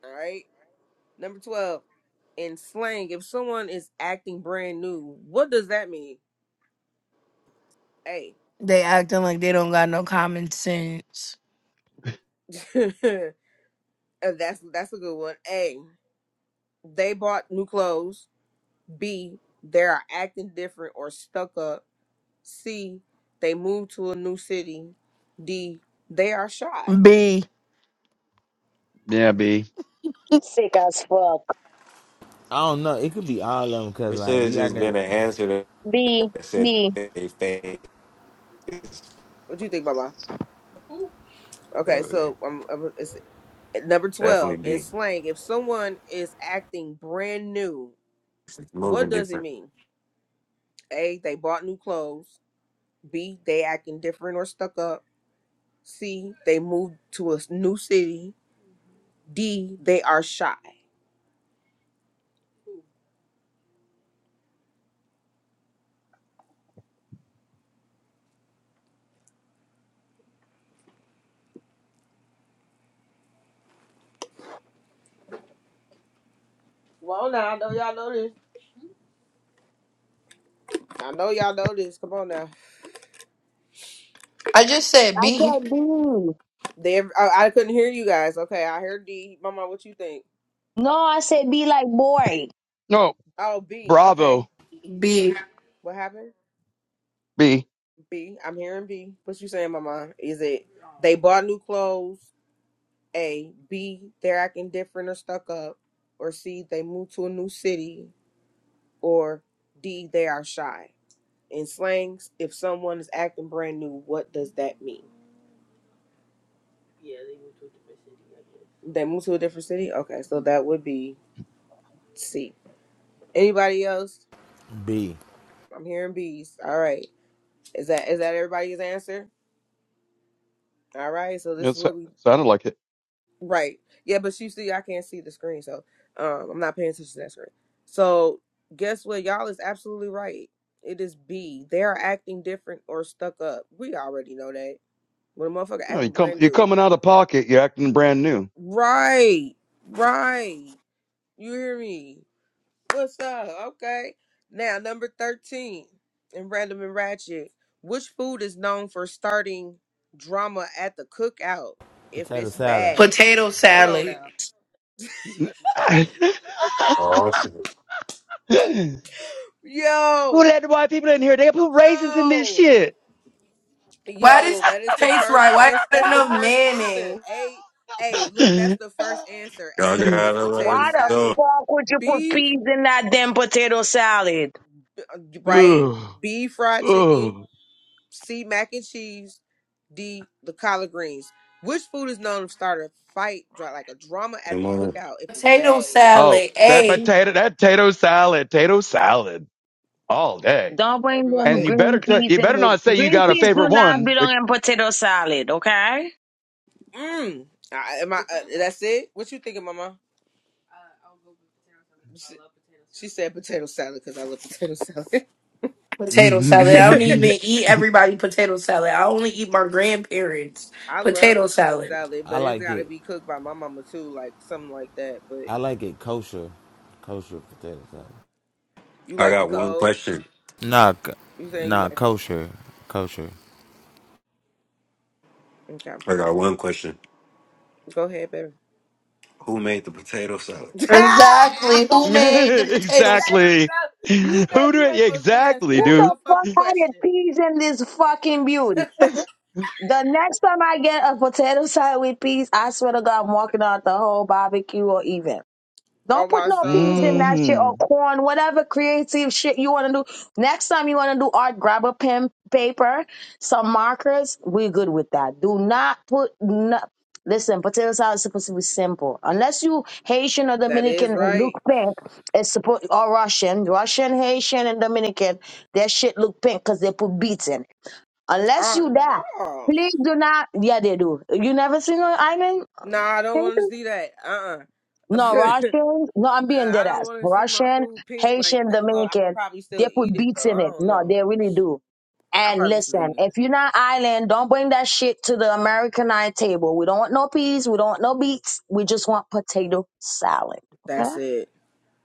S1: All right. Number 12, in slang, if someone is acting brand new, what does that mean? A.
S5: They acting like they don't got no common sense.
S1: And that's that's a good one. A. They bought new clothes. B. They are acting different or stuck up. C. They moved to a new city. D. They are shy.
S5: B.
S9: Yeah, B.
S2: Sick as fuck.
S6: I don't know. It could be all of them because
S8: It should
S6: like
S8: have
S6: you I
S8: just
S6: can
S8: been an answer that
S2: B,
S8: said
S2: B.
S8: they fake.
S1: What do you think, Baba? Okay,
S8: Okay.
S1: so um, um, it's, uh, number
S8: Definitely
S1: twelve in
S8: be
S1: slang, if someone is acting brand new,
S8: moving
S1: what does it
S8: different.
S1: mean? A. They bought new clothes. B, they acting different or stuck up. C, they moved to a s- new city. D, they are shy. Come on now, I know y'all know this. I know y'all know this. Come on now.
S5: I just said
S2: I
S5: B.
S2: said B.
S1: They, I, I couldn't hear you guys. Okay, I heard D. Mama, what you think?
S2: No, I said B like boy.
S9: No,
S1: Oh, B. Okay,
S9: Bravo,
S5: B.
S1: what happened?
S9: B.
S1: B, I'm hearing B. What you saying, Mama? Is it they bought new clothes? A, B, they're acting different or stuck up. Or C, they moved to a new city. Or D, they are shy. in slangs, if someone is acting brand new, what does that mean? They move to a different city? Okay, so that would be C. Anybody else?
S6: be
S1: I'm hearing B's. All right. Is that is that everybody's answer? All right, so this
S9: It
S1: is
S9: sa-
S1: what we
S9: sounded like it.
S1: right. Yeah, but you see I can't see the screen, so um I'm not paying attention to that screen. So guess what? Y'all is absolutely right. It is B. They are acting different or stuck up. We already know that. When a motherfucker
S9: No, you
S1: acting
S9: come.
S1: brand
S9: You're
S1: new.
S9: coming out of pocket. You're acting brand new.
S1: Right. Right. You hear me? What's up? Okay. Now, number 13 in Random and Ratchet. Which food is known for starting drama at the cookout if
S6: potato
S1: it's
S6: salad.
S1: bad?
S5: Potato
S1: Hold on
S5: salad.
S1: now.
S8: Awesome.
S9: Who
S1: Yo!
S9: let the white people in here? They put raisins in this
S1: Yo!
S9: shit.
S5: Why
S1: Yo,
S5: this
S1: that is the
S5: taste
S1: first
S5: right? Why
S1: answer.
S5: not
S1: That's the
S5: enough
S1: first answer.
S5: mayonnaise?
S1: A, A, look, that's the first answer. A
S8: Y'all
S1: is
S8: gotta let her
S1: potato
S2: Why the
S1: salad.
S8: go.
S2: fuck would you put
S1: Beef,
S2: peas in that damn potato salad?
S1: right?
S9: Ooh,
S1: Beef fried chicken.
S9: ooh.
S1: C. Mac and cheese. D. The collard greens. Which food is known to start a fight, dra- like a drama at
S8: Good
S1: the
S8: morning.
S1: cookout, if it's
S5: Potato
S1: bad and y'all know
S9: Oh,
S5: salad.
S1: it?
S9: that
S5: A.
S9: potato, that potato salad, potato salad all day.
S2: Don't bring
S1: Everybody,
S2: them
S9: And
S1: eh,
S9: you better,
S2: green
S9: t-
S2: peas
S9: you
S2: in.
S9: better not say you
S2: Green
S9: got a
S2: peas
S9: favorite
S2: do not
S9: one. Be-
S2: belong in potato salad, okay?
S1: mm, I, am I? Uh, that's it. What you thinking, Mama? She, she said potato salad because I love potato salad.
S5: potato salad. I don't even eat everybody potato salad. I only eat my grandparents
S1: I love
S5: potato
S1: potato
S5: salad.
S1: salad,
S6: I
S1: but it's
S6: like
S1: got to
S6: it.
S1: be cooked by my mama too, like something like that. But
S6: I like it kosher, kosher potato salad.
S1: you
S8: I
S1: like it
S8: got one
S1: cold?
S8: question.
S6: Nah, k-
S1: You saying you
S6: nah,
S1: like?
S6: kosher, kosher.
S1: Okay,
S8: I got one question.
S1: go ahead, baby.
S8: Who made the potato salad?
S1: Who made
S5: Exactly. Who made the
S1: the
S5: potatoes?
S1: potato
S9: exactly.
S1: salad? You know
S9: Who do
S1: you
S9: it?
S1: ain't supposed to be asking
S9: Exactly,
S1: that
S2: Who
S9: dude.
S2: the
S1: motherfucking
S2: fuck added
S1: question.
S2: peas in this fucking beauty? The next time I get a potato salad with peas, I swear to God, I'm walking out the whole barbecue or even.
S1: oh
S2: Don't put
S1: my
S2: no peas in
S1: soul.
S2: that shit
S9: hmm
S2: or corn, whatever creative shit you want to do. Next time you want to do art, grab a pen, paper, some markers. We're good with that. Do not put no. Listen, potato salad is supposed to be simple. Unless you Haitian or
S1: That is
S2: Dominican and look
S1: right.
S2: pink, it's supposed or Russian, Russian, Haitian, and Dominican. Their shit look pink because they put beets in. Unless
S1: Oh
S2: you that,
S1: no.
S2: please do not. Yeah, they do. You never seen an island?
S1: No, I don't want to see that. Uh uh
S2: No,
S1: uh
S2: Russians. No, I'm being
S1: I
S2: dead
S1: don't
S2: ass.
S1: want to see my
S2: Russian,
S1: food pink like
S2: Haitian,
S1: that. Well, I'll
S2: Dominican,
S1: probably
S2: they
S1: still eat
S2: put
S1: it
S2: beats
S1: though.
S2: in
S1: I
S2: it.
S1: don't
S2: No,
S1: know.
S2: they really do.
S1: I
S2: And
S1: probably still
S2: listen,
S1: eat it.
S2: if you're not island, don't bring that shit to the Americanized table. We don't want no peas. We don't want no beets. We just want potato salad. Okay?
S1: That's it.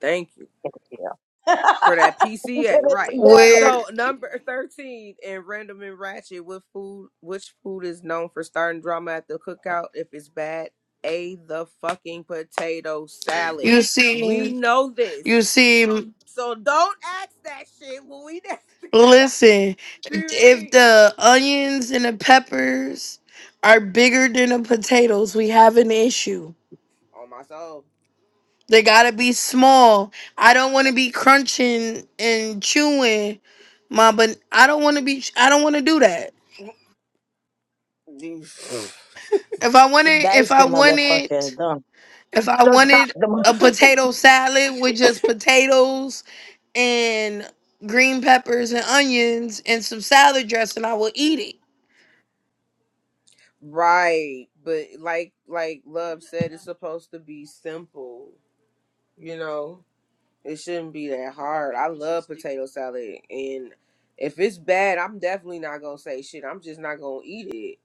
S1: Thank you.
S2: Get it together.
S1: for that
S2: Get
S1: PCA,
S2: it
S1: right?
S2: together.
S5: Where
S1: So number thirteen in Random and Ratchet, what food? Which food is known for starting drama at the cookout if it's bad? A the fucking potato salad.
S5: you
S1: We
S5: see,
S1: know
S5: you
S1: this,
S5: see.
S1: so don't ask that shit when we at the cookout.
S5: Listen,
S1: Do you hear
S5: if
S1: me?
S5: the onions and the peppers are bigger than the potatoes, we have an issue.
S1: On my soul.
S5: They gotta be small. I don't want to
S1: And-
S5: be crunching and chewing, my. But I don't want to be. I don't want to do that. If I wanted, if
S2: Dice the
S5: I wanted,
S2: motherfucker. Done.
S5: if I
S2: So chop
S5: wanted
S2: the mo-
S5: a potato salad with just potatoes and green peppers and onions and some salad dressing, I will eat it.
S1: right, but like like Love said, it's supposed to be simple, you know. It shouldn't be that hard. I love potato salad, and if it's bad, I'm definitely not gonna say shit. I'm just not gonna eat it.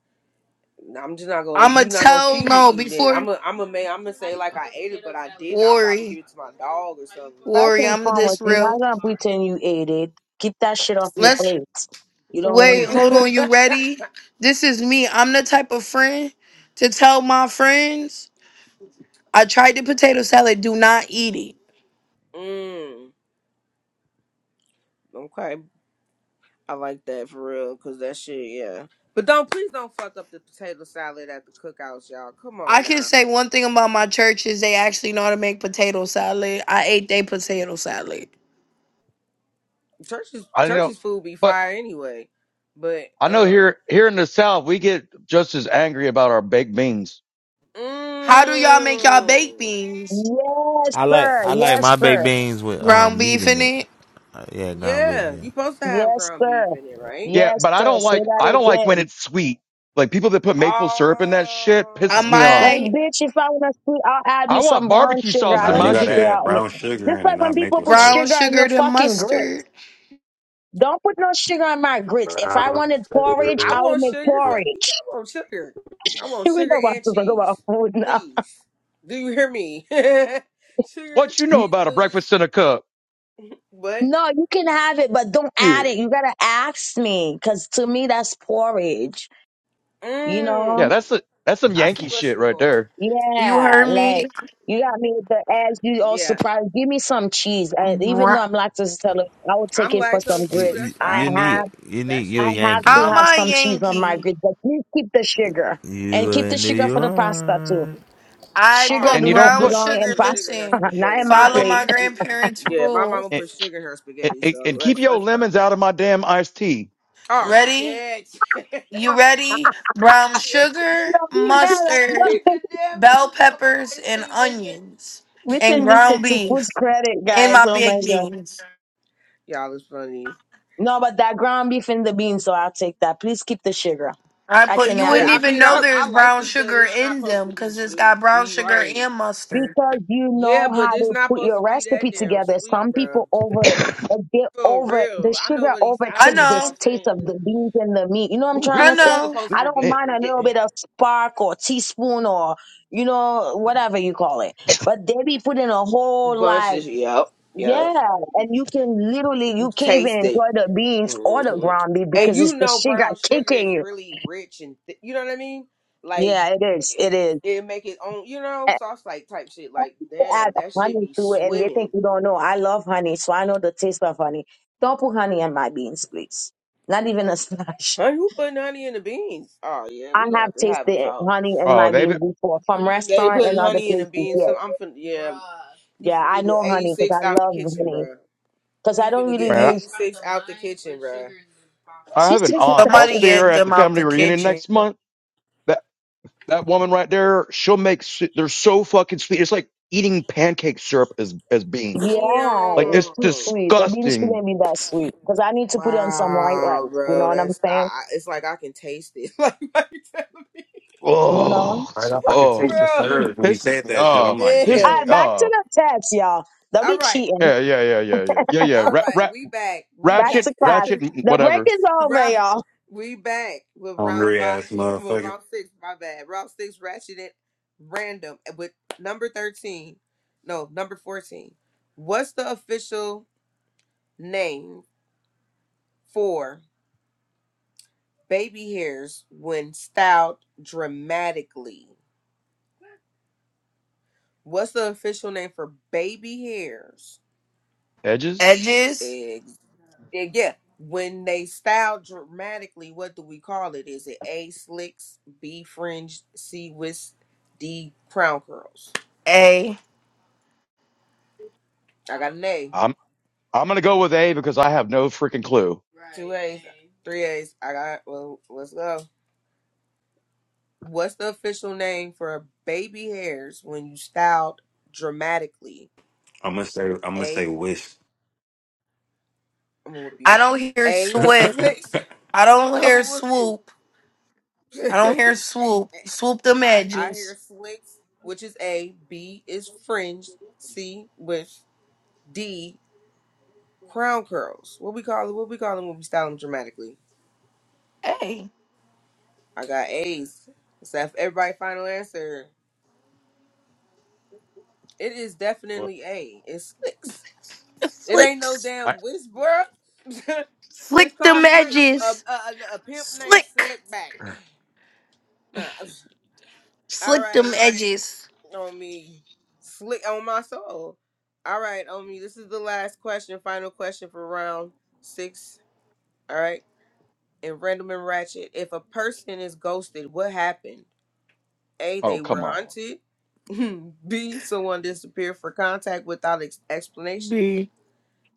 S1: I'm just not gonna.
S5: I'ma
S1: you not gonna
S5: tell
S1: see me
S5: no
S1: eating it.
S5: before
S1: I'm a. I'm a man. I'm gonna say like I ate it, but I didn't. I'll probably give
S5: worry,
S1: it to my dog or something.
S2: first
S5: worry.
S2: and
S5: I'm
S2: foremost,
S5: this
S2: you're
S5: real.
S2: not gonna pretend you ate it. Keep that shit off your
S5: Let's
S2: plate. You don't want it.
S5: wait. Hold
S1: Like,
S5: on. You ready? This is me. I'm the type of friend to tell my friends I tried the potato salad. Do not eat it.
S1: mm, okay, I like that for real, cause that shit, yeah. But don't please don't fuck up the potato salad at the cookouts, y'all. Come
S5: I
S1: on
S5: can
S1: now,
S5: say one thing about my church is they actually know how to make potato salad. I ate their potato salad.
S1: church's
S9: I know,
S1: church's food be
S9: but
S1: fire anyway, but
S9: I know
S1: um.
S9: here, here in the South, we get just as angry about our baked beans.
S5: How do y'all make y'all baked
S1: Mmm.
S5: beans?
S2: Yes,
S6: I like
S2: sir.
S6: I like
S2: Yes,
S6: my baked
S2: sir.
S6: beans with
S5: Ground
S6: um meat
S5: beef
S6: in
S5: in
S6: it.
S5: it.
S6: Uh, yeah, ground beef.
S1: Yeah, you
S6: Yeah,
S1: supposed to have
S2: Yes,
S1: ground beef
S2: sir.
S1: in it, right?
S9: Yeah,
S2: Yes,
S9: but I
S2: sir.
S9: don't
S2: Say
S9: like I
S2: that
S9: don't like when
S2: again.
S9: it's sweet. Like people that put maple syrup in that shit
S5: I
S9: pisses me
S2: Like,
S9: off.
S1: Oh,
S5: might
S2: bitch, if I want to sweet, I'll add
S9: I
S2: me
S9: want
S2: some brown
S9: barbecue
S2: sugar.
S9: sauce
S2: I
S9: in
S8: Nah, you
S2: don't
S9: my
S2: need
S8: gotta
S2: you
S9: shit.
S2: to
S8: add
S2: help me.
S8: brown sugar
S2: Just
S8: in it,
S2: like when
S8: not
S2: people
S8: maple
S2: put
S8: syrup.
S5: brown
S2: sugar in
S5: sugar
S2: your
S5: and
S2: fucking grits.
S5: mustard.
S2: Don't put no sugar in my grits. If I
S8: Brown
S2: wanted porridge,
S1: I
S8: sugar.
S2: I would
S1: want
S2: make
S1: sugar. Fuck you.
S2: porridge.
S1: I want sugar. I want
S2: we
S1: sugar
S2: don't want
S1: and
S2: to talk about
S1: cheese,
S2: food now.
S1: please. Do you hear me? sugar and
S9: What you know
S1: cheese,
S9: about a
S1: please.
S9: breakfast in a cup?
S1: But
S2: No, you can have it, but don't
S9: Yeah,
S2: add it. You gotta ask me, cause to me that's porridge. You know?
S9: yeah,
S1: mmm.
S9: that's a, that's some
S1: I see
S9: Yankee
S1: where
S9: shit
S1: she
S9: right
S1: going.
S9: there.
S5: You
S2: Yeah,
S5: heard
S2: like
S5: me.
S2: you got me with the eggs. You all
S1: Yeah,
S2: surprised. Give me some cheese. And even though
S5: Brown.
S2: I'm lactose intolerant, I will take
S1: I'm
S2: it for some
S1: lactose
S6: you,
S1: too.
S2: grits.
S6: you,
S1: That's why
S2: I
S6: you
S1: it's
S6: need
S1: like
S2: have,
S6: you
S1: that
S6: need
S2: I
S6: you
S1: shit.
S6: a
S2: have
S6: Yankee.
S5: How
S2: to
S5: am
S2: have
S5: I
S2: some cheese on my
S5: Yankee?
S2: grits, but please keep the sugar
S6: You
S2: and keep the
S6: in New
S2: sugar for the pasta too.
S6: York.
S5: I
S1: Oh
S2: Sugar
S9: And
S5: put
S2: do
S9: you
S2: not
S1: yeah,
S9: don't
S1: my
S5: brown
S9: put
S2: belong
S1: mom
S2: in
S5: sugar.
S1: put sugar
S2: pasta,
S1: in her
S5: Listen,
S2: not
S1: spaghetti.
S2: in my
S1: Yeah,
S5: follow
S2: plate.
S5: my
S1: we, we
S5: grandparents'
S1: yeah, my
S5: rules.
S1: mama
S9: and,
S1: put sugar in her spaghetti.
S9: and,
S1: So
S9: and keep
S1: let's
S9: your
S1: let's go.
S9: lemons out of my damn iced tea.
S1: Oh
S5: Ready?
S1: shit.
S5: You ready? Brown
S1: yeah,
S5: sugar,
S2: No, we mad
S5: mustard,
S2: at
S1: keep your damn
S5: bell
S1: lemons on my
S5: peppers,
S1: ice
S5: and
S1: cream, bitch.
S5: onions,
S2: We
S5: and
S2: send this shit
S5: ground
S2: to food
S5: beef
S2: credit,
S5: in
S2: guys.
S5: my
S2: Oh my
S5: baked
S2: god.
S5: beans.
S1: Y'all is funny.
S2: No, but that ground beef and the beans, so I'll take that. Please keep the sugar.
S5: I
S2: I
S5: put
S2: can
S5: you
S2: add
S1: Yeah,
S5: wouldn't
S2: it
S1: I
S2: if I
S5: even
S1: mean,
S5: know
S1: I
S2: want.
S1: I
S5: there's
S1: like
S5: brown
S1: you, but
S5: sugar
S1: it's not
S5: in
S1: supposed
S5: them
S1: to be
S5: because it's got
S1: sweet.
S5: brown
S1: He
S5: sugar
S1: right.
S5: and mustard.
S2: because you
S1: Yeah,
S2: know
S1: but
S2: how
S1: it's
S2: to
S1: not
S2: put
S1: supposed to
S2: your
S1: be that
S2: recipe
S1: damn
S2: together.
S1: sweet,
S2: Some
S1: bro.
S2: people over uh, get
S1: For
S2: over the
S1: real, I know
S2: sugar
S1: what he's. I
S5: I
S1: know
S2: overtake
S1: what
S2: the
S1: y'all
S5: know,
S2: taste
S1: saying.
S2: of the beans and the meat. You know what I'm
S9: Ooh,
S2: trying
S9: we,
S5: I
S2: to
S1: It's
S2: say?
S5: know.
S1: supposed
S2: I
S1: to
S2: don't
S1: be
S9: man.
S2: mind a
S1: yeah.
S2: little bit of spark or teaspoon or you know whatever you call it, but they be putting a whole like
S1: bunches. Yep,
S2: yeah,
S1: yep.
S2: and you can literally you can't even
S1: Taste it.
S2: enjoy the beans or the
S1: Mhm.
S2: ground beef
S1: And
S2: because
S1: you
S2: it's the
S1: know,
S2: sugar
S1: brown sugar
S2: kicking
S1: is
S2: you.
S1: really rich and th- you know what I mean. Like
S2: Yeah, it is.
S1: it,
S2: It is.
S1: it make it own, you know, sauce like type shit. Like damn,
S2: add
S1: that should
S2: honey
S1: be
S2: to it and they think
S1: swimming.
S2: you don't know. I love honey, so I know the taste of honey. Don't put honey in my beans, please. Not even a splash.
S1: Honey, who putting honey in the beans? Oh yeah,
S2: I
S1: we gonna have
S2: have
S1: to have a
S2: tasted
S1: talk.
S2: honey in
S9: oh
S2: my beans
S9: David,
S2: before from
S1: Honey in they your
S2: restaurant
S1: putting
S2: and other
S1: honey in the
S2: places.
S1: beans.
S2: Yeah,
S1: Some I'm finna yeah. Bruh. You
S2: yeah, I
S1: finna get
S2: know honey because
S1: 86
S2: I
S1: out the
S2: love
S1: kitchen,
S2: honey
S1: bro.
S2: because
S1: You
S2: I don't
S1: finna get
S2: really
S9: man,
S2: use.
S1: 86 out the kitchen, bro.
S9: I, I
S2: She
S9: have an
S2: said
S9: aunt.
S2: that
S9: I'll
S5: Somebody
S2: she-
S9: see her
S5: get
S9: at the
S5: them out
S9: family
S5: the
S9: reunion
S5: kitchen.
S9: next month. That that woman right there, she'll make. s- They're so fucking sweet. It's like eating pancake syrup as as beans. Like
S2: yeah, it's
S9: it's
S2: too
S1: Damn.
S2: sweet. The beans
S9: disgusting.
S2: shouldn't be that sweet because I need to put it on some white rice.
S1: Wow,
S2: You
S1: bro,
S2: know what I'm
S1: that's I,
S2: saying?
S1: I. It's like I can taste it. Like, why you telling me,
S2: You know. All
S9: Oh,
S8: Right
S9: it's-
S8: off, I can
S9: oh,
S8: taste the
S1: bro?
S8: syrup. When you
S9: pisses
S8: said
S9: me
S8: that shit,
S9: off.
S8: I'm like,
S9: Piss
S8: damn,
S9: me
S1: Damn.
S2: right, back to
S9: off.
S2: the text, y'all. Don't
S1: All
S2: be
S1: right,
S2: cheating.
S9: Yeah, yeah, yeah, yeah, yeah, yeah, yeah.
S1: all
S9: Ra-
S1: right.
S9: ra-
S1: We back. We
S2: Back
S9: ratchet,
S2: to
S1: back.
S2: class.
S9: ratchet, mm,
S2: The break
S9: whatever.
S2: is over,
S1: round.
S2: y'all.
S1: We back with round
S8: hungry
S1: five.
S8: ass
S1: Well,
S8: motherfucker.
S1: round six. My bad. Round six. Ratchet it random with number thirteen. No, number fourteen. What's the official name for baby hairs when styled dramatically? what's the official name for baby hairs?
S9: Edges.
S5: Edges,
S1: Ex- eh, yeah, when they style dramatically, what do we call it? Is it A slicks, B fringe, C wisp, D crown curls?
S5: a.
S1: I got an A,
S9: I'm I'm gonna go with A because I have no freaking clue.
S1: Right, two A's, A. three A's. I got well. Let's go. What's the official name for baby hairs when you styled dramatically?
S8: I'm gonna say, I'm gonna say
S1: A,
S8: wish.
S1: I'm gonna whoop
S5: I
S1: you.
S5: don't hear
S1: A
S5: swift.
S1: slicks,
S5: I don't
S1: I'm
S5: hear
S1: gonna whoop
S5: swoop. I don't
S1: you.
S5: hear swoop. Swoop them
S1: I hear
S5: edges.
S1: slicks, which is A. B is fringed. C with D crown curls. What we call it? What we call them when we style them dramatically?
S5: Hey,
S1: I got A's. Is that everybody final answer? It is
S9: Well,
S1: definitely A. It's slicks. It
S5: flick,
S1: ain't no
S9: I,
S1: damn whiz, bruh. it's
S5: flick them
S1: called slick. A, a,
S5: edges.
S1: a, a pimp named
S5: Slick,
S1: Slickback. Nah. All
S5: slick
S1: right.
S5: them edges.
S1: on me. Slick on my soul. All right, on me. This is the last question, final question for round six. All right. And random and ratchet. If a person is ghosted, what happened? A,
S9: oh,
S1: they
S9: come
S1: were
S9: on.
S1: hunted. B, someone disappeared for contact without ex- explanation.
S5: B.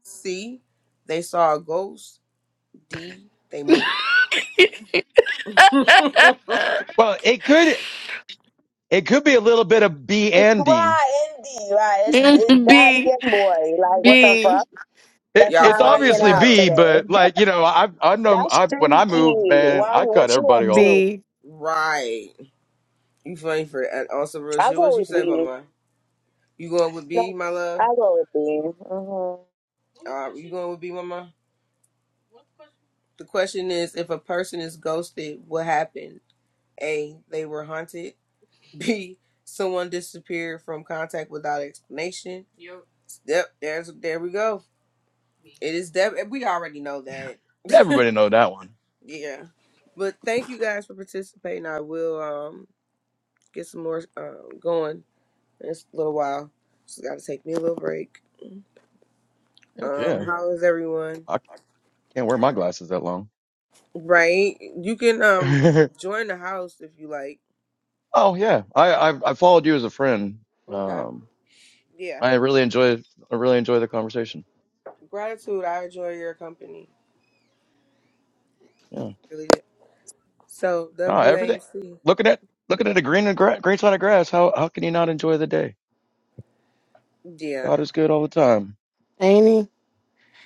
S1: C, they saw a ghost. D, they moved.
S9: Well, it could it could be a little bit of B and D.
S2: Right, indeed. Right. It's, it's daddy
S5: B.
S2: and boy. Like, what the
S5: B.
S2: fuck?
S9: It,
S2: That's
S1: Y'all
S2: not
S9: it's
S1: funny as
S2: working
S9: obviously
S2: out
S1: hell.
S9: B,
S2: today.
S9: but like you know, I've I've known
S2: That's
S9: I when I moved,
S2: stinky.
S9: man,
S2: Why,
S9: I cut
S2: what you up
S9: everybody off.
S2: to?
S5: B.
S1: Right. You funny for and also real
S2: I'll
S1: shit. What
S2: go
S1: you
S2: with
S1: say, my
S2: B.
S1: man? You going with
S2: No,
S1: B, my love?
S2: I'll go with B. hmm
S1: Uh, you going with B Mama? The question is if a person is ghosted, what happened? A. They were haunted. B. Someone disappeared from contact without explanation. Yep, there's there we go. It is deb we already know that.
S9: Everybody know that one.
S1: yeah. But thank you guys for participating. I will um get some more um going in a little while. Just gotta take me a little break.
S9: Heck
S1: Um,
S9: yeah,
S1: how is everyone?
S9: I can't wear my glasses that long.
S1: Right? You can um join the house if you like.
S9: oh yeah, I, I I followed you as a friend.
S1: Okay.
S9: Um,
S1: Yeah,
S9: I really enjoy I really enjoy the conversation.
S1: gratitude. I enjoy your company.
S9: Yeah,
S1: Really did. So
S9: ah, everything.
S1: WAMC.
S9: Looking at looking at a green and gra- green side of grass. How how can you not enjoy the day?
S1: Yeah,
S9: God is good all the time.
S5: Ain't he?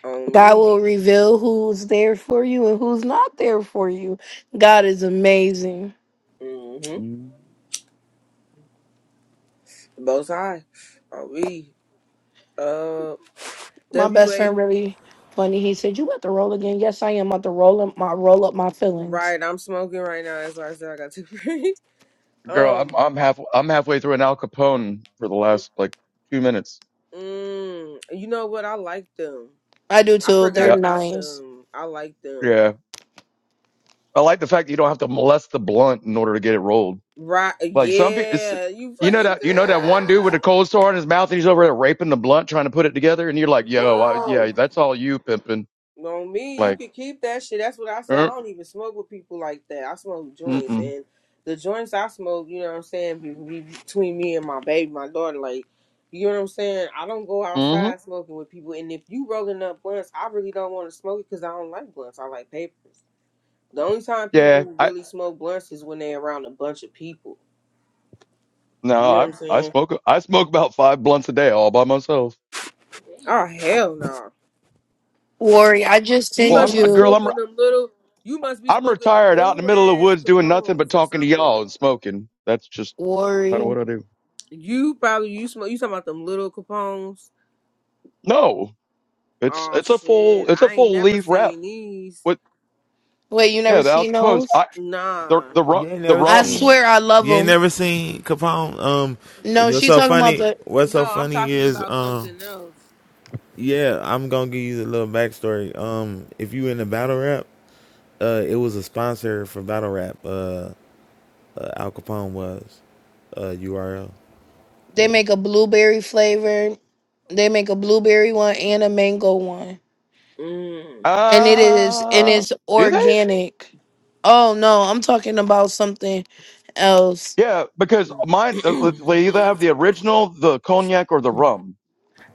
S1: on
S5: God
S1: me.
S5: will reveal who's there for you and who's not there for you. God is amazing.
S1: hmm
S9: Mm.
S1: Both sides. On we. Uh,
S5: My
S1: W
S5: best
S1: A.
S5: friend really funny. He said, You about to roll again? Yes, I am about to roll up my roll up my feelings.
S1: Right, I'm smoking right now. That's why I said I got to break.
S9: Girl,
S1: Um,
S9: I'm I'm half I'm halfway through an Al Capone for the
S1: mm,
S9: last like two minutes.
S1: mm, you know what? I like them.
S5: I do
S1: I
S5: too.
S1: forgot
S5: They're
S9: Yeah,
S1: about
S5: nice.
S1: them. I like them.
S9: yeah. I like the fact that you don't have to molest the blunt in order to get it rolled.
S1: Right?
S9: Like some people, it's,
S1: Yeah, you
S9: you know
S1: fucking.
S9: that you know that one dude with
S1: Yeah.
S9: a cold sore on his mouth, and he's over there raping the blunt, trying to put it together, and you're like, "Yo, I,
S1: No.
S9: yeah, that's all you pimping."
S1: On me, you
S9: Like,
S1: can keep that shit. That's what I say. I
S9: uh,
S1: don't even smoke with people like that. I smoke joints,
S9: mm-mm,
S1: and the joints I smoke, you know what I'm saying, be, be between me and my baby, my daughter. Like, you know what I'm saying. I don't go
S9: mm-hmm.
S1: outside smoking with people, and if you rolling up blunts, I really don't want to smoke it because I don't like blunts. I like papers. The only time people
S9: yeah, I
S1: really smoke blunts is when they're around a bunch of people.
S9: no,
S1: You know what
S9: I
S1: I'm
S9: I
S1: saying?
S9: smoke I smoke about five blunts a day all by myself.
S1: Oh hell no!
S5: Worry, I just
S1: You
S9: Well,
S5: send
S1: must be
S9: I'm girl,
S5: you
S9: I'm
S1: smoking them little. You must be
S9: I'm
S1: smoking them
S9: retired, out in
S1: little
S9: the middle of the
S1: ass
S9: woods doing nothing but
S1: Capones or
S9: talking to
S1: something.
S9: y'all and smoking. That's just kind of
S5: worry.
S9: what I do.
S1: You probably you smoke. You talking about them little Capones?
S9: No, it's
S1: Oh
S9: it's a
S1: shit!
S9: full it's a
S1: I ain't
S9: full
S1: never
S9: leaf wrap.
S1: seen these.
S9: With
S5: Wait, you
S9: yeah,
S5: never
S9: the Al
S5: seen
S9: Capones,
S5: those?
S9: I the
S1: Nah.
S9: the ru-
S6: You ain't
S9: the
S6: never
S5: I
S9: rums
S6: seen.
S5: swear I love
S6: You ain't
S5: them.
S6: never seen Capone. Um,
S5: No,
S6: what's
S5: she
S6: so
S5: talking about
S6: funny?
S5: the
S6: What's
S1: No,
S6: so
S1: I'm
S6: funny
S1: talking
S6: is
S1: about
S6: um,
S1: something else.
S6: yeah, I'm gonna give you a little backstory. Um, if you in the battle rap, uh, it was a sponsor for battle rap. Uh, uh Al Capone was uh URL.
S5: they make a blueberry flavor They make a blueberry one and a mango one.
S1: Mm.
S5: And it is and
S9: Uh,
S5: it's
S9: do they?
S5: organic. Oh no, I'm talking about something else.
S9: Yeah, because mine uh, they either have the original, the cognac, or the rum.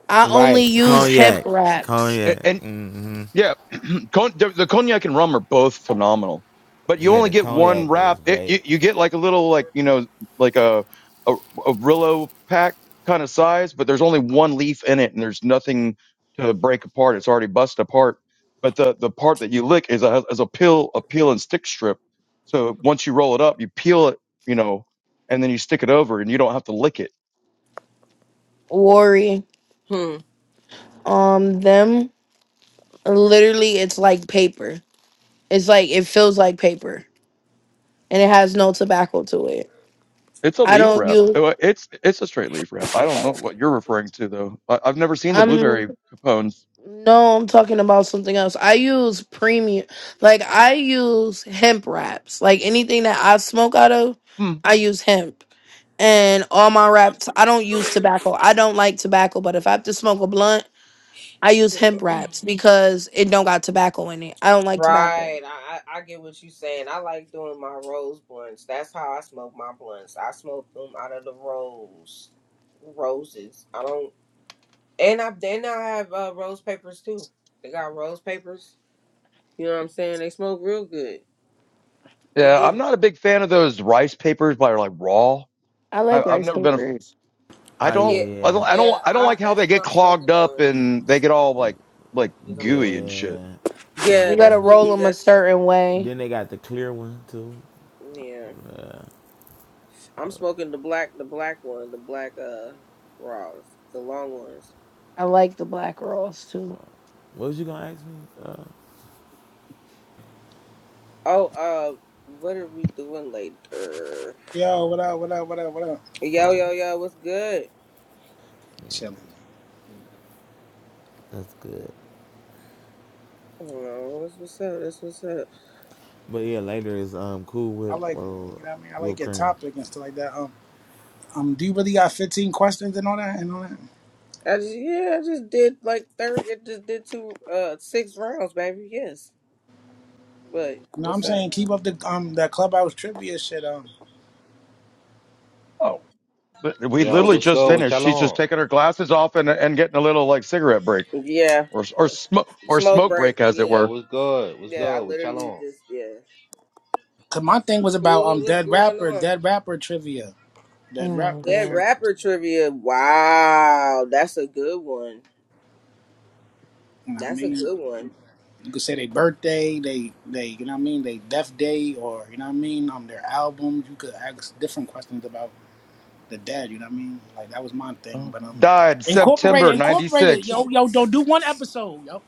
S5: I only
S6: Right,
S5: use hemp
S6: cognac,
S5: wraps.
S9: A-
S6: cognac.
S9: and.
S6: Mm-hmm.
S9: Yeah, Con- the, the cognac and rum are both phenomenal, but you
S6: Yeah,
S9: only
S6: the
S9: get one
S6: cognac is
S9: wrap. It, you,
S6: great.
S9: you get like a little like you know like a a, a Rillo pack kind of size, but there's only one leaf in it, and there's nothing to break apart. It's already busted apart. But the the part that you lick is a is a peel a peel and stick strip. So once you roll it up, you peel it, you know, and then you stick it over, and you don't have to lick it
S5: Worry.
S1: hmm.
S5: Um them literally it's like paper. It's like it feels like paper and it has no tobacco to it.
S9: It's a
S5: I
S9: leaf
S5: don't
S9: wrap.
S5: use
S9: Oh, Uh, It's it's a straight leaf wrap. I don't know what you're referring to though. I, I've never seen the
S5: I'm
S9: blueberry capones.
S5: No, I'm talking about something else. I use premium, like I use hemp wraps. Like anything that I smoke out of,
S9: Hmm.
S5: I use hemp. And all my wraps, I don't use tobacco. I don't like tobacco, but if I have to smoke a blunt, I use hemp wraps because it don't got tobacco in it. I don't like tobacco.
S1: Right. I, I I get what you saying. I like doing my rose blunts. That's how I smoke my blunts. I smoke them out of the rose roses. I don't. And I then I have uh, rose papers too. They got rose papers. You know what I'm saying? They smoke real good. They
S9: Yeah,
S1: do.
S9: I'm not a big fan of those rice papers by like raw.
S5: I
S9: I,
S5: like
S9: I've
S5: rice
S9: never been a.
S5: papers.
S9: I
S6: Oh yeah,
S1: Yeah,
S9: don't. I
S6: yeah,
S9: don't. I don't.
S1: yeah,
S9: I don't
S1: I
S9: like how
S1: that's
S9: they get
S1: what I'm
S9: clogged
S1: smoking
S9: up
S1: on.
S9: and they get all like like
S1: Is I'm gonna-
S9: gooey and shit.
S6: yeah.
S1: Yeah,
S5: You
S1: that's
S5: gotta
S6: Mm.
S1: what
S5: roll
S1: we
S5: them a
S1: that's
S5: certain way.
S6: Then they got the clear one too.
S1: yeah.
S6: Yeah.
S1: I'm smoking the black the black one, the black uh raws, the long ones.
S5: I like the black rolls too.
S6: What was you gonna ask me? Uh,
S1: Oh, uh what are we doing later?
S4: yo, what up? What up? What up? What up?
S1: Yo,
S6: oh,
S1: yo, yo, what's good?
S4: Chilling.
S6: that's good.
S1: Oh, what's what's up? That's what's up.
S6: But yeah, later is um Cool
S4: I
S6: Whip
S4: like
S6: or
S4: you know what I mean. I like
S6: whipped
S4: your
S6: cream.
S4: topic and stuff like that. Um, um, do you really got 15 questions and all that and all that?
S1: I just yeah, I just did like third I just did two uh six rounds, baby, yes. But
S4: No,
S1: what's
S4: I'm
S1: up?
S4: saying keep up the um that clubhouse trivia shit. um.
S9: Oh, but we
S10: Yo,
S9: literally
S10: what's
S9: just
S10: good? What
S9: finished.
S10: y'all
S9: She's just
S10: on?
S9: taking her glasses off and and getting a little like cigarette break
S1: Yeah.
S9: or or smoke or
S1: Smoke
S9: smoke
S1: break,
S9: break as it
S1: yeah.
S10: Yo,
S9: were.
S10: what's good? What's
S1: Yeah, I
S10: good? What y'all
S1: literally
S10: on?
S1: just yeah.
S4: Cause my thing was about
S1: Cooler,
S4: um
S1: what's
S4: dead
S1: going
S4: rapper,
S1: on?
S4: dead rapper trivia,
S5: Oh
S4: dead
S5: my
S4: rapper
S1: That
S4: trivia.
S5: god.
S1: rapper trivia. Wow, that's a good one.
S4: You know what I
S1: That's a
S4: mean?
S1: good one.
S4: You could say their birthday, they they you know what I mean, they death day, or you know what I mean, um their album. You could ask different questions about the dead. You know what I mean? Like that was my thing,
S9: Oh.
S4: but um,
S9: Died
S4: incorporate it,
S9: September
S4: incorporate it,
S9: '96.
S4: yo yo, don't do one episode, yo,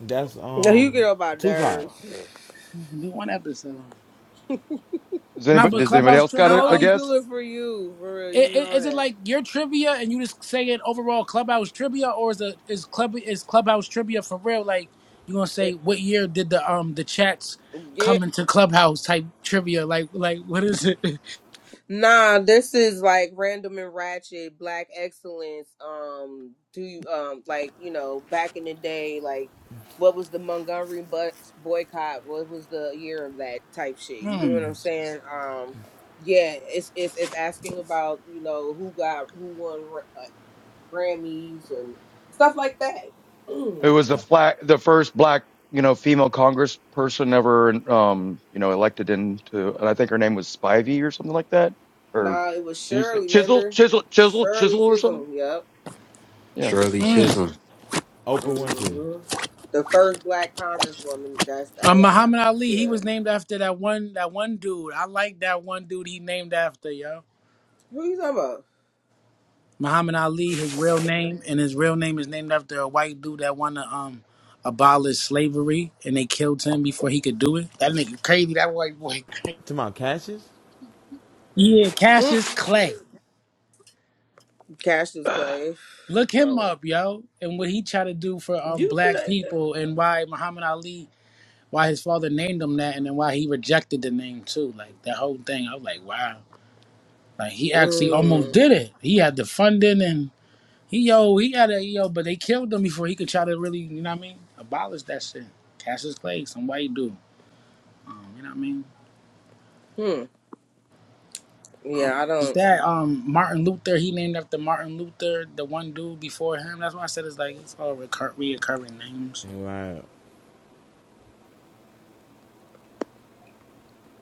S6: That's
S1: Now you get
S6: um
S1: on my
S6: Tupac.
S1: nerves.
S4: do one episode.
S9: Does
S4: Nah,
S9: anybody
S4: but
S9: does
S6: September.
S9: anybody
S4: clubhouse
S9: else got
S1: I
S4: trivia,
S9: a, a
S1: only
S4: um,
S1: do
S9: guess?
S1: it for you, for real. You
S4: It, it,
S1: know
S4: Is it
S1: that.
S4: like your trivia and you just saying overall clubhouse trivia, or is it is club is clubhouse trivia for real? Like you gonna say what year did the um the chats
S1: It,
S4: come into clubhouse type trivia? Like like what is it?
S1: Nah, this is like random and ratchet black excellence. Um, do you um like you know back in the day like what was the Montgomery bus boycott? What was the year of that type shit? You know what
S4: Hmm.
S1: I'm saying? Um, yeah, it's it's it's asking about you know who got who won uh, Grammys and stuff like that.
S9: Who was the flat the first black you know female Congressperson ever um you know elected into? And I think her name was Spivey or something like that. Or
S1: nah, it was
S9: did you say
S1: Shirley.
S9: Chisel
S1: Remember
S9: Chisel Chisel
S1: Shirley
S9: Chisel or something?
S1: Chisholm? Yep.
S9: Yeah.
S8: Shirley
S1: hmm
S4: Mm.
S8: Chisholm.
S6: Oprah Winfrey.
S1: hmm The first black congresswoman. That's
S4: Uh,
S1: uh, y'all gotta.
S4: Muhammad Ali, he
S1: Yeah.
S4: was named after that one that one dude. I like that one dude he named after, yo.
S1: Who you talking about?
S4: Muhammad Ali, his real name, and his real name is named after a white dude that wanted to um abolish slavery, and they killed him before he could do it. That nigga crazy. That white boy.
S6: To my Cassius.
S4: Yeah, Cassius
S1: Mm.
S4: Clay.
S1: Cassius Clay.
S4: Look him
S1: Oh,
S4: up, yo, and what he tried to do for um
S1: you do
S4: black
S1: that shit.
S4: people, and why Muhammad Ali, why his father named him that, and then why he rejected the name too. Like that whole thing. I was like, wow. Like he actually almost
S1: Mm.
S4: did it. He had the funding and He yo, he got a yo, but they killed him before he could try to really, you know what I mean, abolish that shit. Cassius Clay, some white dude. Um, you know what I mean?
S1: Hmm. Yeah,
S4: Um,
S1: I
S4: is
S1: don't.
S4: that um Martin Luther? He named after Martin Luther, the one dude before him. That's why I said it's like it's all recur- reoccurring names.
S6: Right.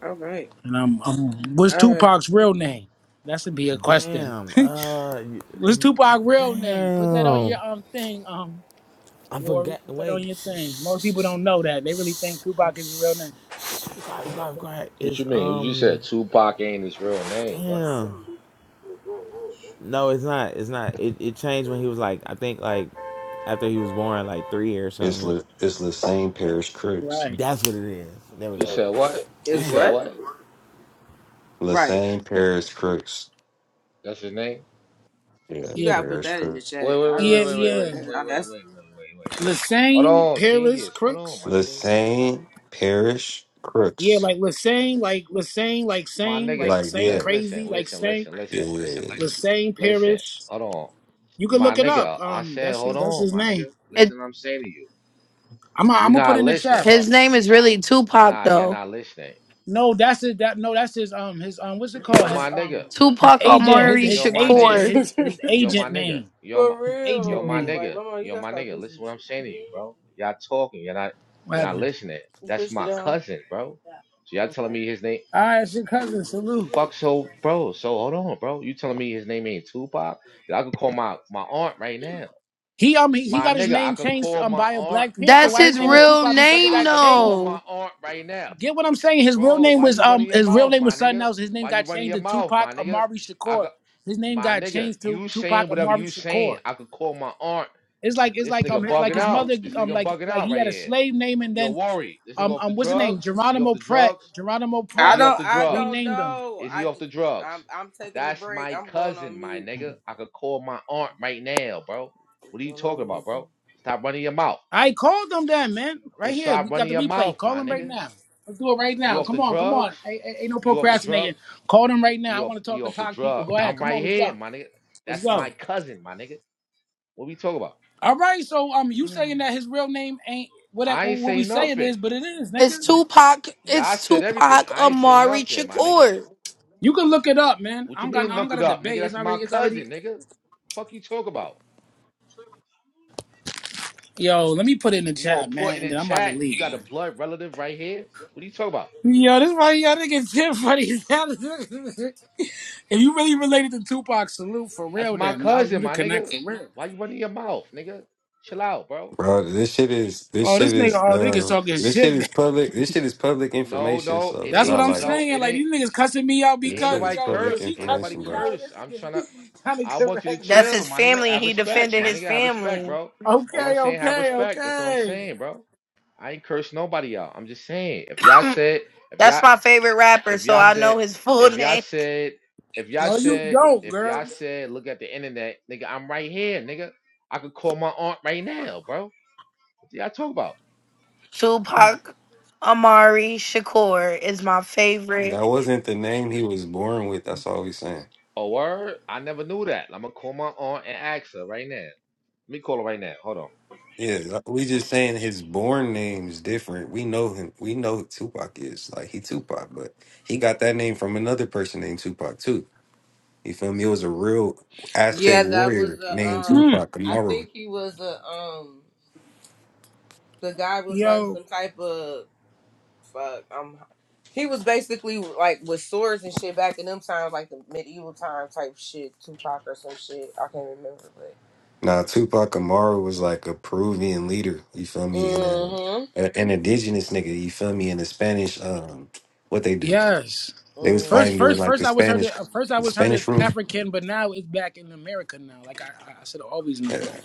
S1: All right.
S4: And um, um, what's
S1: All right.
S4: Tupac's real name? That should be a question.
S6: Damn. Uh. You,
S4: what's
S6: you-
S4: Tupac's real name? Put that on
S6: damn.
S4: your um thing, um,
S6: I
S4: Warrior.
S6: forget the
S4: Put that
S6: way.
S4: on
S6: Be
S4: your thing. Most people don't know that. They really think Tupac is his real name.
S6: quiet, be quiet, be quiet.
S10: What you
S6: It's
S10: mean? You said
S6: um,
S10: Tupac ain't his real name. What?
S6: damn. No, it's not. It's not. It, it changed when he was like, I think like, after he was born, like three or
S8: It's
S6: something.
S8: Le, it's Lassane Paris Crooks.
S4: Right.
S6: That's what it is. There we
S10: You
S6: go.
S10: said what? You
S1: It's
S10: said
S6: Damn.
S1: what?
S10: what?
S1: Right.
S8: Lassane Paris Crooks.
S10: That's his name?
S8: Yeah,
S1: You
S4: Yeah.
S1: gotta put
S8: Paris
S1: that in the
S8: Crooks.
S10: Wait,
S1: chat.
S10: wait,
S1: I
S10: wait,
S1: need
S4: Yeah.
S10: wait, wait,
S1: to
S10: wait,
S1: see
S10: wait,
S1: how
S10: wait,
S4: Yeah.
S1: that. How
S10: wait,
S1: that's.
S10: wait, wait, wait, wait. Hold
S4: Lassane,
S10: on,
S4: Paris,
S10: genius. Hold on,
S4: Crooks.
S10: my nigga.
S8: Lassane Paris
S4: Yeah,
S8: Crooks.
S4: like Lassane, like Lassane, like
S10: My
S4: same,
S10: nigga.
S4: like
S8: Like,
S10: Uh,
S4: same
S10: li-
S8: yeah,
S4: crazy,
S10: Listen,
S4: like
S10: listen,
S4: same
S10: listen, listen,
S8: yeah.
S4: Lassane
S10: listen.
S4: Paris.
S10: Hold on.
S4: You can
S10: My
S4: look it up.
S10: nigga, I
S4: Um,
S10: said,
S4: that's
S10: hold
S4: his, that's
S10: on,
S4: his
S10: my
S4: name.
S10: nigga.
S5: It,
S10: Listen, what I'm saying to you.
S4: I'm i
S10: You
S4: I'm gonna put
S10: not
S4: it in the
S10: listening,
S4: chat.
S10: bro.
S5: his name is really Tupac
S10: Nah, you're
S5: though.
S10: not listening.
S4: No, that's his. That no, that's his. Um, his um, what's it
S10: Yo,
S4: called? His
S10: my
S4: um,
S10: nigga.
S4: his
S5: Tupac
S4: agent,
S10: Yo,
S4: his
S5: Amari
S10: yo,
S4: his
S10: my
S4: agent,
S10: nigga.
S5: Shakur.
S4: his his
S10: Yo, my
S4: agent
S10: nigga.
S4: name,
S10: Yo, my,
S1: For
S4: his
S10: yo,
S4: agent
S10: my
S1: real,
S4: name.
S1: like,
S10: nigga.
S1: mama, you
S10: Yo,
S1: gotta
S10: my
S1: start
S10: nigga.
S1: pushing
S10: Listen what
S1: this
S10: I'm
S1: shit.
S10: saying to you, bro. Y'all talking. You're not.
S4: What
S10: You're
S1: Yeah.
S10: not
S4: happened?
S10: listening.
S1: You
S10: That's
S1: pushed it
S10: my
S1: down.
S10: cousin, bro. So y'all telling me his name?
S4: All right, it's your cousin.
S10: The
S4: Salute.
S1: Okay.
S10: fuck, so, bro. So hold on, bro. You telling me his name ain't Tupac? I could call my my aunt right now.
S4: He um he, he
S10: My
S4: got his
S10: nigga, I
S4: name
S10: could
S4: changed
S10: call
S4: um
S10: my
S4: by a
S10: aunt.
S4: Black Panther.
S10: I
S5: That's
S4: Why
S10: could
S4: his
S5: his
S4: name is
S10: call.
S5: real
S4: Tupac? Because it
S5: name,
S10: I
S4: got
S10: could
S4: changed
S10: call my
S5: though.
S10: aunt right now,
S4: Get what I'm saying? His real
S10: bro.
S4: name
S10: Why
S4: was
S10: you
S4: um
S10: running your
S4: his real
S10: mouth,
S4: name
S10: my
S4: was something
S10: nigga?
S4: else. His name
S10: Why you
S4: got
S10: running
S4: changed
S10: your
S4: to
S10: mouth,
S4: Tupac
S10: my nigga?
S4: Amari
S10: I
S4: Shakur.
S10: could,
S4: His name
S10: my
S4: got
S10: nigga.
S4: changed to
S10: You
S4: Tupac
S10: saying whatever
S4: Amari
S10: you saying.
S4: Shakur.
S10: I could call my aunt
S4: It's like it's
S10: This
S4: like
S10: nigga
S4: um like
S10: bugging
S4: his
S10: out.
S4: mother
S10: This
S4: um
S10: nigga
S4: like
S10: bugging
S4: like
S10: out
S4: he
S10: right
S4: had a
S10: here.
S4: slave name and
S10: Yo,
S4: then
S10: worry. This nigga
S4: um
S10: off the
S4: um what's the name
S10: drugs? He off
S4: Geronimo
S10: the
S4: Pratt
S10: drugs?
S4: Geronimo
S10: Is
S1: I
S10: he
S4: Pratt
S10: off
S1: don't.
S10: the
S1: I
S10: drugs?
S1: don't
S4: renamed him.
S1: know
S10: Is
S1: I.
S10: he
S1: am I.
S10: off
S1: j-
S10: the drugs?
S1: I'm. I'm taking a
S10: That's
S1: break.
S10: my
S1: I'm going on
S10: cousin, my
S1: mute.
S10: nigga. I could call my aunt right now, bro. What are you
S1: Going
S10: talking
S1: on
S10: about, bro? Stop running your mouth.
S4: I called him then, man. Right
S10: Just
S4: here,
S10: stop
S4: we got
S10: running
S4: the
S10: your
S4: replay.
S10: mouth,
S4: Call
S10: my
S4: him right
S10: nigga.
S4: now. Let's do it right
S10: You
S4: now.
S10: off
S4: Come
S10: the
S4: on, come
S10: drugs?
S4: on. Ain't, ain't ain't no
S10: You off the
S4: procrastinating.
S10: drugs?
S4: Call him right now.
S10: He
S4: I
S10: off
S4: want to
S10: He
S4: talk to
S10: off the
S4: Pac people.
S10: drug.
S4: Go ahead.
S10: I'm
S4: Come on,
S10: right
S4: let's
S10: here,
S4: go.
S10: my nigga.
S4: Let's
S10: That's
S4: go.
S10: my cousin, my nigga. What we talking about?
S4: All right, so um, you
S1: mute.
S4: saying that his real name ain't what that,
S10: I ain't
S4: what we
S10: say
S4: say it
S10: nothing.
S4: is, but it is,
S5: It's
S4: nigga.
S5: Tupac. It's
S10: Y'all said everything.
S5: Tupac
S10: I ain't say
S5: Amari
S10: nothing, my nigga.
S5: Shakur.
S4: You can look it up, man. I
S10: What you
S4: don't got
S10: mean
S4: I don't
S10: look
S4: got
S10: it
S4: a
S10: up, nigga?
S4: debate. It's
S10: That's my
S4: already it's already.
S10: cousin, nigga. Fuck you talk about?
S4: Yo, let me put it in the
S10: You all
S4: chat,
S10: put
S4: man,
S10: in
S4: and
S10: the
S4: then I'm about to
S10: chat, you
S4: leave,
S10: got a
S4: man.
S10: blood relative right here? What are you talking about?
S4: Yo, this why y'all niggas tip for these. if you really related to Tupac, salute for
S10: That's
S4: real,
S10: my
S4: then y'all you
S10: cousin,
S4: the
S10: my
S4: connect
S10: nigga.
S4: for real.
S10: Why you running your mouth, nigga? Chill out, bro.
S8: Bro, this shit is this
S4: Oh,
S8: shit
S4: this nigga,
S8: is
S4: oh niggas
S8: um
S4: talking
S8: this shit
S4: shit.
S8: is public. This shit is public
S10: No,
S8: information,
S10: no,
S8: so
S10: it
S8: it's
S4: That's
S10: ain't
S4: what
S8: not
S4: I'm
S8: like
S10: no,
S4: saying.
S10: it
S4: Like
S10: ain't
S4: these niggas cussing me out
S8: this
S10: ain't
S4: because
S8: shit is
S10: nobody
S4: yo, yo,
S8: public
S10: curse.
S4: she
S10: Ain't
S4: cussing
S10: nobody
S8: information,
S4: me
S8: bro.
S4: out.
S10: curse. I'm
S4: This
S10: trying to
S4: nigga trying to
S10: I want you to
S4: correct me.
S5: That's
S10: chill,
S5: his
S10: my nigga.
S5: family, and
S10: Have
S5: he
S10: respect,
S5: defended
S10: my
S5: his
S10: nigga. Have respect,
S5: family.
S10: bro. All I'm
S4: Okay,
S10: saying, have
S4: okay,
S10: respect. That's what I'm
S4: okay.
S10: saying, bro. I ain't curse nobody out. I'm just saying, if y'all said, if
S5: That's
S10: y'all
S5: my favorite rapper,
S10: if
S5: so
S10: y'all
S5: I know
S10: said,
S5: his full
S10: if y'all
S5: name.
S10: said, if y'all
S4: No, you
S10: said,
S4: don't,
S10: if
S4: girl.
S10: y'all said, look at the internet, nigga, I'm right here, nigga. I could call my aunt right now, bro. What y'all talk about?
S5: Tupac Amari Shakur is my
S8: That
S5: favorite.
S8: wasn't the name he was born with. That's all we saying.
S10: A word? I never knew that. I'm gonna call my aunt and ask her right now. Let me call her right now. Hold on.
S8: Yeah, uh, we just saying his born name is different. We know him. We know who Tupac is. Like he Tupac, but he got that name from another person named Tupac too. You feel me? It was a real Aztec
S1: Yeah, that was
S8: warrior
S1: a.
S8: named
S1: Um,
S4: Mm.
S8: Tupac
S1: I
S8: Amaru.
S1: think he was a. Um, the guy was like
S4: Yo,
S1: some type of fuck. Um, he was basically like with swords and shit back in them times, like the medieval time type shit, Tupac or some shit. I can't remember, but.
S8: Nah, Tupac Amaru was like a Peruvian leader, you feel me? And a,
S1: Mhm.
S8: a- an indigenous nigga, you feel me? In the Spanish, um, what they do?
S4: yes.
S8: They was
S4: First,
S8: fighting
S1: Mhm.
S8: during
S4: first,
S8: like the
S4: first, I was heard.
S8: Spanish,
S4: Of, first, I
S8: the
S4: was heard as
S8: Spanish rule.
S4: African, but now it's back in America now. Like I, I should have always known.
S8: Yeah,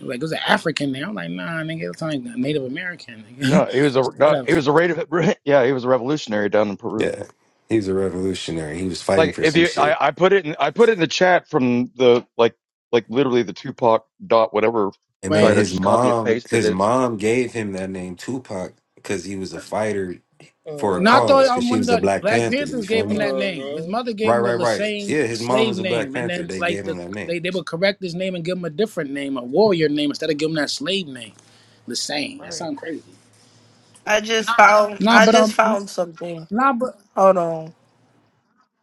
S4: Like it was an African there. I'm like, nah, nigga, it's like Native American. nigga.
S9: No, he was a no, he
S4: Whatever,
S9: was a rate of, yeah he was a revolutionary down in Peru.
S8: yeah. He was a revolutionary. He was fighting
S9: Like
S8: for
S9: if
S8: some
S9: you
S8: shit.
S9: I, I put it in I put it in the chat from the like like literally the Tupac dot whatever
S8: And then
S9: site I
S4: right?
S8: his
S9: just copy and
S8: mom,
S9: pasted
S8: his
S9: it
S8: mom gave him that name Tupac because he was a fighter for a
S4: No, I thought
S1: Mhm.
S8: cause. Because
S4: um,
S8: she
S4: one of
S8: was a
S4: the
S8: Black
S4: Black
S8: Panther, you
S4: Panthers
S8: feel
S4: gave him
S8: me?
S4: that name. His
S1: Mhm.
S4: mother gave
S8: Right,
S4: him the
S8: right, right.
S4: Lassane
S8: Yeah, his mom
S4: slave
S8: was a Black
S4: name, and
S8: Panther.
S4: then
S8: They gave
S4: like
S8: him
S4: the
S8: that name.
S4: they, they would correct his name and give him a different name, a warrior name, instead of giving him that slave name, Lassane. That
S8: Right.
S4: sounds crazy.
S5: I just found.
S4: Nah,
S5: I
S4: but
S5: just
S4: um,
S5: found something.
S4: nah, but
S5: Hold on.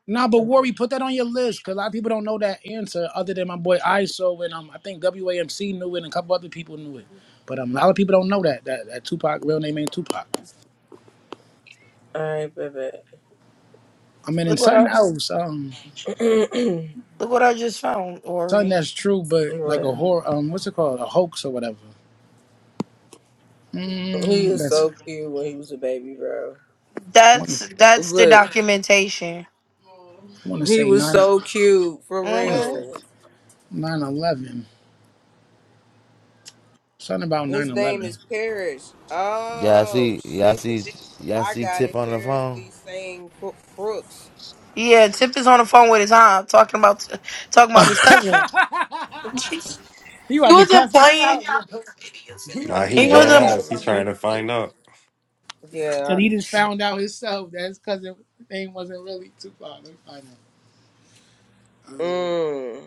S4: Nah, but Worry, put that on your list because a lot of people don't know that answer other than my boy ISO and um, I think WAMC knew it and a couple other people knew it. But um, a lot of people don't know that that, that Tupac real name ain't Tupac.
S1: All right, baby.
S4: I mean,
S5: Look
S4: and
S5: what I.
S4: something else, um,
S5: Look what I just found,
S4: something
S5: Ori.
S4: that's true, but like
S1: What?
S4: a horror, um, what's it called, a hoax or whatever.
S1: He
S4: Mm,
S1: is
S4: that's
S1: so cute when he was a baby, bro.
S4: I want to
S5: That's that's the
S1: Look,
S5: documentation.
S4: I want to
S1: he
S4: say
S1: was
S4: nine. I
S1: so cute for
S4: want to
S5: Mm-hmm.
S4: say
S1: real.
S4: nine eleven. Something about
S1: His
S4: nine
S1: name
S4: eleven.
S1: is Parrish.
S6: Y'all
S1: Oh
S6: see, y'all
S1: shit!
S6: see, y'all
S1: I
S6: see
S1: got
S6: Tip
S1: it.
S6: on the
S1: Paris
S6: phone?
S1: Lee saying crooks.
S5: Yeah, Tip is on the phone with his aunt talking about talking about his cousin. He
S4: He about to
S5: wasn't
S4: cuss me
S5: playing.
S4: out, yo. He
S8: Nah,
S4: about to
S8: he
S5: He
S4: cuss
S8: dead
S4: me
S5: wasn't.
S1: Yeah,
S4: out
S8: ass. He's
S4: about
S8: trying to
S4: this.
S8: find out.
S1: yeah,
S4: Cause he just found out himself that his cousin name wasn't really Tupac. Let me find
S1: mm.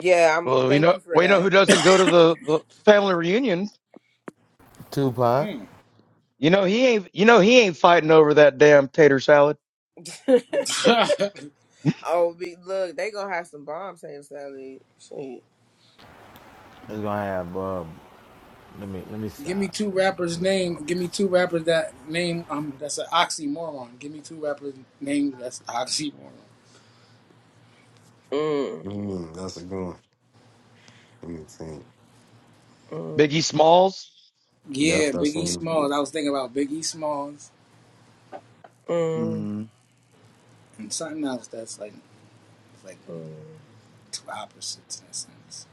S1: yeah. I'm.
S9: Well, we
S1: Thank
S9: know
S1: you for
S9: we know
S1: that.
S9: who doesn't go to the, the family reunions.
S6: Tupac
S4: out. Um,
S9: You know he ain't. You know he ain't fighting over that damn tater salad.
S4: mm.
S1: oh, be, look, they gonna have some bombs saying Sally. Shit.
S6: is gonna have um. Let me let me
S4: give me
S6: stop.
S4: two rappers
S6: Let me
S4: name.
S6: stop.
S4: Give me two rappers that name. Um, that's an oxymoron. Give me two rappers name. That's oxymoron.
S1: Mm,
S8: Mm, that's a good one. Let me think.
S1: mm,
S9: Biggie Smalls.
S8: Yep,
S4: Yeah,
S8: that's
S4: Biggie
S8: one.
S4: Smalls. I was thinking about Biggie Smalls
S1: mm,
S9: Mm.
S4: and something else that's like like
S1: mm.
S4: two opposites in a sense.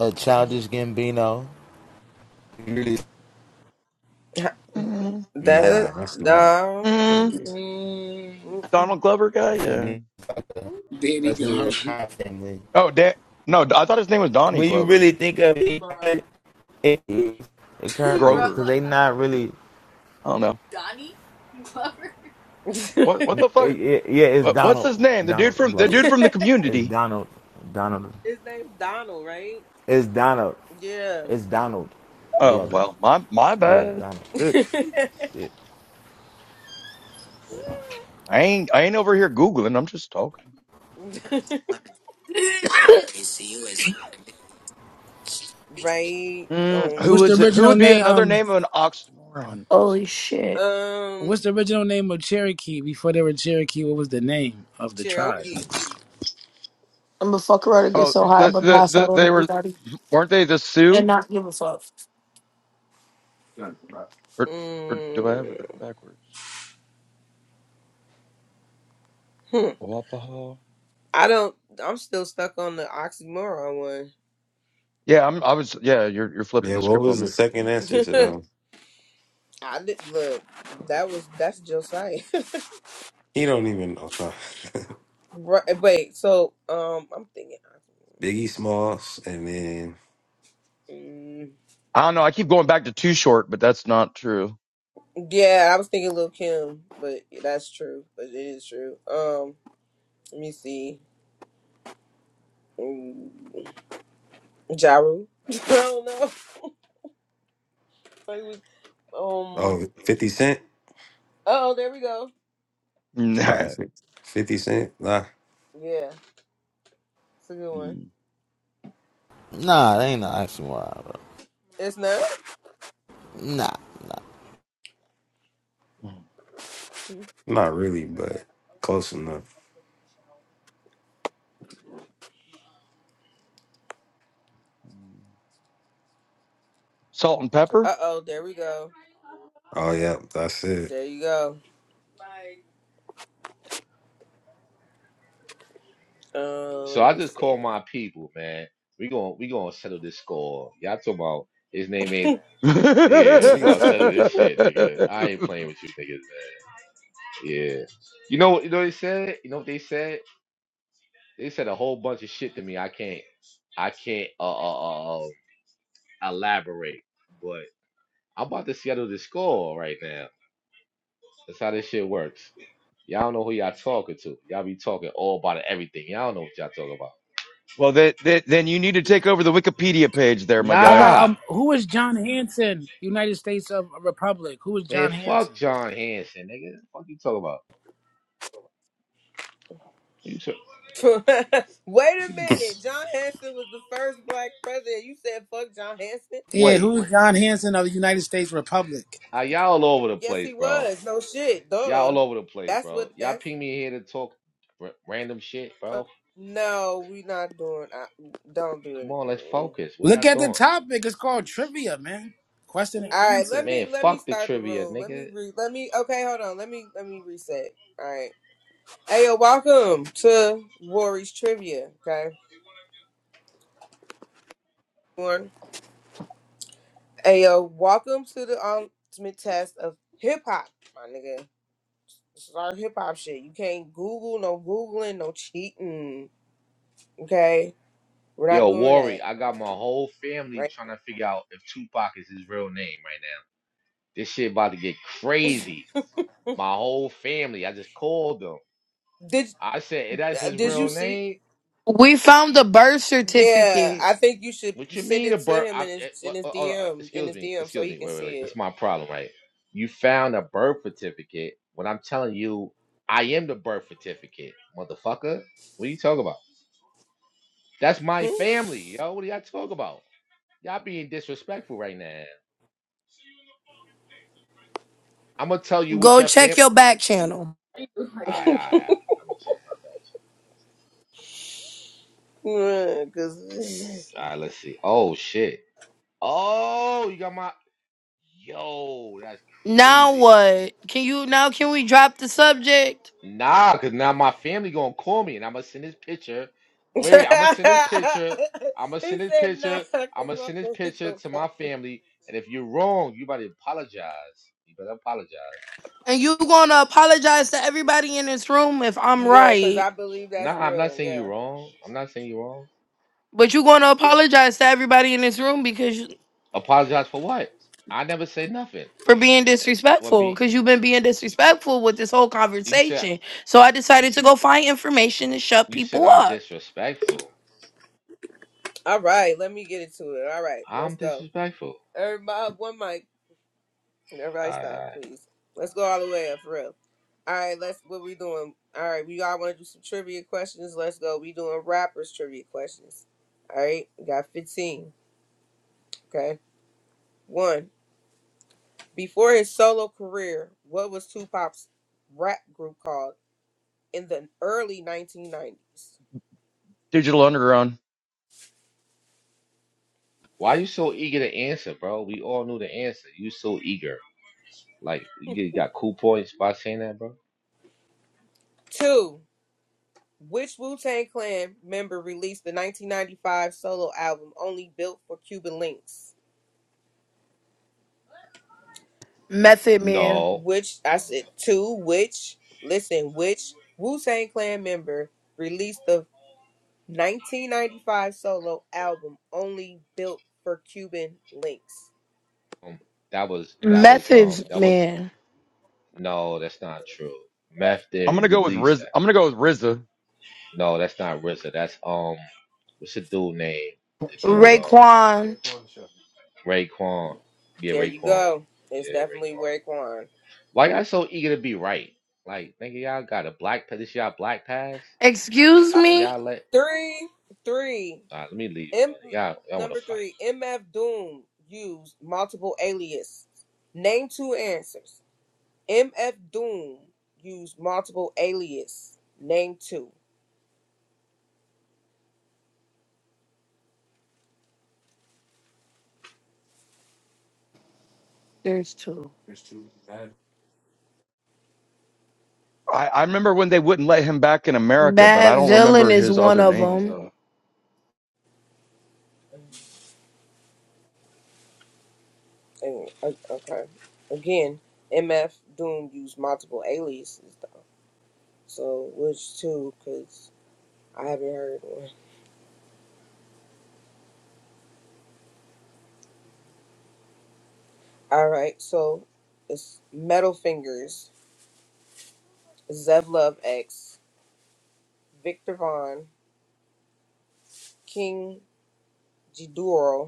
S6: A
S1: mm.
S6: childish Gambino. You really see
S9: Mm.
S1: That
S8: Nah, that's not.
S1: dumb.
S9: Mm.
S8: Wait.
S4: Mm.
S9: Donald Glover guy. Yeah.
S6: Gambino
S4: There you
S6: versus
S4: go.
S6: the crime family.
S9: Oh, da- no. I thought his name was Donnie
S6: when you
S9: Glover,
S6: really think of it, it it is. It kind of is
S9: Grover or
S6: because they
S9: something like that.
S6: not really.
S9: I don't know.
S1: His
S9: What what the
S6: It,
S9: fuck?
S6: it, yeah, it's
S9: What, what's
S6: Donald.
S9: his name? The dude
S6: Donald
S9: from the
S6: Glover.
S9: dude from the
S6: It's
S9: community.
S6: Donald. Donald.
S1: name's Donald, right?
S6: It's Donald.
S1: Yeah.
S6: It's Donald
S9: Oh
S1: Yeah.
S6: Glover.
S9: well, my my
S6: Yeah,
S9: bad.
S6: Donald.
S9: Shit.
S6: Yeah. Yeah.
S9: I ain't I ain't over here googling. I'm just talking.
S1: right
S9: Mm,
S1: on
S9: who
S4: What's the
S9: is it?
S1: me.
S9: Who
S4: original
S9: would be
S4: name?
S9: another
S4: Um,
S9: name of an oxymoron?
S5: Holy
S9: Oxymoron.
S5: shit!
S4: what's
S1: Um,
S4: the original name of Cherokee before they were Cherokee? What was the name of the tribe?
S1: Cherokee.
S5: I'm gonna fuck around and get
S9: Oh,
S5: so high, I'm
S9: the,
S5: gonna
S9: the,
S5: pass
S9: the,
S5: out on
S9: they were,
S5: everybody
S9: weren't they the
S5: and
S9: Sioux?
S5: not give a fuck.
S9: Or, or do I have it
S1: Mm,
S9: backwards?
S1: hmm.
S9: Wapaha?
S1: I don't. I'm still stuck on the oxymoron
S9: Yeah, I'm, I was, yeah, you're, you're flipping
S8: Yeah,
S9: the
S8: what
S9: script
S8: was
S9: on
S8: the
S9: me.
S8: second answer to
S1: one.
S8: them?
S1: I did look. That was that's Josiah.
S8: He don't even know. No.
S1: right, wait. So um, I'm thinking.
S8: Biggie Smalls and then
S1: Mm,
S9: I don't know. I keep going back to too short, but that's not true.
S1: yeah, I was thinking Lil Kim, but that's true. But it is true. Um. Let me see. Um, Jaru. I don't know. It was,
S8: oh,
S1: um.
S8: fifty Cent?
S1: Oh, there we go.
S8: It's probably
S9: Nah.
S8: six. 50 Cent? Nah,
S1: Yeah, it's a good one.
S9: Mm.
S6: Nah, that ain't no oxymoron, bro.
S1: It's not.
S6: Nah, nah.
S8: not really, but close enough.
S9: Salt and pepper?
S1: Uh oh, there we go.
S8: Oh yeah, that's it.
S1: There you go. Uh,
S10: So
S1: let
S10: I
S1: me
S10: just call
S1: see.
S10: my people, man. We going we gonna settle this score. Y'all talking about his name ain't.
S9: well,
S10: Yeah, we gonna settle this shit, nigga. I ain't playing with you, niggas, man. Yeah. You know, you know what they said. You know what they said. They said a whole bunch of shit to me. I can't I can't uh, uh, uh uh, elaborate, but I'm about to settle the score right now. That's how this shit works. Y'all don't know who y'all talking to. Y'all be talking all about everything. Y'all don't know what y'all talking about.
S9: they, they, then you need to take over the Wikipedia page there, my
S4: All
S9: guy.
S4: right.
S10: Nah,
S4: Um, who is John Hanson, United States of Republic? Who is
S10: man,
S4: John
S10: fuck
S4: Hanson?
S10: John Hanson, nigga. What fuck you talking about? You tra-
S1: Wait a minute. John Hanson was the first black president. You said fuck John Hanson?
S4: Yeah,
S10: Wait,
S4: who is John Hanson of the United States Republic?
S10: wh- uh, y'all all over the
S1: Yes,
S10: place,
S1: he
S10: bro.
S1: was. No shit.
S10: Y'all
S1: Duh.
S10: all over the place,
S1: That's
S10: bro.
S1: what.
S10: Y'all
S1: That's.
S10: ping me here to talk r- random shit,
S1: Uh,
S10: bro.
S1: no, we not doing. I, don't do
S10: Come
S1: it.
S10: on, let's
S1: Mm.
S10: focus. What
S4: Look
S10: y'all
S4: at the
S10: doing?
S4: topic. It's called trivia, man. Question
S1: All
S4: and
S1: right,
S4: answer.
S1: let me
S10: Man,
S1: let me
S10: fuck the
S1: start the
S10: trivia,
S1: room. Let me
S10: nigga.
S1: re let me okay, hold on. Let me let me reset. All right. Hey yo, welcome to Warriors Trivia. Okay. One. Hey yo, welcome to the ultimate test of hip hop, my nigga. This is our hip hop shit. You can't Google, no Googling, no cheating. Okay? We're not
S10: Yo,
S1: doing
S10: Worry,
S1: that.
S10: I got my whole family
S1: Right?
S10: trying to figure out if Tupac is his real name right now. This shit about to get crazy. My whole family, I just called them.
S1: Did
S10: I said, "Eh, that's his
S1: did you
S10: real
S1: see
S10: name?
S5: We found the birth
S1: yeah,
S5: certificate.
S1: I think you should
S10: What you
S1: send
S10: mean
S1: it
S10: a
S1: to
S10: birth?
S1: him
S10: I,
S1: in his
S10: eh,
S1: in
S10: what,
S1: his
S10: oh, oh, uh,
S1: DM in
S10: excuse
S1: his
S10: me,
S1: DM so
S10: excuse
S1: he
S10: me.
S1: can
S10: Wait, wait, wait.
S1: see
S10: This is
S1: it.
S10: my problem, right? You found a birth certificate when I'm telling you I am the birth certificate, motherfucker. What are you talking about? That's my
S1: Hmm?
S10: family, yo. What are y'all talking about? Y'all being disrespectful right now. I'm gonna tell you what
S5: Go
S10: your
S5: check
S10: fam.
S5: your back channel.
S10: All right, all right, all right. I'm gonna check my back
S1: Mm, Cause
S10: channel. All right, let's see. Oh shit. Oh, you got my. Yo, that's
S5: Now
S10: crazy.
S5: what? Can you now? Can we drop the subject?
S10: Nah, cause now my family gonna call me, and I'm gonna send this picture.
S1: he
S10: Wait, wait.
S1: said
S10: I'm gonna send this picture. I'm gonna send this
S1: nah,
S10: picture.
S1: cause
S10: I'm gonna
S1: my
S10: send this
S1: phone
S10: picture
S1: gonna
S10: to my
S1: call.
S10: family. And if you're wrong, you better apologize. You better apologize.
S5: And you gonna apologize to everybody in this room if I'm
S1: Yeah, cause I
S5: right?
S1: believe that's
S10: Nah, I'm not
S1: real.
S10: saying you're
S1: Yeah.
S10: wrong. I'm not saying you're wrong.
S5: But you gonna
S1: Yep.
S5: apologize to everybody in this room because
S10: Apologize for what? I never say nothing.
S5: for being
S10: What
S5: disrespectful
S10: be?
S5: because you've been being disrespectful with this whole
S10: You said
S5: conversation. So I decided to go find information and shut
S10: you said
S5: people
S10: I'm
S5: up.
S10: disrespectful.
S1: All right, let me get into it. All right, let's
S10: I'm
S1: go.
S10: disrespectful.
S1: Everybody, one mic.
S10: I,
S1: Everybody, stop,
S10: I,
S1: please. Let's go all the way up for real. All right, let's. What we doing? All right, we all want to do some trivia questions. Let's go. We doing rappers trivia questions. All right, we got fifteen. Okay, one. Before his solo career, what was Tupac's rap group called in the early 1990s?
S9: Digital Underground.
S10: why
S1: Okay.
S10: you so eager to answer, bro? We all knew the answer. You so eager. Like you got cool points by saying that, bro.
S1: Two, which Wu Tang Clan member released the 1995 solo album Only Built for Cuban Links?
S5: Method man,
S10: No,
S1: Which, I said, two, which, listen, which Wu Tang Clan member released the 1995 solo album Only Built for Cuban Links?
S10: um, that was that was um
S5: methods
S10: that was
S5: man,
S10: no, that's not true. Meth
S9: I'm going
S10: didn't
S9: to go with
S10: release
S9: Riz.
S10: that.
S9: I'm going to go with RZA.
S10: No, that's not RZA. That's um, what's the dude name? The dude um
S5: Raekwon.
S10: Raekwon. Yeah,
S1: There you
S10: Raekwon.
S1: go. It's
S10: Yeah,
S1: definitely
S10: Raekwon.
S1: Raekwon.
S10: Why y'all so eager to be right? Like, nigga, y'all got a black pass. This y'all black pass.
S5: Excuse
S10: Can
S5: me.
S10: y'all let
S1: Three, three.
S10: All right, let me leave,
S1: M
S10: Y'all, you want to
S1: number
S10: fight.
S1: three. MF Doom used multiple aliases. Name two answers. MF Doom used multiple aliases. Name two.
S5: There's two.
S9: I, I remember when they wouldn't let him back in America, but I
S5: Bad
S9: don't
S5: villain
S9: remember
S5: is
S9: his
S5: one
S9: other
S5: of
S9: names
S5: them.
S9: though.
S1: And, uh, okay. Again, MF Doom used multiple aliases though. So which two? Cause I haven't heard one. All right. So it's Metal Fingers, Zev Love X, Victor Vaughn, King Ghidorah,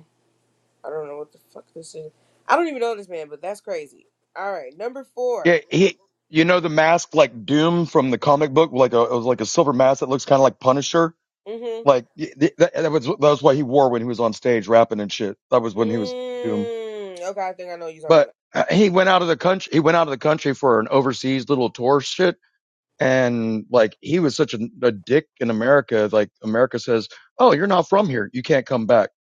S1: I don't know what the fuck this is. I don't even know this man, but that's crazy. All right, number four.
S9: Yeah, he. You know the mask like Doom from the comic book, like a it was like a silver mask that looks kind of like Punisher.
S1: Mm-hmm.
S9: Like th- that, that was that was what he wore when he was on stage rapping and shit. That was when he was Doom.
S1: Mm. Okay, I think I know what you're talking about.
S9: But
S1: it.
S9: uh, he went out of the country. He went out of the country for an overseas little tour shit, and like he was such a, a dick in America. Like America says, "Oh, you're not from here. You can't come back."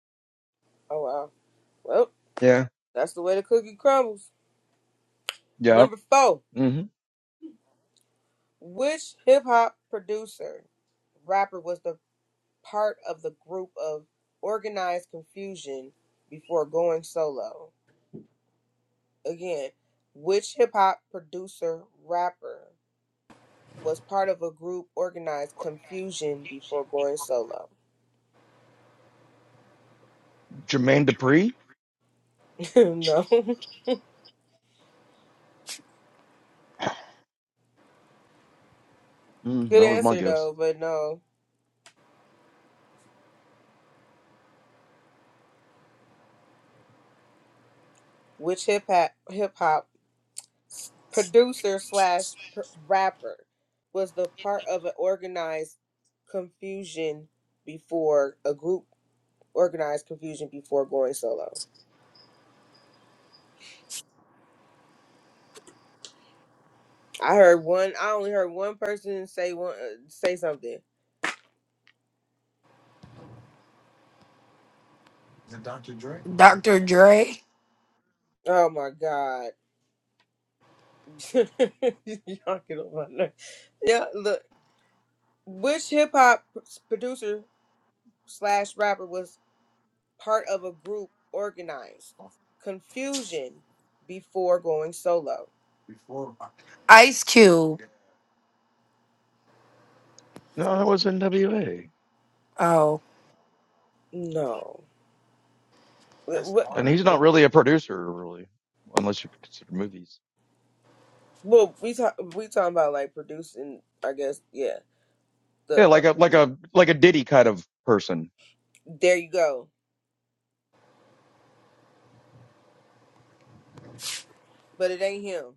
S1: Oh wow. Well,
S9: Yeah,
S1: that's the way the cookie crumbles.
S9: yeah.
S1: Number four.
S9: hmm
S1: Which hip hop producer, rapper was the part of the group of organized confusion before going solo? Again, which hip hop producer, rapper was part of a group organized confusion before going solo?
S9: Jermaine Dupri
S1: no.
S9: Mm,
S1: Good
S9: that was my
S1: answer
S9: guess.
S1: though, but no. Which hip hop hip hop s- producer slash pr- rapper was the part of an organized confusion before a group organized confusion before going solo? I heard one. I only heard one person say one uh, say something.
S5: Dr. Dre,
S1: Oh my god! Y'all get on my nerves. Yeah, look. Which hip hop producer slash rapper was part of a group organized, confusion before going solo.
S5: Ice Cube.
S9: No, that was NWA,
S5: Oh,
S1: No, what?
S9: and he's not really a producer, really, unless you consider movies.
S1: Well, we talk we talking about like producing. I guess yeah. The
S9: Yeah, like
S1: uh,
S9: a like a like a Diddy kind of person.
S1: there you go, but it ain't him,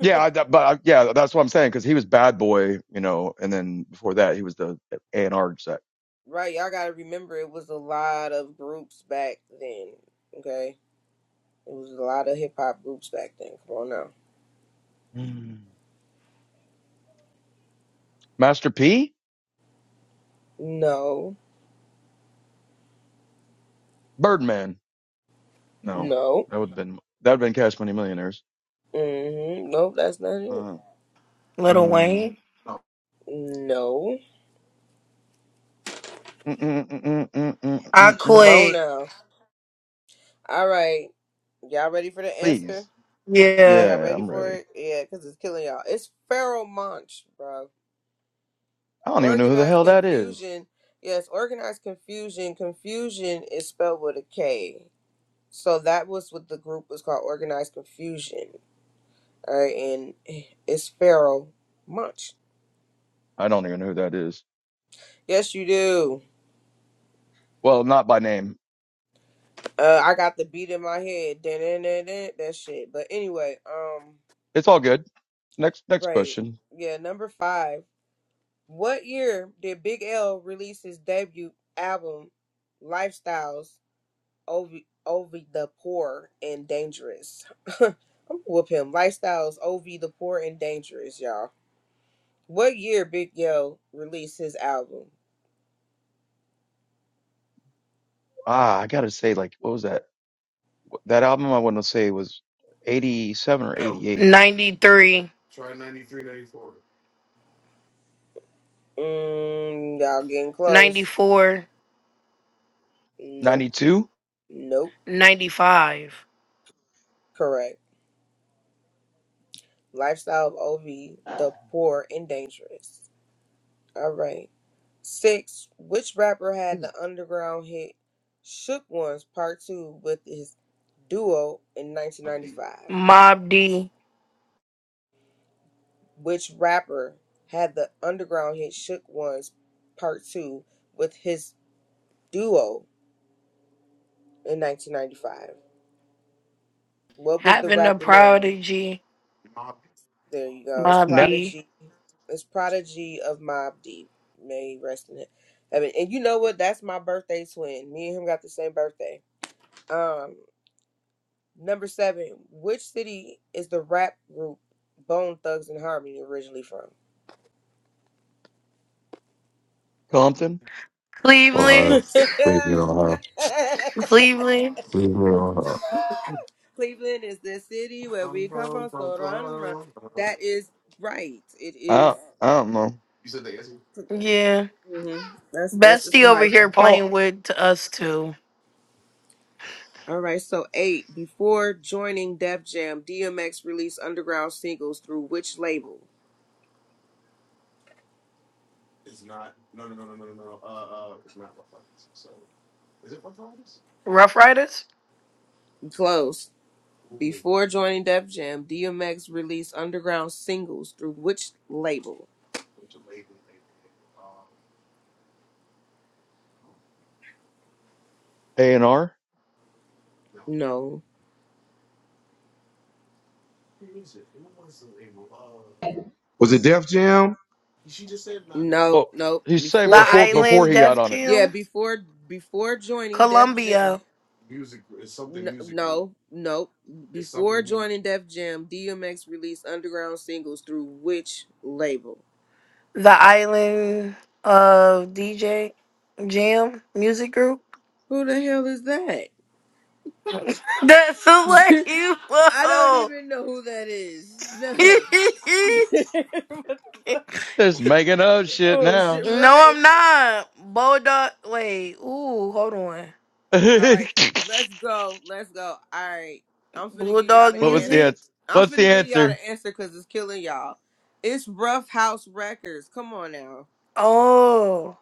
S9: Yeah, I, that- but I, yeah, that's what I'm saying because he was Bad Boy, you know, and then before that he was the A and R set.
S1: right? Y'all gotta remember it was a lot of groups back then. Okay, it was a lot of hip hop groups back then. Come on now.
S9: Mm. Master P,
S1: No,
S9: Birdman. No,
S1: no,
S9: that would have been that would have been Cash Money Millionaires.
S1: mm-hmm. nope, that's not it.
S9: Uh,
S5: Little
S9: um,
S5: Wayne.
S1: No,
S9: mm, mm, mm, mm, mm, mm,
S5: I
S9: mm, mm.
S1: come on
S5: quit.
S1: now. All right, y'all ready for the answer?
S9: please,
S5: Yeah.
S1: Y'all
S9: yeah,
S1: ready
S9: I'm
S1: for
S9: ready.
S1: it? Yeah, because it's killing y'all. It's feral munch, bro.
S9: I don't even know who the
S1: Organized
S9: hell that is.
S1: confusion. Yes, organized confusion. Confusion is spelled with a K. So that was what the group was called, organized confusion. All right, and it's feral munch.
S9: I don't even know who that is.
S1: Yes, you do.
S9: Well, not by name.
S1: Uh, I got the beat in my head. Dun, dun, dun, dun, That shit. But anyway, um,
S9: It's all good. Next, next
S1: right.
S9: question.
S1: Yeah, number five. What year did Big L release his debut album, Lifestyles? Ovi, Ovi the poor and dangerous. I'm gonna whoop him. Lifestyles Ovi the poor and dangerous, y'all. What year Big Yo released his album?
S9: Ah, I gotta say, like, what was that? That album I want to say was 87 or 88.
S5: 93,
S1: Mm, y'all getting close.
S5: 94,
S1: Nope.
S9: 92?
S1: Nope.
S5: ninety-five.
S1: Correct. Lifestyle of Ovi the poor and dangerous. All right. Six. Which rapper
S9: He
S1: had the
S9: was
S1: underground hit "Shook Ones" Part Two with his duo in 1995?
S5: Mob D,
S1: Which rapper had the underground hit Shook Ones Part 2 with his duo in 1995? What was the
S5: having a
S1: rapper name?
S5: prodigy,
S1: There you go. It's
S5: Mob
S9: Nat
S5: D,
S1: Prodigy. It's Prodigy of Mob Deep. May he rest in it. Heaven. And you know what? That's my birthday twin. Me and him got the same birthday. Um, number seven. Which city is the rap group Bone Thugs and Harmony originally from?
S9: Compton?
S8: Ohio.
S5: Cleveland,
S8: Cleveland, Ohio.
S5: Cleveland,
S8: Cleveland, Ohio.
S1: Cleveland is the city where we come from. So run, run. That is right. It
S9: I,
S1: is-
S9: don't, I don't know.
S5: yeah,
S1: mhm. That's that's it's
S5: Bestie over here
S1: Ohio.
S9: Oh,
S5: playing with to us too.
S1: All right. So eight. Before joining Def Jam, DMX released underground singles through which label?
S5: Rough Riders,
S1: Close. Before joining Def Jam, DMX released underground singles through which label?
S9: A&R?
S1: No.
S11: Was it Def Jam?
S1: No.
S9: Well,
S1: No.
S9: he's saying
S5: The
S1: Before it's
S9: before,
S1: be
S9: before
S5: Island,
S9: he got
S5: Def
S9: on it.
S1: yeah.
S5: Jam,
S1: Before before joining Def Jam.
S5: Columbia,
S1: N- no, no. Before joining Def Jam, DMX released underground singles through which label?
S5: The Island of DJ Jam Music Group.
S1: Who the hell is that?
S5: That's like you,
S1: I don't
S5: whoa.
S1: even know who that is. No. what the fuck?
S9: Just making up shit
S1: Oh shit!
S9: now.
S5: no,
S1: Right.
S5: I'm not. Bulldog, wait, ooh, hold on.
S9: what
S1: All right. Let's go. Let's go. All right. I'm finna give y'all
S5: Bulldog
S1: the
S9: was the
S5: music.
S1: answer.
S9: answer?
S1: I'm
S9: What's the
S1: finna give y'all
S9: answer?
S1: the answer because it's killing y'all. It's Rough House Records. Come on now.
S5: Oh,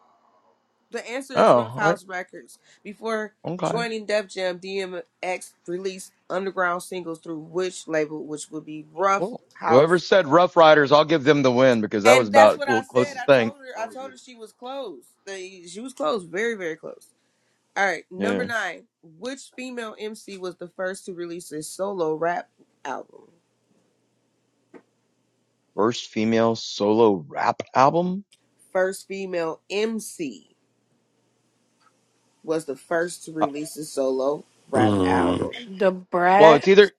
S1: The answer is Rough
S9: Oh, I,
S1: House Records. Before
S9: okay.
S1: joining Def Jam, DMX released underground singles through which label, which would be Rough
S9: Well, whoever
S1: House.
S9: said Rough Riders, I'll give them the win because that was
S1: And that's
S9: about
S1: what
S9: the
S1: I said.
S9: closest
S1: I
S9: thing.
S1: told her. I told her she was close. They- She was close, very, very close. All right,
S9: Yeah.
S1: number nine. Which female MC was the first to release a solo rap album?
S9: first female solo rap album.
S1: First female MC was the first to
S9: Uh,
S1: release a solo rap
S8: Mm,
S1: album.
S5: the
S9: well, it's
S5: brat.
S9: either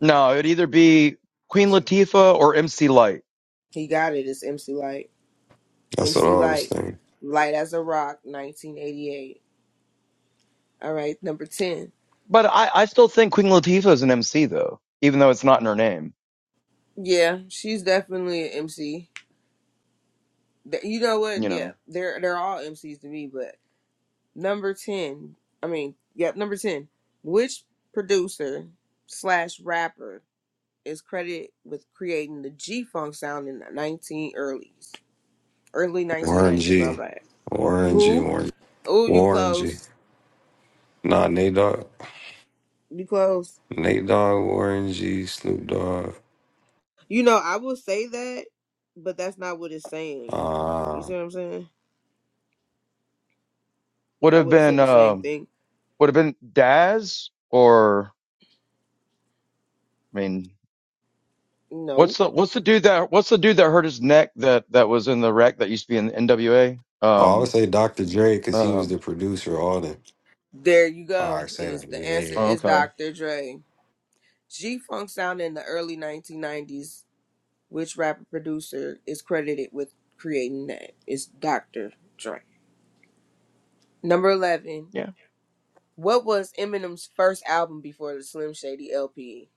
S9: no, it'd either be Queen Latifah or MC Light.
S1: He got it. It's MC Light.
S8: that's what
S1: MC
S8: I was
S1: Light,
S8: thinking.
S1: Light as a Rock, 1988. All right, number 10.
S9: But I, I still think Queen Latifah is an MC though, even though it's not in her name.
S1: Yeah, she's definitely an MC. Th- You know what?
S9: You
S1: Yeah,
S9: know,
S1: they're they're all MCs to me, but number 10. I mean, yep, number 10. Which producer slash rapper is credited with creating the G Funk sound in the 19 early early
S8: Warren
S1: 1990s? My
S8: G.
S1: bad.
S8: Warren G.
S1: Who?
S8: Warren,
S1: Oh, you
S8: Warren G.
S1: close.
S8: Nah, Nate Dogg.
S1: You close.
S8: Nate Dogg, Warren G, Snoop Dogg.
S1: You know, I will say that, but that's not what it's saying. You
S8: Uh,
S1: see
S8: oh,
S1: what I'm saying?
S9: would
S1: I
S9: have
S1: wouldn't say
S9: been
S1: the same
S9: um,
S1: thing.
S9: would have been Daz or I mean,
S1: No.
S9: what's the what's the dude that what's the dude that hurt his neck that that was in the wreck that used to be in NWA?
S8: I would
S9: Um,
S8: say Dr. Dre because he was the
S9: um,
S8: producer. All them.
S1: There you
S8: All
S1: go.
S8: right, say
S1: It
S8: that.
S1: is the answer
S8: Yeah,
S9: oh,
S1: is
S9: okay,
S1: Dr. Dre. G Funk sound in the early 1990s. Which rapper producer is credited with creating that? It's Dr. Dre. Number 11.
S9: yeah.
S1: What was Eminem's first album before the Slim Shady LP?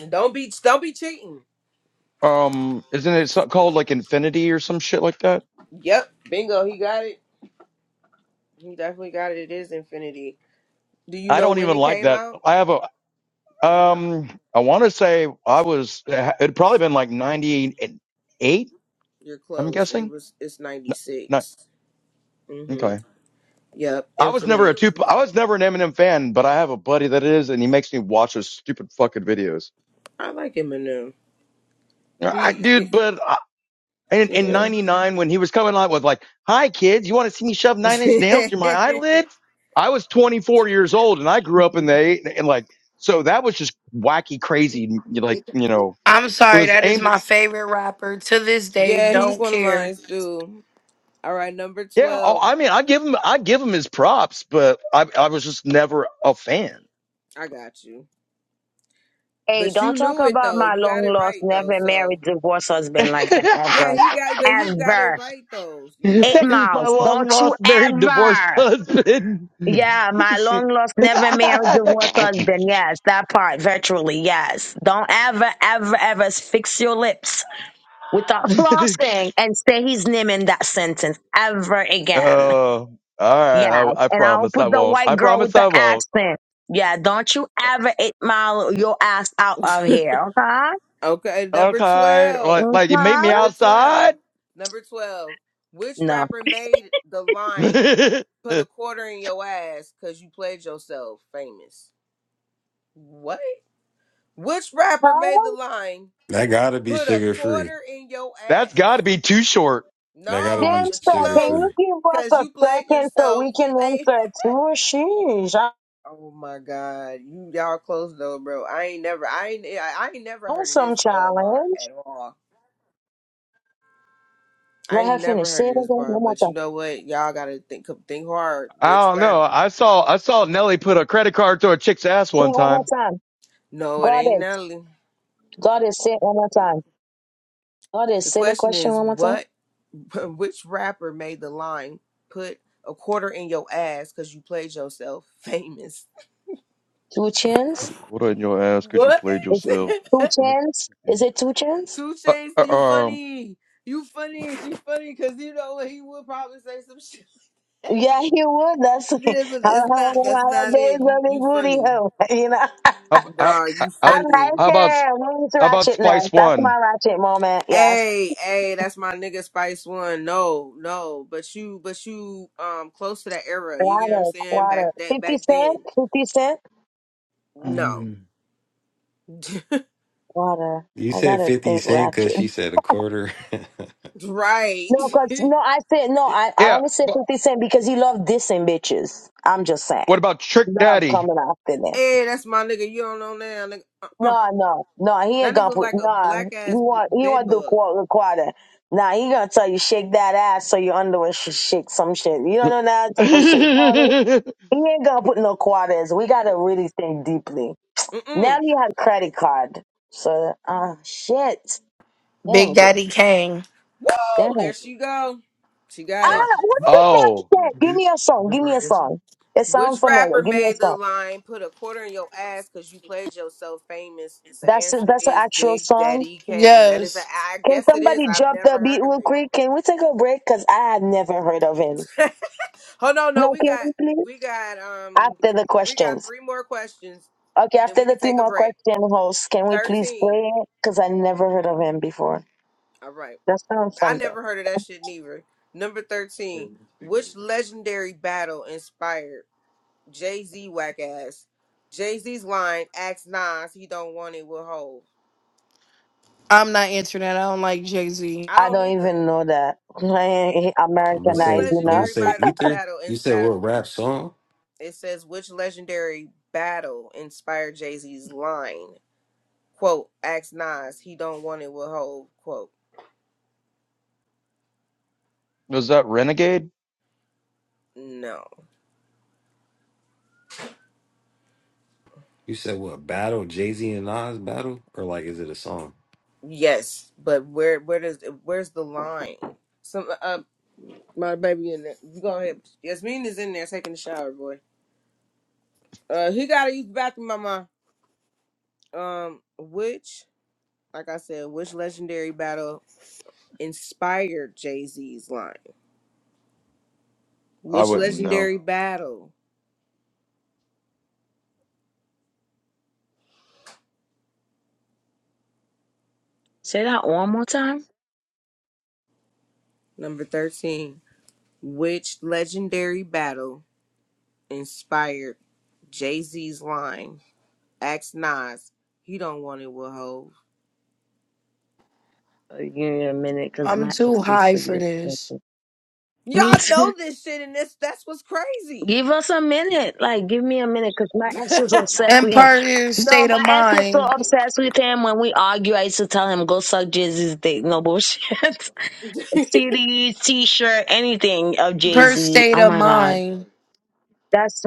S1: And don't be don't be cheating.
S9: Um, isn't it so- called like Infinity or some shit like that?
S1: Yep, bingo, he got it. He definitely got it. It is Infinity. Do you
S9: I
S1: know
S9: don't
S1: when
S9: even
S1: it
S9: like
S1: came
S9: that.
S1: out?
S9: I have a
S1: You know,
S9: Um, I want to say I was. It'd probably been like ninety eight.
S1: you're
S9: I'm
S1: close. It
S9: guessing.
S1: was it's ninety
S9: No, not
S1: six. Mhm.
S9: okay.
S1: Yep.
S9: I was never a
S1: Infinite.
S9: two. I was never an Eminem fan, but I have a buddy that is, and he makes me watch his stupid fucking videos.
S1: I like Eminem.
S9: Uh, I
S1: He, he-
S9: dude, but I, in
S1: you
S9: in
S1: know.
S9: '99 when he was coming out with like, "Hi kids, you want to see me shove nine inch nails through my eyelids?" I was 24 years old, and I grew up in the eight, and like, so that was just wacky, crazy, like you know,
S5: I'm
S9: it
S5: sorry,
S9: was
S5: that is
S9: aimed.
S5: my favorite rapper to this day.
S1: yeah, he's
S5: Don't
S1: one of
S5: care.
S1: mine too. All right, number
S9: Yeah. Oh,
S1: twelve.
S9: I mean, I give him, I give him his props, but I, I was just never a fan.
S1: I got you.
S2: Hey,
S1: But you
S2: don't talk
S1: knew it
S2: about
S1: though.
S2: my
S1: You got
S2: long
S1: it
S2: lost,
S1: right though.
S2: never married,
S1: So
S2: divorced
S9: My
S2: husband like that
S1: yeah,
S2: ever.
S1: he got. But he got it
S2: Ever.
S1: right though. You
S2: Eight
S1: know.
S2: miles.
S9: long
S2: Don't you
S9: lost, married, divorced
S2: ever.
S9: husband.
S2: Yeah, my
S9: She-
S2: long lost,
S9: oh,
S2: never married, divorced husband. Yes, that part virtually. Yes. Don't ever, ever, ever fix your lips without flossing and say his name in that sentence ever again.
S9: all right.
S2: Yeah.
S9: I, I
S2: And I'll
S9: promise I
S2: put the
S9: won't.
S2: white
S9: I
S2: girl
S9: promise
S2: with
S9: I
S2: the
S9: won't.
S2: accent. Yeah. Don't you ever eight mile your ass out of here. Okay?
S1: Okay, number
S9: Okay.
S1: twelve.
S9: Like, like you meet
S2: Okay?
S9: me
S1: Number
S9: outside.
S1: twelve. Number twelve. Which
S2: No.
S1: rapper made the line?
S9: That's
S1: put a quarter in your ass because you played yourself famous. What? Which rapper made the
S2: Oh,
S1: line,
S8: that gotta be
S1: put a
S8: sugar free.
S1: quarter in your
S9: got to
S1: ass?
S9: be too short.
S8: That gotta
S1: No,
S8: be
S2: damn,
S1: but you
S2: sir.
S8: sugar
S2: Can
S1: close
S2: you
S8: free.
S2: give us
S1: because
S2: a
S1: you played
S2: second so
S1: yourself
S2: we can
S1: famous.
S2: insert two sheesh? I
S1: Oh my God, you y'all close though, bro. I ain't never, I ain't, I I ain't never
S2: want
S1: heard of
S2: some
S1: this uh, bar
S2: challenge.
S1: at all. I
S2: Let
S1: ain't
S2: her
S1: never
S2: finish. Say
S1: heard
S2: it
S1: of
S2: again
S1: this bar,
S2: one more
S1: but you
S2: time.
S1: know what? Y'all gotta think, think hard. Which
S9: I don't know.
S1: rapper?
S9: I saw, I saw Nelly put a credit card through a chick's ass
S2: Say
S9: one
S2: it one more
S9: time.
S2: time.
S1: No, it ain't
S2: Goddess.
S1: Nelly.
S2: Goddess, say it one more
S1: Mm-mm.
S2: time. Goddess,
S1: The
S2: say the
S1: question
S2: question
S1: is,
S2: one more time.
S1: what Which rapper made the line, put a quarter in your ass because you played yourself famous?
S2: Two chins?
S9: Put a quarter in your ass because you
S1: What?
S9: played
S2: Is it
S9: yourself.
S2: two chins? Is
S9: Uh,
S2: it two chins?
S1: Two Chains,
S9: uh,
S1: you
S9: um,
S1: funny. You funny. You funny because you know what? He would probably say some shit.
S2: Yeah, you would. That's
S1: yeah, but
S2: how
S1: that's not,
S2: how
S1: that's
S2: how
S1: not
S2: days
S1: it. You,
S2: will be
S1: you
S2: booty
S1: funny.
S2: hole, You know.
S9: how, how,
S1: Nah,
S9: uh,
S1: you
S9: how,
S2: I
S1: funny.
S2: like
S9: how about
S2: it. Who's
S9: how about Spice
S2: ratchetness? That's my
S9: One?
S2: ratchet moment. Yes.
S1: Hey, hey, that's my nigga Spice One. No, no, but you, but you, um, close to that era. You get what I'm
S2: Water,
S1: saying? Back
S2: water.
S1: that,
S2: Fifty
S1: back
S2: cent.
S1: then.
S2: Fifty cent.
S1: No,
S9: Mm.
S2: Water.
S8: You
S2: I
S8: said
S2: gotta
S8: Fifty
S2: think
S8: Cent because
S2: ratchet.
S8: she said a quarter. I'm
S1: Right.
S2: No, cause
S1: hey,
S2: no, I said no. I, I
S9: Yeah,
S2: only said
S9: but
S2: Fifty Cent because he loved dissing bitches. I'm just saying,
S9: what about Trick
S2: love
S9: Daddy?
S2: coming after them.
S1: that's my nigga. You don't know now, nigga. Uh-uh.
S2: No, no, no. He
S1: That
S2: ain't
S1: nigga
S2: gonna
S1: look
S2: put.
S1: like a
S2: No,
S1: black
S2: he
S1: ass b-
S2: want he
S1: bed
S2: want to do
S1: bug.
S2: quarter quarter. Nah, he gonna tell you shake that ass so your underwear should shake some shit. You don't know that type of shit. You know what I mean? He ain't gonna put no quarters. We gotta really think deeply. Now
S1: Mm-mm.
S2: we have credit card. So ah shit, damn
S5: Big
S2: girl,
S5: Daddy Kane.
S2: damn.
S1: Woo! There she go. She got it.
S2: Ah, what big daddy
S9: oh,
S2: said? Give me a song. Give me a song. It
S1: Which
S2: sounds familiar.
S1: rapper
S2: Give me a
S1: made the
S2: song.
S1: line "Put a quarter in your ass" because you played yourself famous? The
S2: That's a,
S1: answer
S2: that's an
S1: is
S2: actual
S1: Big
S2: song.
S1: Daddy Kane. That is a.
S5: Yes,
S1: I
S2: Can
S1: guess it is.
S2: somebody
S1: I've
S2: drop
S1: never
S2: the beat
S1: heard of
S2: real quick? Can we take a break? Cause I have never heard of him.
S1: it. Hold on, no,
S2: No,
S1: we
S2: can
S1: got
S2: we please?
S1: we got um
S2: After the
S1: we got
S2: questions.
S1: three more questions.
S2: Okay,
S1: Then
S2: after
S1: we
S2: the
S1: can
S2: three
S1: take a
S2: more
S1: break.
S2: question hosts, can we please play
S1: Thirteen.
S2: it? Cause I never heard of him before.
S1: All right.
S2: That sounds
S1: I
S2: fun though.
S1: never heard of that shit neither. Number 13. Which legendary battle inspired Jay Z whack ass? Jay Z's line, ask Nas, he don't want it with Hove.
S5: I'm not answering that. I don't like Jay Z.
S1: I
S2: I
S1: don't
S2: don't
S1: either.
S2: even know that. I ain't
S8: gonna
S1: Which
S2: Americanized
S8: say. I'm gonna
S2: enough.
S1: legendary
S8: say
S1: bat-
S8: Ether.
S1: battle
S8: You said
S1: inspired,
S8: what
S1: in-
S8: rap song?
S1: it says, which legendary battle inspired Jay Z's line? Quote, ask Nas, he don't want it with Hove. Quote,
S9: was that Renegade?
S1: no.
S8: You said what battle? Jay Z and Nas battle, or like is it a song?
S1: Yes, but where where does where's the line? Some uh, My baby in there. You go ahead. Yasmin is in there taking a shower, boy. Uh, he gotta use the bathroom, mama. Um, which, like I said, which legendary battle inspired Jay Z's line?
S9: I
S1: Which
S9: wouldn't know.
S1: legendary battle?
S2: Say that one more time.
S1: Number thirteen. Which legendary battle inspired Jay Z's line? Ask Nas. He don't want it with Hove.
S2: Uh, Give me a minute, cause
S9: Hmm.
S5: I'm
S2: my
S5: too
S2: ex used
S5: high
S2: to be
S5: for
S2: obsessed
S5: this.
S2: with.
S1: Y'all
S2: Me too.
S1: know this shit, and this that's what's crazy.
S2: Give us a minute. Like, give me a minute because my ex is obsessed with him.
S5: Empire
S2: No,
S5: State of
S2: my ex is so
S5: Mind.
S2: obsessed with him. When we argue, I used to tell him, go suck Jay Z's dick. No bullshit. CD, t shirt, anything of Jay
S5: Empire
S2: Z.
S5: State
S2: Oh
S5: of
S2: my God.
S5: Mind.
S2: That's,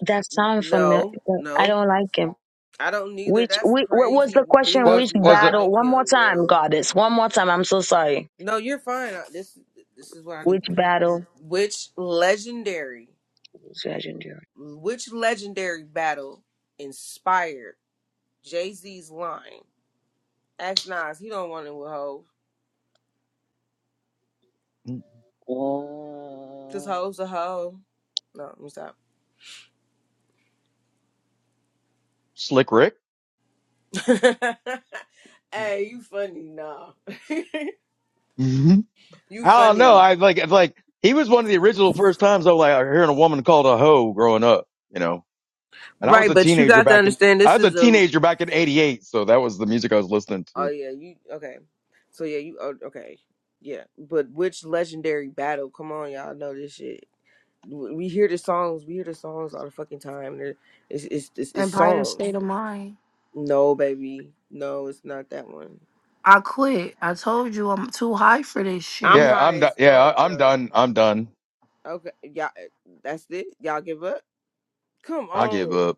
S2: that sounds familiar.
S1: no,
S2: I
S1: no.
S2: don't like him.
S1: I don't neither.
S2: Which,
S1: That's
S2: which, what was
S1: crazy.
S2: the question?
S9: What
S1: Females
S2: Which
S1: do
S9: was
S1: not
S9: it?
S2: battle?
S1: like
S2: One more
S1: him,
S2: time,
S1: bro.
S2: Goddess. One more time. I'm so sorry.
S1: No, you're fine. I- This this is what I do.
S2: Which battle?
S1: Which legendary,
S2: was legendary?
S1: which legendary battle inspired Jay Z's line? Ask Nas. He don't want it with hoes. Cause
S2: Oh.
S1: hoes a hoe. No, let me stop.
S9: Slick Rick?
S1: hey, you funny, nah.
S9: hmm
S1: you
S9: I don't know.
S1: funny,
S9: I like it's like he was one of the original first times I was like hearing a woman called a hoe growing up. You know. And I was
S1: right?
S9: a
S1: But you
S9: teenager
S1: got to
S9: back in
S1: understand.
S9: I
S1: This
S9: was a
S1: is a
S9: teenager back in '88, so that was the music I was listening
S1: Oh
S9: to.
S1: yeah, you okay? So yeah, you oh, okay? Yeah, but which legendary battle? Come on, y'all know this shit. We we hear the songs. We hear the songs all the fucking time. They're- It's it's it's, it's
S5: Empire
S1: songs.
S5: State of Mind.
S1: No, baby, no, it's not that one.
S5: I quit. I told you I'm too high for this
S1: I'm
S5: shit.
S9: Yeah, I'm
S1: high
S9: done.
S1: as
S9: Yeah,
S1: fuck,
S9: I- I'm
S1: bro.
S9: done. I'm done.
S1: Okay, y'all, eh, that's it. Y'all give up? Come
S9: I give
S1: on.
S9: up.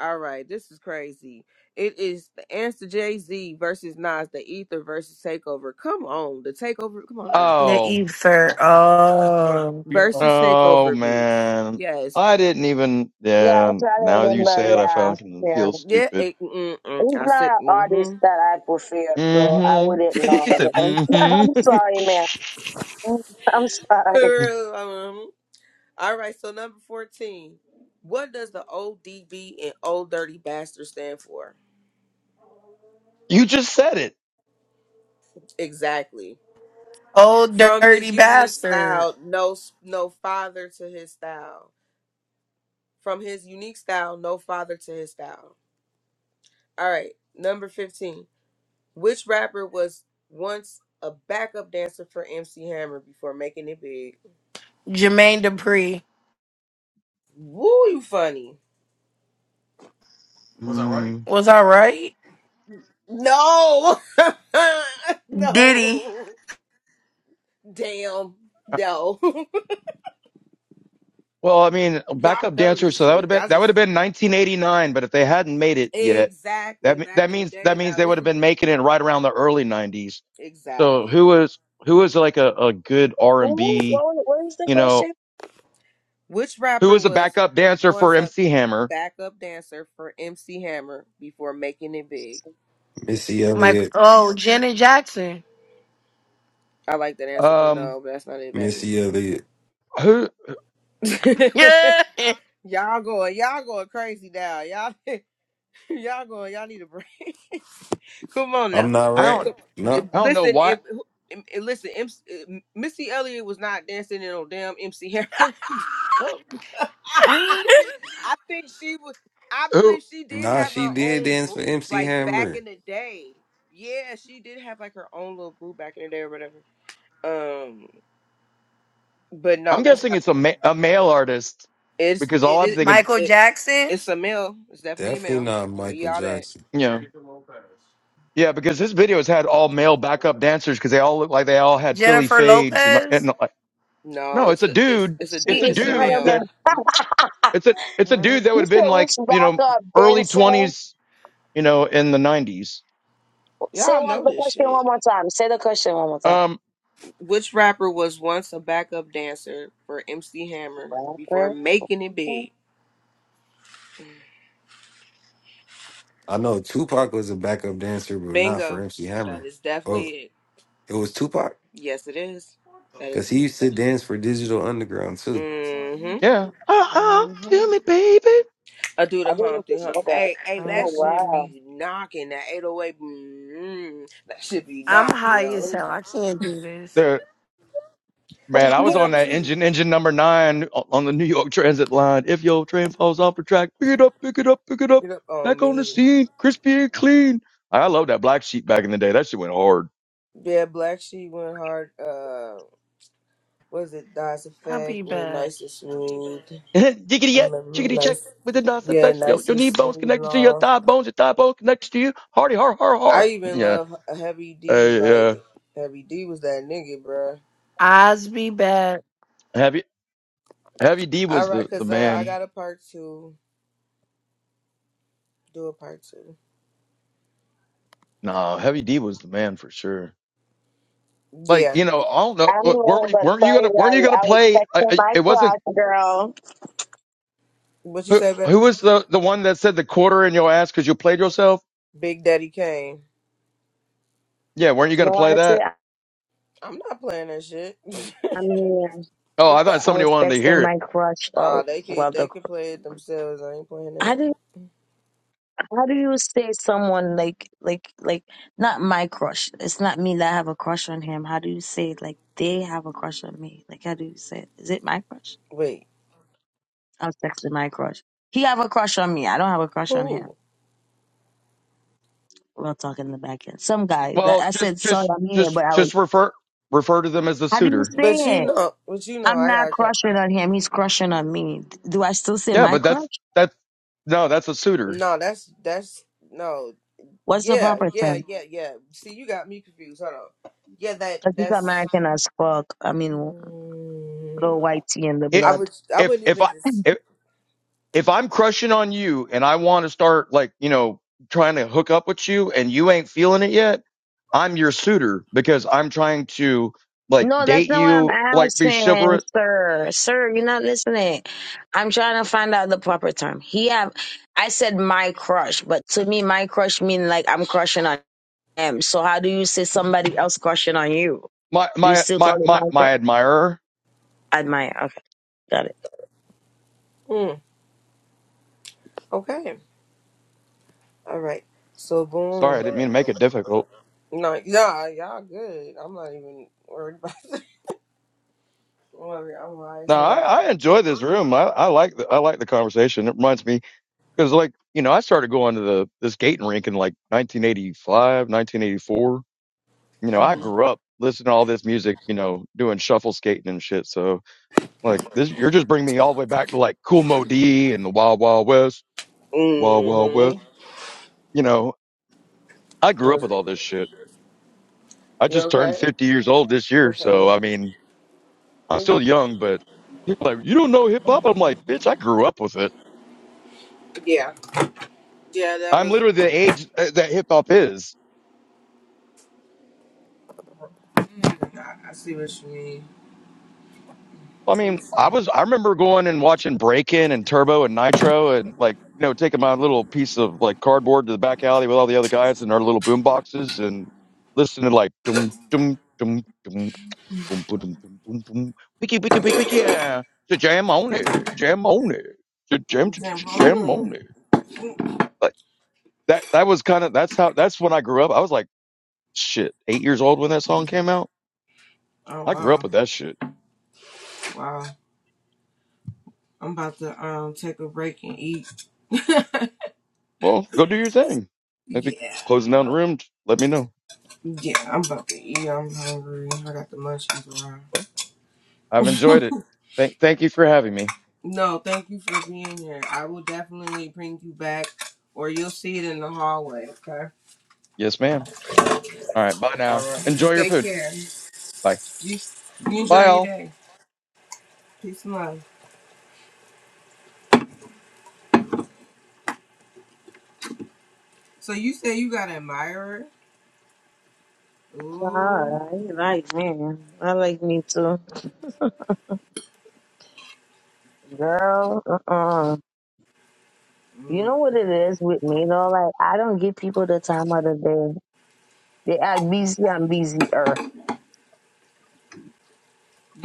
S1: All right, this is crazy. It is the answer Jay Z versus Nas, the Ether versus Takeover. Come on, the Takeover. Come on now.
S5: The
S9: Oh,
S5: ether. Oh,
S1: versus
S9: oh
S1: takeover beef.
S9: man,
S1: Yes.
S9: I didn't even.
S2: Yeah, I
S9: Yeah,
S2: try to
S9: now that you
S2: remember.
S9: say it, I fucking
S2: Yeah.
S9: feel
S1: Yeah.
S9: stupid.
S1: It, mm, mm, mm.
S2: He's
S1: I
S2: not
S1: said.
S2: an
S1: Mm-hmm.
S2: artist that I prefer, so I wouldn't
S9: Mm-hmm. she
S2: know.
S9: said,
S2: I'm
S9: mm-hmm.
S2: sorry, man. I'm sorry.
S1: For real, um, all right. So number fourteen. What does the ODB and Old Dirty Bastard stand for?
S9: You just said it.
S1: Exactly.
S5: old
S1: From
S5: dirty
S1: his unique
S5: bastard.
S1: style, no s- no father to his style. From his unique style, no father to his style. All right. Number fifteen. Which rapper was once a backup dancer for MC Hammer before making it big?
S5: Jermaine Dupri.
S1: Woo, you funny.
S9: Mm.
S5: Was I right?
S1: No.
S5: Diddy.
S1: no. Damn. No.
S9: Well, I mean,
S1: Y'all
S9: backup
S1: know
S9: dancer.
S1: this
S9: So that would have
S1: shit.
S9: been
S1: Y'all
S9: that would
S1: just
S9: have been 1989. But if they hadn't made it yet, that
S1: exactly
S9: me-
S1: back
S9: that
S1: in the
S9: means that
S1: day.
S9: means
S1: Now
S9: they would have
S1: listen
S9: been
S1: to
S9: making it right around the early 90s. So
S1: exactly.
S9: who was who was like a, a good R and
S2: Who? What,
S9: B?
S2: was- what is the
S9: You know,
S2: question?
S1: Which
S9: who
S1: rapper
S9: was a
S1: was
S9: backup dancer for
S1: once a
S9: MC Hammer?
S1: backup dancer for MC Hammer before making it big?
S8: Missy
S5: Mike.
S8: Elliott.
S5: Oh, Janet Jackson.
S1: I like that answer, but
S9: Um,
S1: no, but that's not it, baby.
S8: Missy Elliott.
S9: who
S5: Yeah.
S1: y'all going, y'all going crazy now. Y'all y'all going, y'all need a break. Come on
S8: I'm
S1: now.
S8: not
S9: I don't
S8: right.
S1: So,
S8: No.
S1: j-
S9: I don't know
S1: listen,
S9: why.
S1: it, it, it- listen, MC, uh, Missy Elliott was not dancing in no damn MC Hammer cup. I think she was. I
S9: Who
S1: believe she did
S8: Nah,
S1: have
S8: she
S1: her
S8: did
S1: own
S8: dance for
S1: group,
S8: MC
S1: like back
S8: Hammer.
S1: in the day. Yeah, she did have like her own little group back in the day or whatever. Um, but no,
S9: I'm
S1: that's
S9: guessing
S1: not.
S9: it's a ma- a male artist
S1: It's
S9: because
S1: it
S9: all I'm
S1: is
S9: thinking,
S5: Michael
S1: it.
S5: Jackson.
S1: It's a male. It's definitely a
S8: Definitely
S1: male.
S8: not
S1: I'll give
S8: Michael
S1: Y'all that.
S8: Jackson.
S9: you know, yeah, because this video has had all male backup dancers because they all look like they all had Philly
S5: Jennifer
S9: fades and
S5: Lopez.
S9: and
S1: No,
S9: No, it's
S1: it's
S9: a
S1: a it's
S9: dude.
S1: it's a
S9: It's a
S1: du-
S2: She is
S1: it's a
S2: not a
S9: dude
S1: male.
S2: man.
S9: that it's a it's a dude
S5: Mhm.
S9: that would
S2: you
S9: have
S2: said
S9: been like
S2: which
S9: you know
S2: backup
S9: early
S2: dancer?
S9: twenties, you know, in the nineties.
S2: Say
S1: Y'all
S2: one
S1: know
S2: the
S1: this
S2: question
S1: shit.
S2: one more time. Say the question one more time.
S9: Um,
S1: Which rapper was once a backup dancer for MC Hammer before
S2: Rapper?
S1: making it
S2: I
S1: big?
S8: I know Tupac was a backup dancer, but not for
S1: Bingo.
S8: MC
S1: That
S8: Hammer.
S1: is
S8: Oh,
S1: definitely it.
S8: it was Tupac
S1: Yes, it is. That is
S8: because
S1: the.
S8: he used to dance for Digital Underground too.
S1: Mm-hmm.
S9: yeah.
S5: Mhm.
S9: Uh uh do me, baby.
S1: I do the
S2: didn't even
S1: Humpty Hump.
S2: know that.
S1: Hey, hey,
S2: Oh
S1: that should
S2: wow.
S5: Mhm.
S1: be knocking. That 808. Mm, that should be
S5: I'm
S1: knocking,
S5: high
S1: yo. Let
S5: as
S1: me
S5: hell.
S1: stop.
S5: I can't do this.
S9: There, man.
S1: I
S9: I
S1: am
S9: was on
S1: them
S9: that
S1: too.
S9: engine, engine number nine o- on the New York Transit line. If your train falls off the track, pick it up, pick it up, pick it up.
S1: Get up on
S9: Back on the
S1: me.
S9: scene, crispy and clean. I love that black sheep back in the day. That shit went hard.
S1: Yeah, Black Sheep went hard. Uh, was it Dice
S5: I'll be
S1: Effect and then
S5: back.
S1: Nice and Sweet?
S9: Jiggity
S1: I
S9: yet,
S1: remember
S9: chickity check
S1: Nice
S9: with the non
S1: Yeah,
S9: effects. Your,
S1: nice
S9: your
S1: and
S9: knee bones
S1: smooth and
S9: connected to your
S1: all.
S9: thigh bones, your thigh bones connected to you. Hardy, har, har, har.
S1: I even
S9: Yeah.
S1: love Heavy D.
S9: Hey,
S1: Like
S9: uh,
S1: Heavy D was that nigga, bruh.
S5: Eyes be back.
S9: Heavy, Heavy D
S1: All
S9: was
S1: right,
S9: the, the
S1: cause uh, I
S9: man.
S1: got a part two. Do a part two.
S9: Nah, Heavy D was the man for sure. Like,
S1: Yeah.
S9: you know, I don't know.
S2: I'm
S9: w- Weren't
S2: annoying,
S9: you,
S2: but
S9: weren't you
S2: sorry,
S9: gonna, weren't you
S2: Riley.
S9: gonna
S2: I was
S9: play? I,
S2: texting
S9: I,
S2: my
S9: it wasn't,
S2: crush, girl.
S1: What you
S9: who,
S1: say, babe?
S9: who was the, the one that said the quarter in your ass because you played yourself?
S1: Big Daddy Kane.
S9: Yeah. Weren't you gonna
S2: No, I
S9: play
S2: said
S9: that?
S1: I'm not playing that shit.
S2: I'm here.
S9: Oh, I thought
S2: I
S9: somebody
S2: was
S9: wanted to hear
S2: texting
S9: it.
S2: my crush
S1: Ah,
S2: or
S1: they can
S2: well
S1: they
S2: the
S1: can play it themselves. I ain't playing
S2: how
S1: that.
S2: do how do you say someone like like like not my crush. It's not me that I have a crush on him. How do you say like they have a crush on me? Like how do you say it? Is it my crush?
S1: Wait,
S2: I was texting my crush. He have a crush on me. I don't have a crush on him.
S1: who?
S2: We'll talk in the back end. Some guy that
S9: Well,
S2: I
S9: just,
S2: said sorry
S9: just,
S2: I'm here,
S9: just,
S2: but I was
S9: just refer, refer to them as the
S2: how do you
S9: suitor.
S1: But
S2: say
S1: you
S2: it?
S1: know, but you know,
S2: I'm
S1: I
S2: not
S1: got. to
S2: crushing on him. He's crushing on me. Do I still say
S9: Yeah,
S2: my
S9: but
S2: crush?
S9: that's that's no, that's a suitor.
S1: No, that's that's no.
S2: What's the
S1: Yeah,
S2: proper
S1: yeah,
S2: term?
S1: yeah, yeah. See, you got me confused. Hold on. Yeah, that
S2: Because he's
S1: that's
S2: American as fuck. I mean,
S1: Mm,
S2: little white tea in the
S9: It,
S1: I would.
S2: blood.
S1: I
S9: if
S1: wouldn't
S9: if
S1: even
S9: I
S1: just.
S9: if, if I'm crushing on you and I want to start like you know trying to hook up with you and you ain't feeling it yet, I'm your suitor because I'm trying to like
S2: No, that's
S9: date
S2: not what
S9: you,
S2: I'm
S9: like be
S2: asking,
S9: chivalrous.
S2: sir. Sir, you're not listening. I'm trying to find out the proper term. He have I said my crush, but to me my crush mean like I'm crushing on him. So how do you say somebody else crushing on you?
S9: My
S2: Do you
S9: my
S2: still call
S9: my
S2: it my
S9: my my
S2: crush?
S9: admirer.
S2: Admire. Okay. Got it.
S1: Mm, okay. All right. So boom.
S9: Sorry, I didn't
S1: Sorry.
S9: mean to make it difficult.
S1: No, yeah, y'all good. I'm not even worried about. Don't worry, I'm
S9: No,
S1: rising.
S9: I, I
S1: Mm-hmm.
S9: enjoy this room. I, I like the, I like the conversation. It reminds me because like you know I started going to the this skating rink in like 1985, 1984 you know, I grew up listening to all this music, you know, doing shuffle skating and shit. So like this, you're just bringing me all the way back to like Cool Mo D and the Wild Wild West, Wild Wild West.
S1: Mm-hmm.
S9: You know, I grew up with all this shit. I
S1: You
S9: just
S1: okay?
S9: turned 50 years old this year.
S1: Okay.
S9: So
S1: Well,
S9: I mean, I'm
S1: well,
S9: still young, but people are like, you don't know hip hop. I'm like, bitch, I grew up with it.
S1: yeah. Yeah, that
S9: I'm
S1: was.
S9: literally the age uh, that hip hop is.
S1: I, I see what you mean.
S9: I
S1: Let me
S9: mean,
S1: see.
S9: I was I remember going and watching Break In and Turbo and Nitro and like you know taking my little piece of like cardboard to the back alley with all the other guys in our little boom boxes and listening to like dum dum dum dum dum dum dum dum dum wiki wiki wiki wiki yeah so jam on it jam on it so jam j- j- j- jam
S1: Example.
S9: on it like that that was kind of that's how that's when I grew up I was like shit eight years old when that song came out
S1: Oh
S9: I grew up
S1: wow,
S9: with that shit
S1: wow. I'm about to um take a break and eat.
S9: well go do your thing if it
S1: yeah.
S9: closing down the room let me know.
S1: Yeah, I'm about to eat. I'm hungry. I got the munchies around.
S9: Well, I've enjoyed it. Thank, thank you for having me.
S1: No, thank you for being here. I will definitely bring you back, or you'll see it in the hallway. Okay.
S9: Yes, ma'am. All right. Bye now.
S1: All right. You
S9: Enjoy your
S1: take
S9: food.
S1: care.
S9: Bye.
S1: You, you
S9: Bye
S1: enjoy your
S9: all.
S1: day. Peace and love. So you say you got an admirer? Ooh.
S2: Ah, you like me. I like me too. Girl, uh-uh. You
S1: Mm,
S2: know what it is with me though? Like I don't give people the time of the day. They act busy and busier.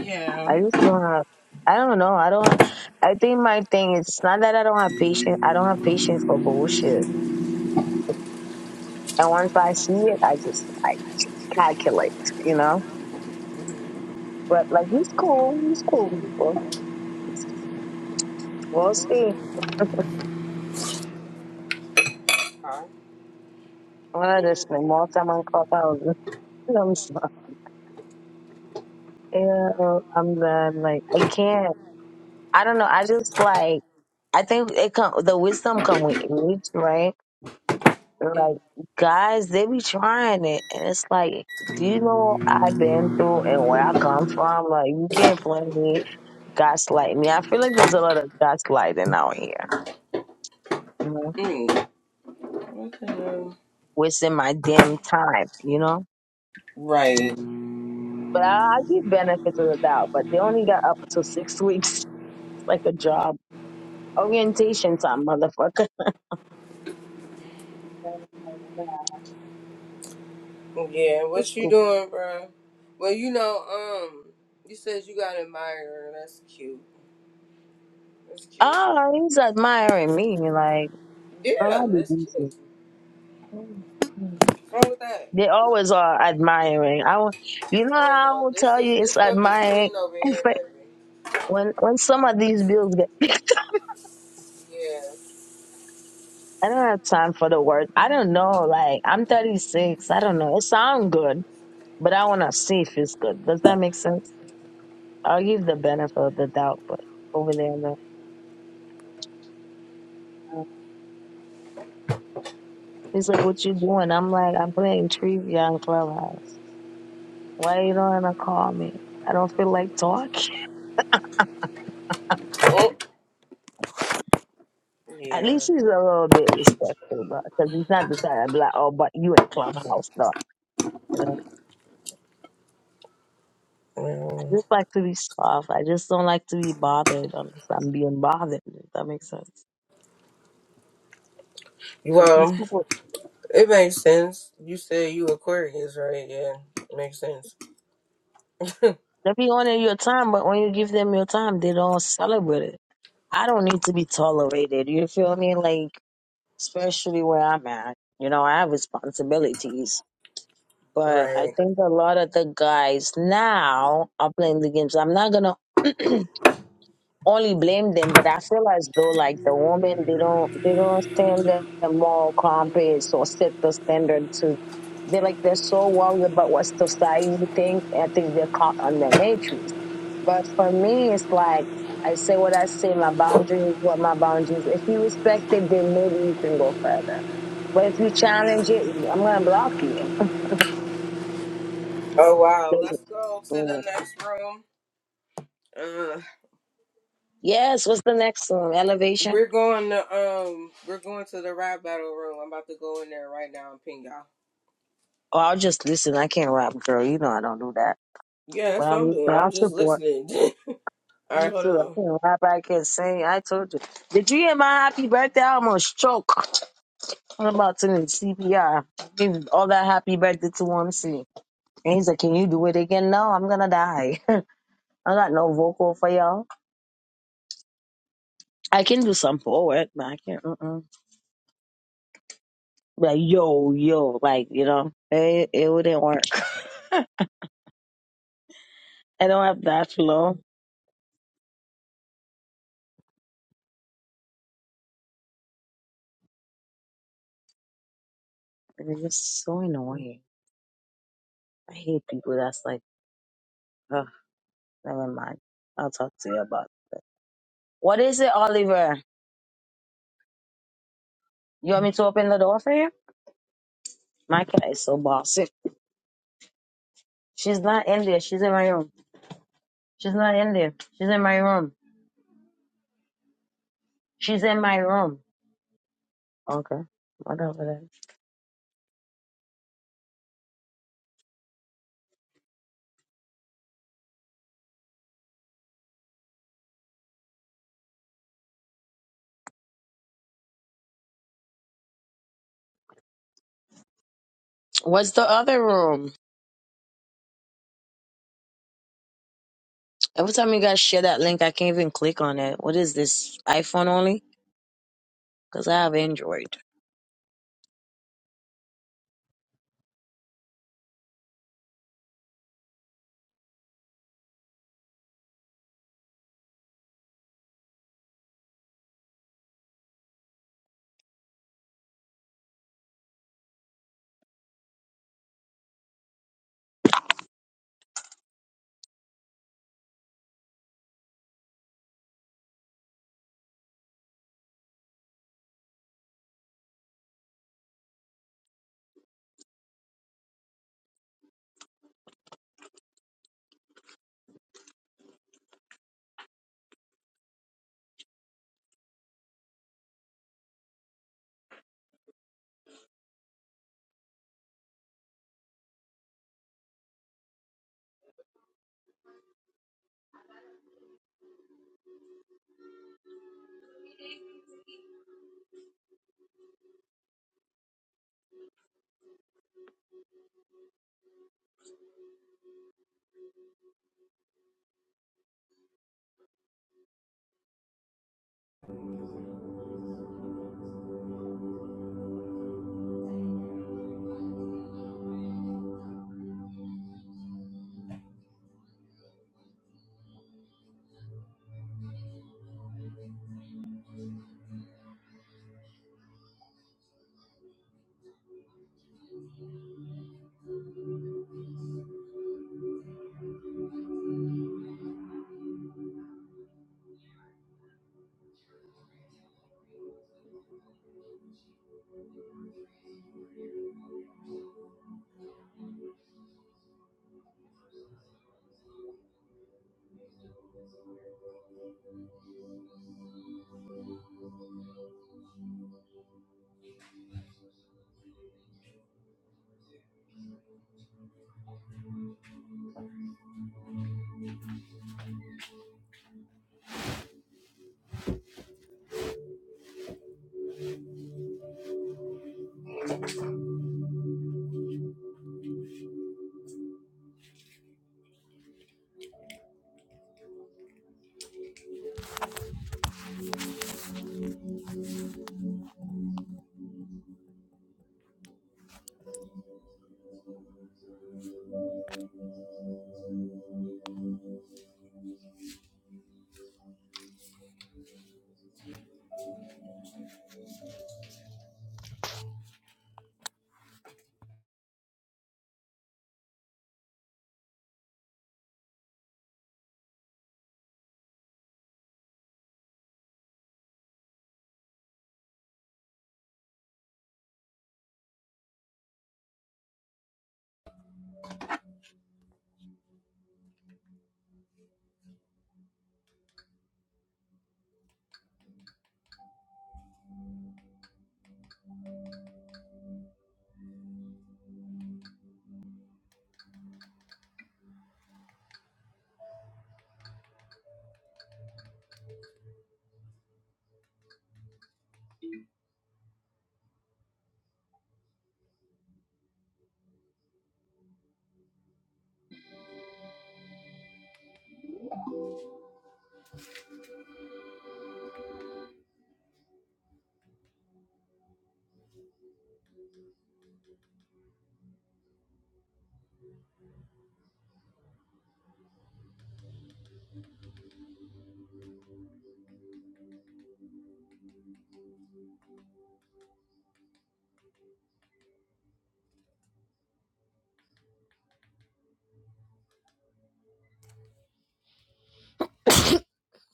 S1: yeah.
S2: I just don't have. I don't know. I don't. I think my thing is it's not that I don't have patience. I don't have patience for bullshit. And once I see it, I just like calculate, you know. But like he's cool. He's cool people. We'll see.
S1: Huh?
S2: I'm gonna just spend more time on Clubhouse. I'm sorry. Yeah, uh, I'm done. Like I can't. I don't know. I just like. I think it come. The wisdom come with age, right? Like guys, they be trying it, and it's like, do you know what I've been through and where I come from? Like you can't blame me, gaslight me. I feel like there's a lot of gaslighting out here, you know,
S1: Mm-mm. What the hell?
S2: wasting my damn time, you know. But I,
S1: Right.
S2: I give benefits of the doubt, but they only got up until six weeks, It's like a job orientation time, motherfucker.
S1: Yeah,
S2: It's
S1: what you
S2: cool.
S1: doing, bro? Well, you know, um, you said you got an admirer. That's cute. That's cute.
S2: Oh, he's admiring me, like, girl,
S1: Yeah,
S2: I do
S1: that's cute.
S2: decent.
S1: What's wrong with that?
S2: They always are admiring. I, will- you know,
S1: Oh
S2: I
S1: no,
S2: will
S1: this
S2: tell
S1: is
S2: you,
S1: this
S2: it's
S1: stuff is
S2: admiring.
S1: clean over
S2: In
S1: here,
S2: fact,
S1: baby.
S2: when when some of these bills get picked,
S1: Yeah.
S2: I don't have time for the word. I don't know. Like I'm 36. I don't know. It sounds good, but I want to see if it's good. Does that make sense? I'll give the benefit of the doubt, but over there, no. He's like, "What you doing?" I'm like, "I'm playing trivia on Clubhouse. Why you don't wanna call me? I don't feel like talking."
S1: Oh,
S2: At
S1: yeah.
S2: least he's a little bit respectful, bro, because he's not the type to be like, oh, but you in clubhouse, though. You know, I
S1: Well,
S2: just like to be soft. I just don't like to be bothered unless I'm being bothered. If that makes sense. 'Cause these
S1: well,
S2: people,
S1: it makes sense. You said you Aquarius, right? Yeah, makes sense.
S2: they be on in your time, but when you give them your time, they don't celebrate it. I don't need to be tolerated. You feel me? Like, especially where I'm at. You know, I have responsibilities. But I
S1: Right.
S2: think a lot of the guys now are playing the games. I'm not gonna. only blame them, but I feel as though like the women they don't they don't stand the the moral compass or set the standard to they like they're so worried about what society think. I think they're caught on the matrix. But for me, it's like I say what I say. My boundaries is what my boundaries. If you respect it, then maybe you can go further. But if you challenge it, I'm gonna block you.
S1: Oh wow, let's go to the
S2: Yeah.
S1: next room. Uh,
S2: Yes. What's the next one? Elevation.
S1: We're going to um we're going to the rap battle room. I'm about to go in there right now and ping y'all.
S2: Oh, I'll just listen. I can't rap, girl. You know I don't do that.
S1: Yeah, that's what I'm
S2: Well,
S1: doing. I'm
S2: I'll
S1: just
S2: support
S1: listening. All right,
S2: you
S1: hold
S2: too. I
S1: on.
S2: can't rap, I can't sing. I told you. Did you hear my happy birthday? I almost choke. I'm about to need CPR. Give all that happy birthday to one C. And he's like, Can you do it again? No, I'm gonna die. I got no vocal for y'all. I can do some poet, but I can't. Mm-mm. Like, yo, yo, like, you know, it, it wouldn't work. I don't have that flow. And it's just so annoying. I hate people that's like, Ugh, never mind. I'll talk to you about it. What is it, Oliver? You want me to open the door for you? My cat is so bossy. She's not in there. She's in my room. She's not in there. She's in my room. She's in my room. Okay. Whatever that. is. What's the other room? Every time you guys share that link, I can't even click on it. What is this? iPhone only? Because I have Android.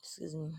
S2: Excuse me.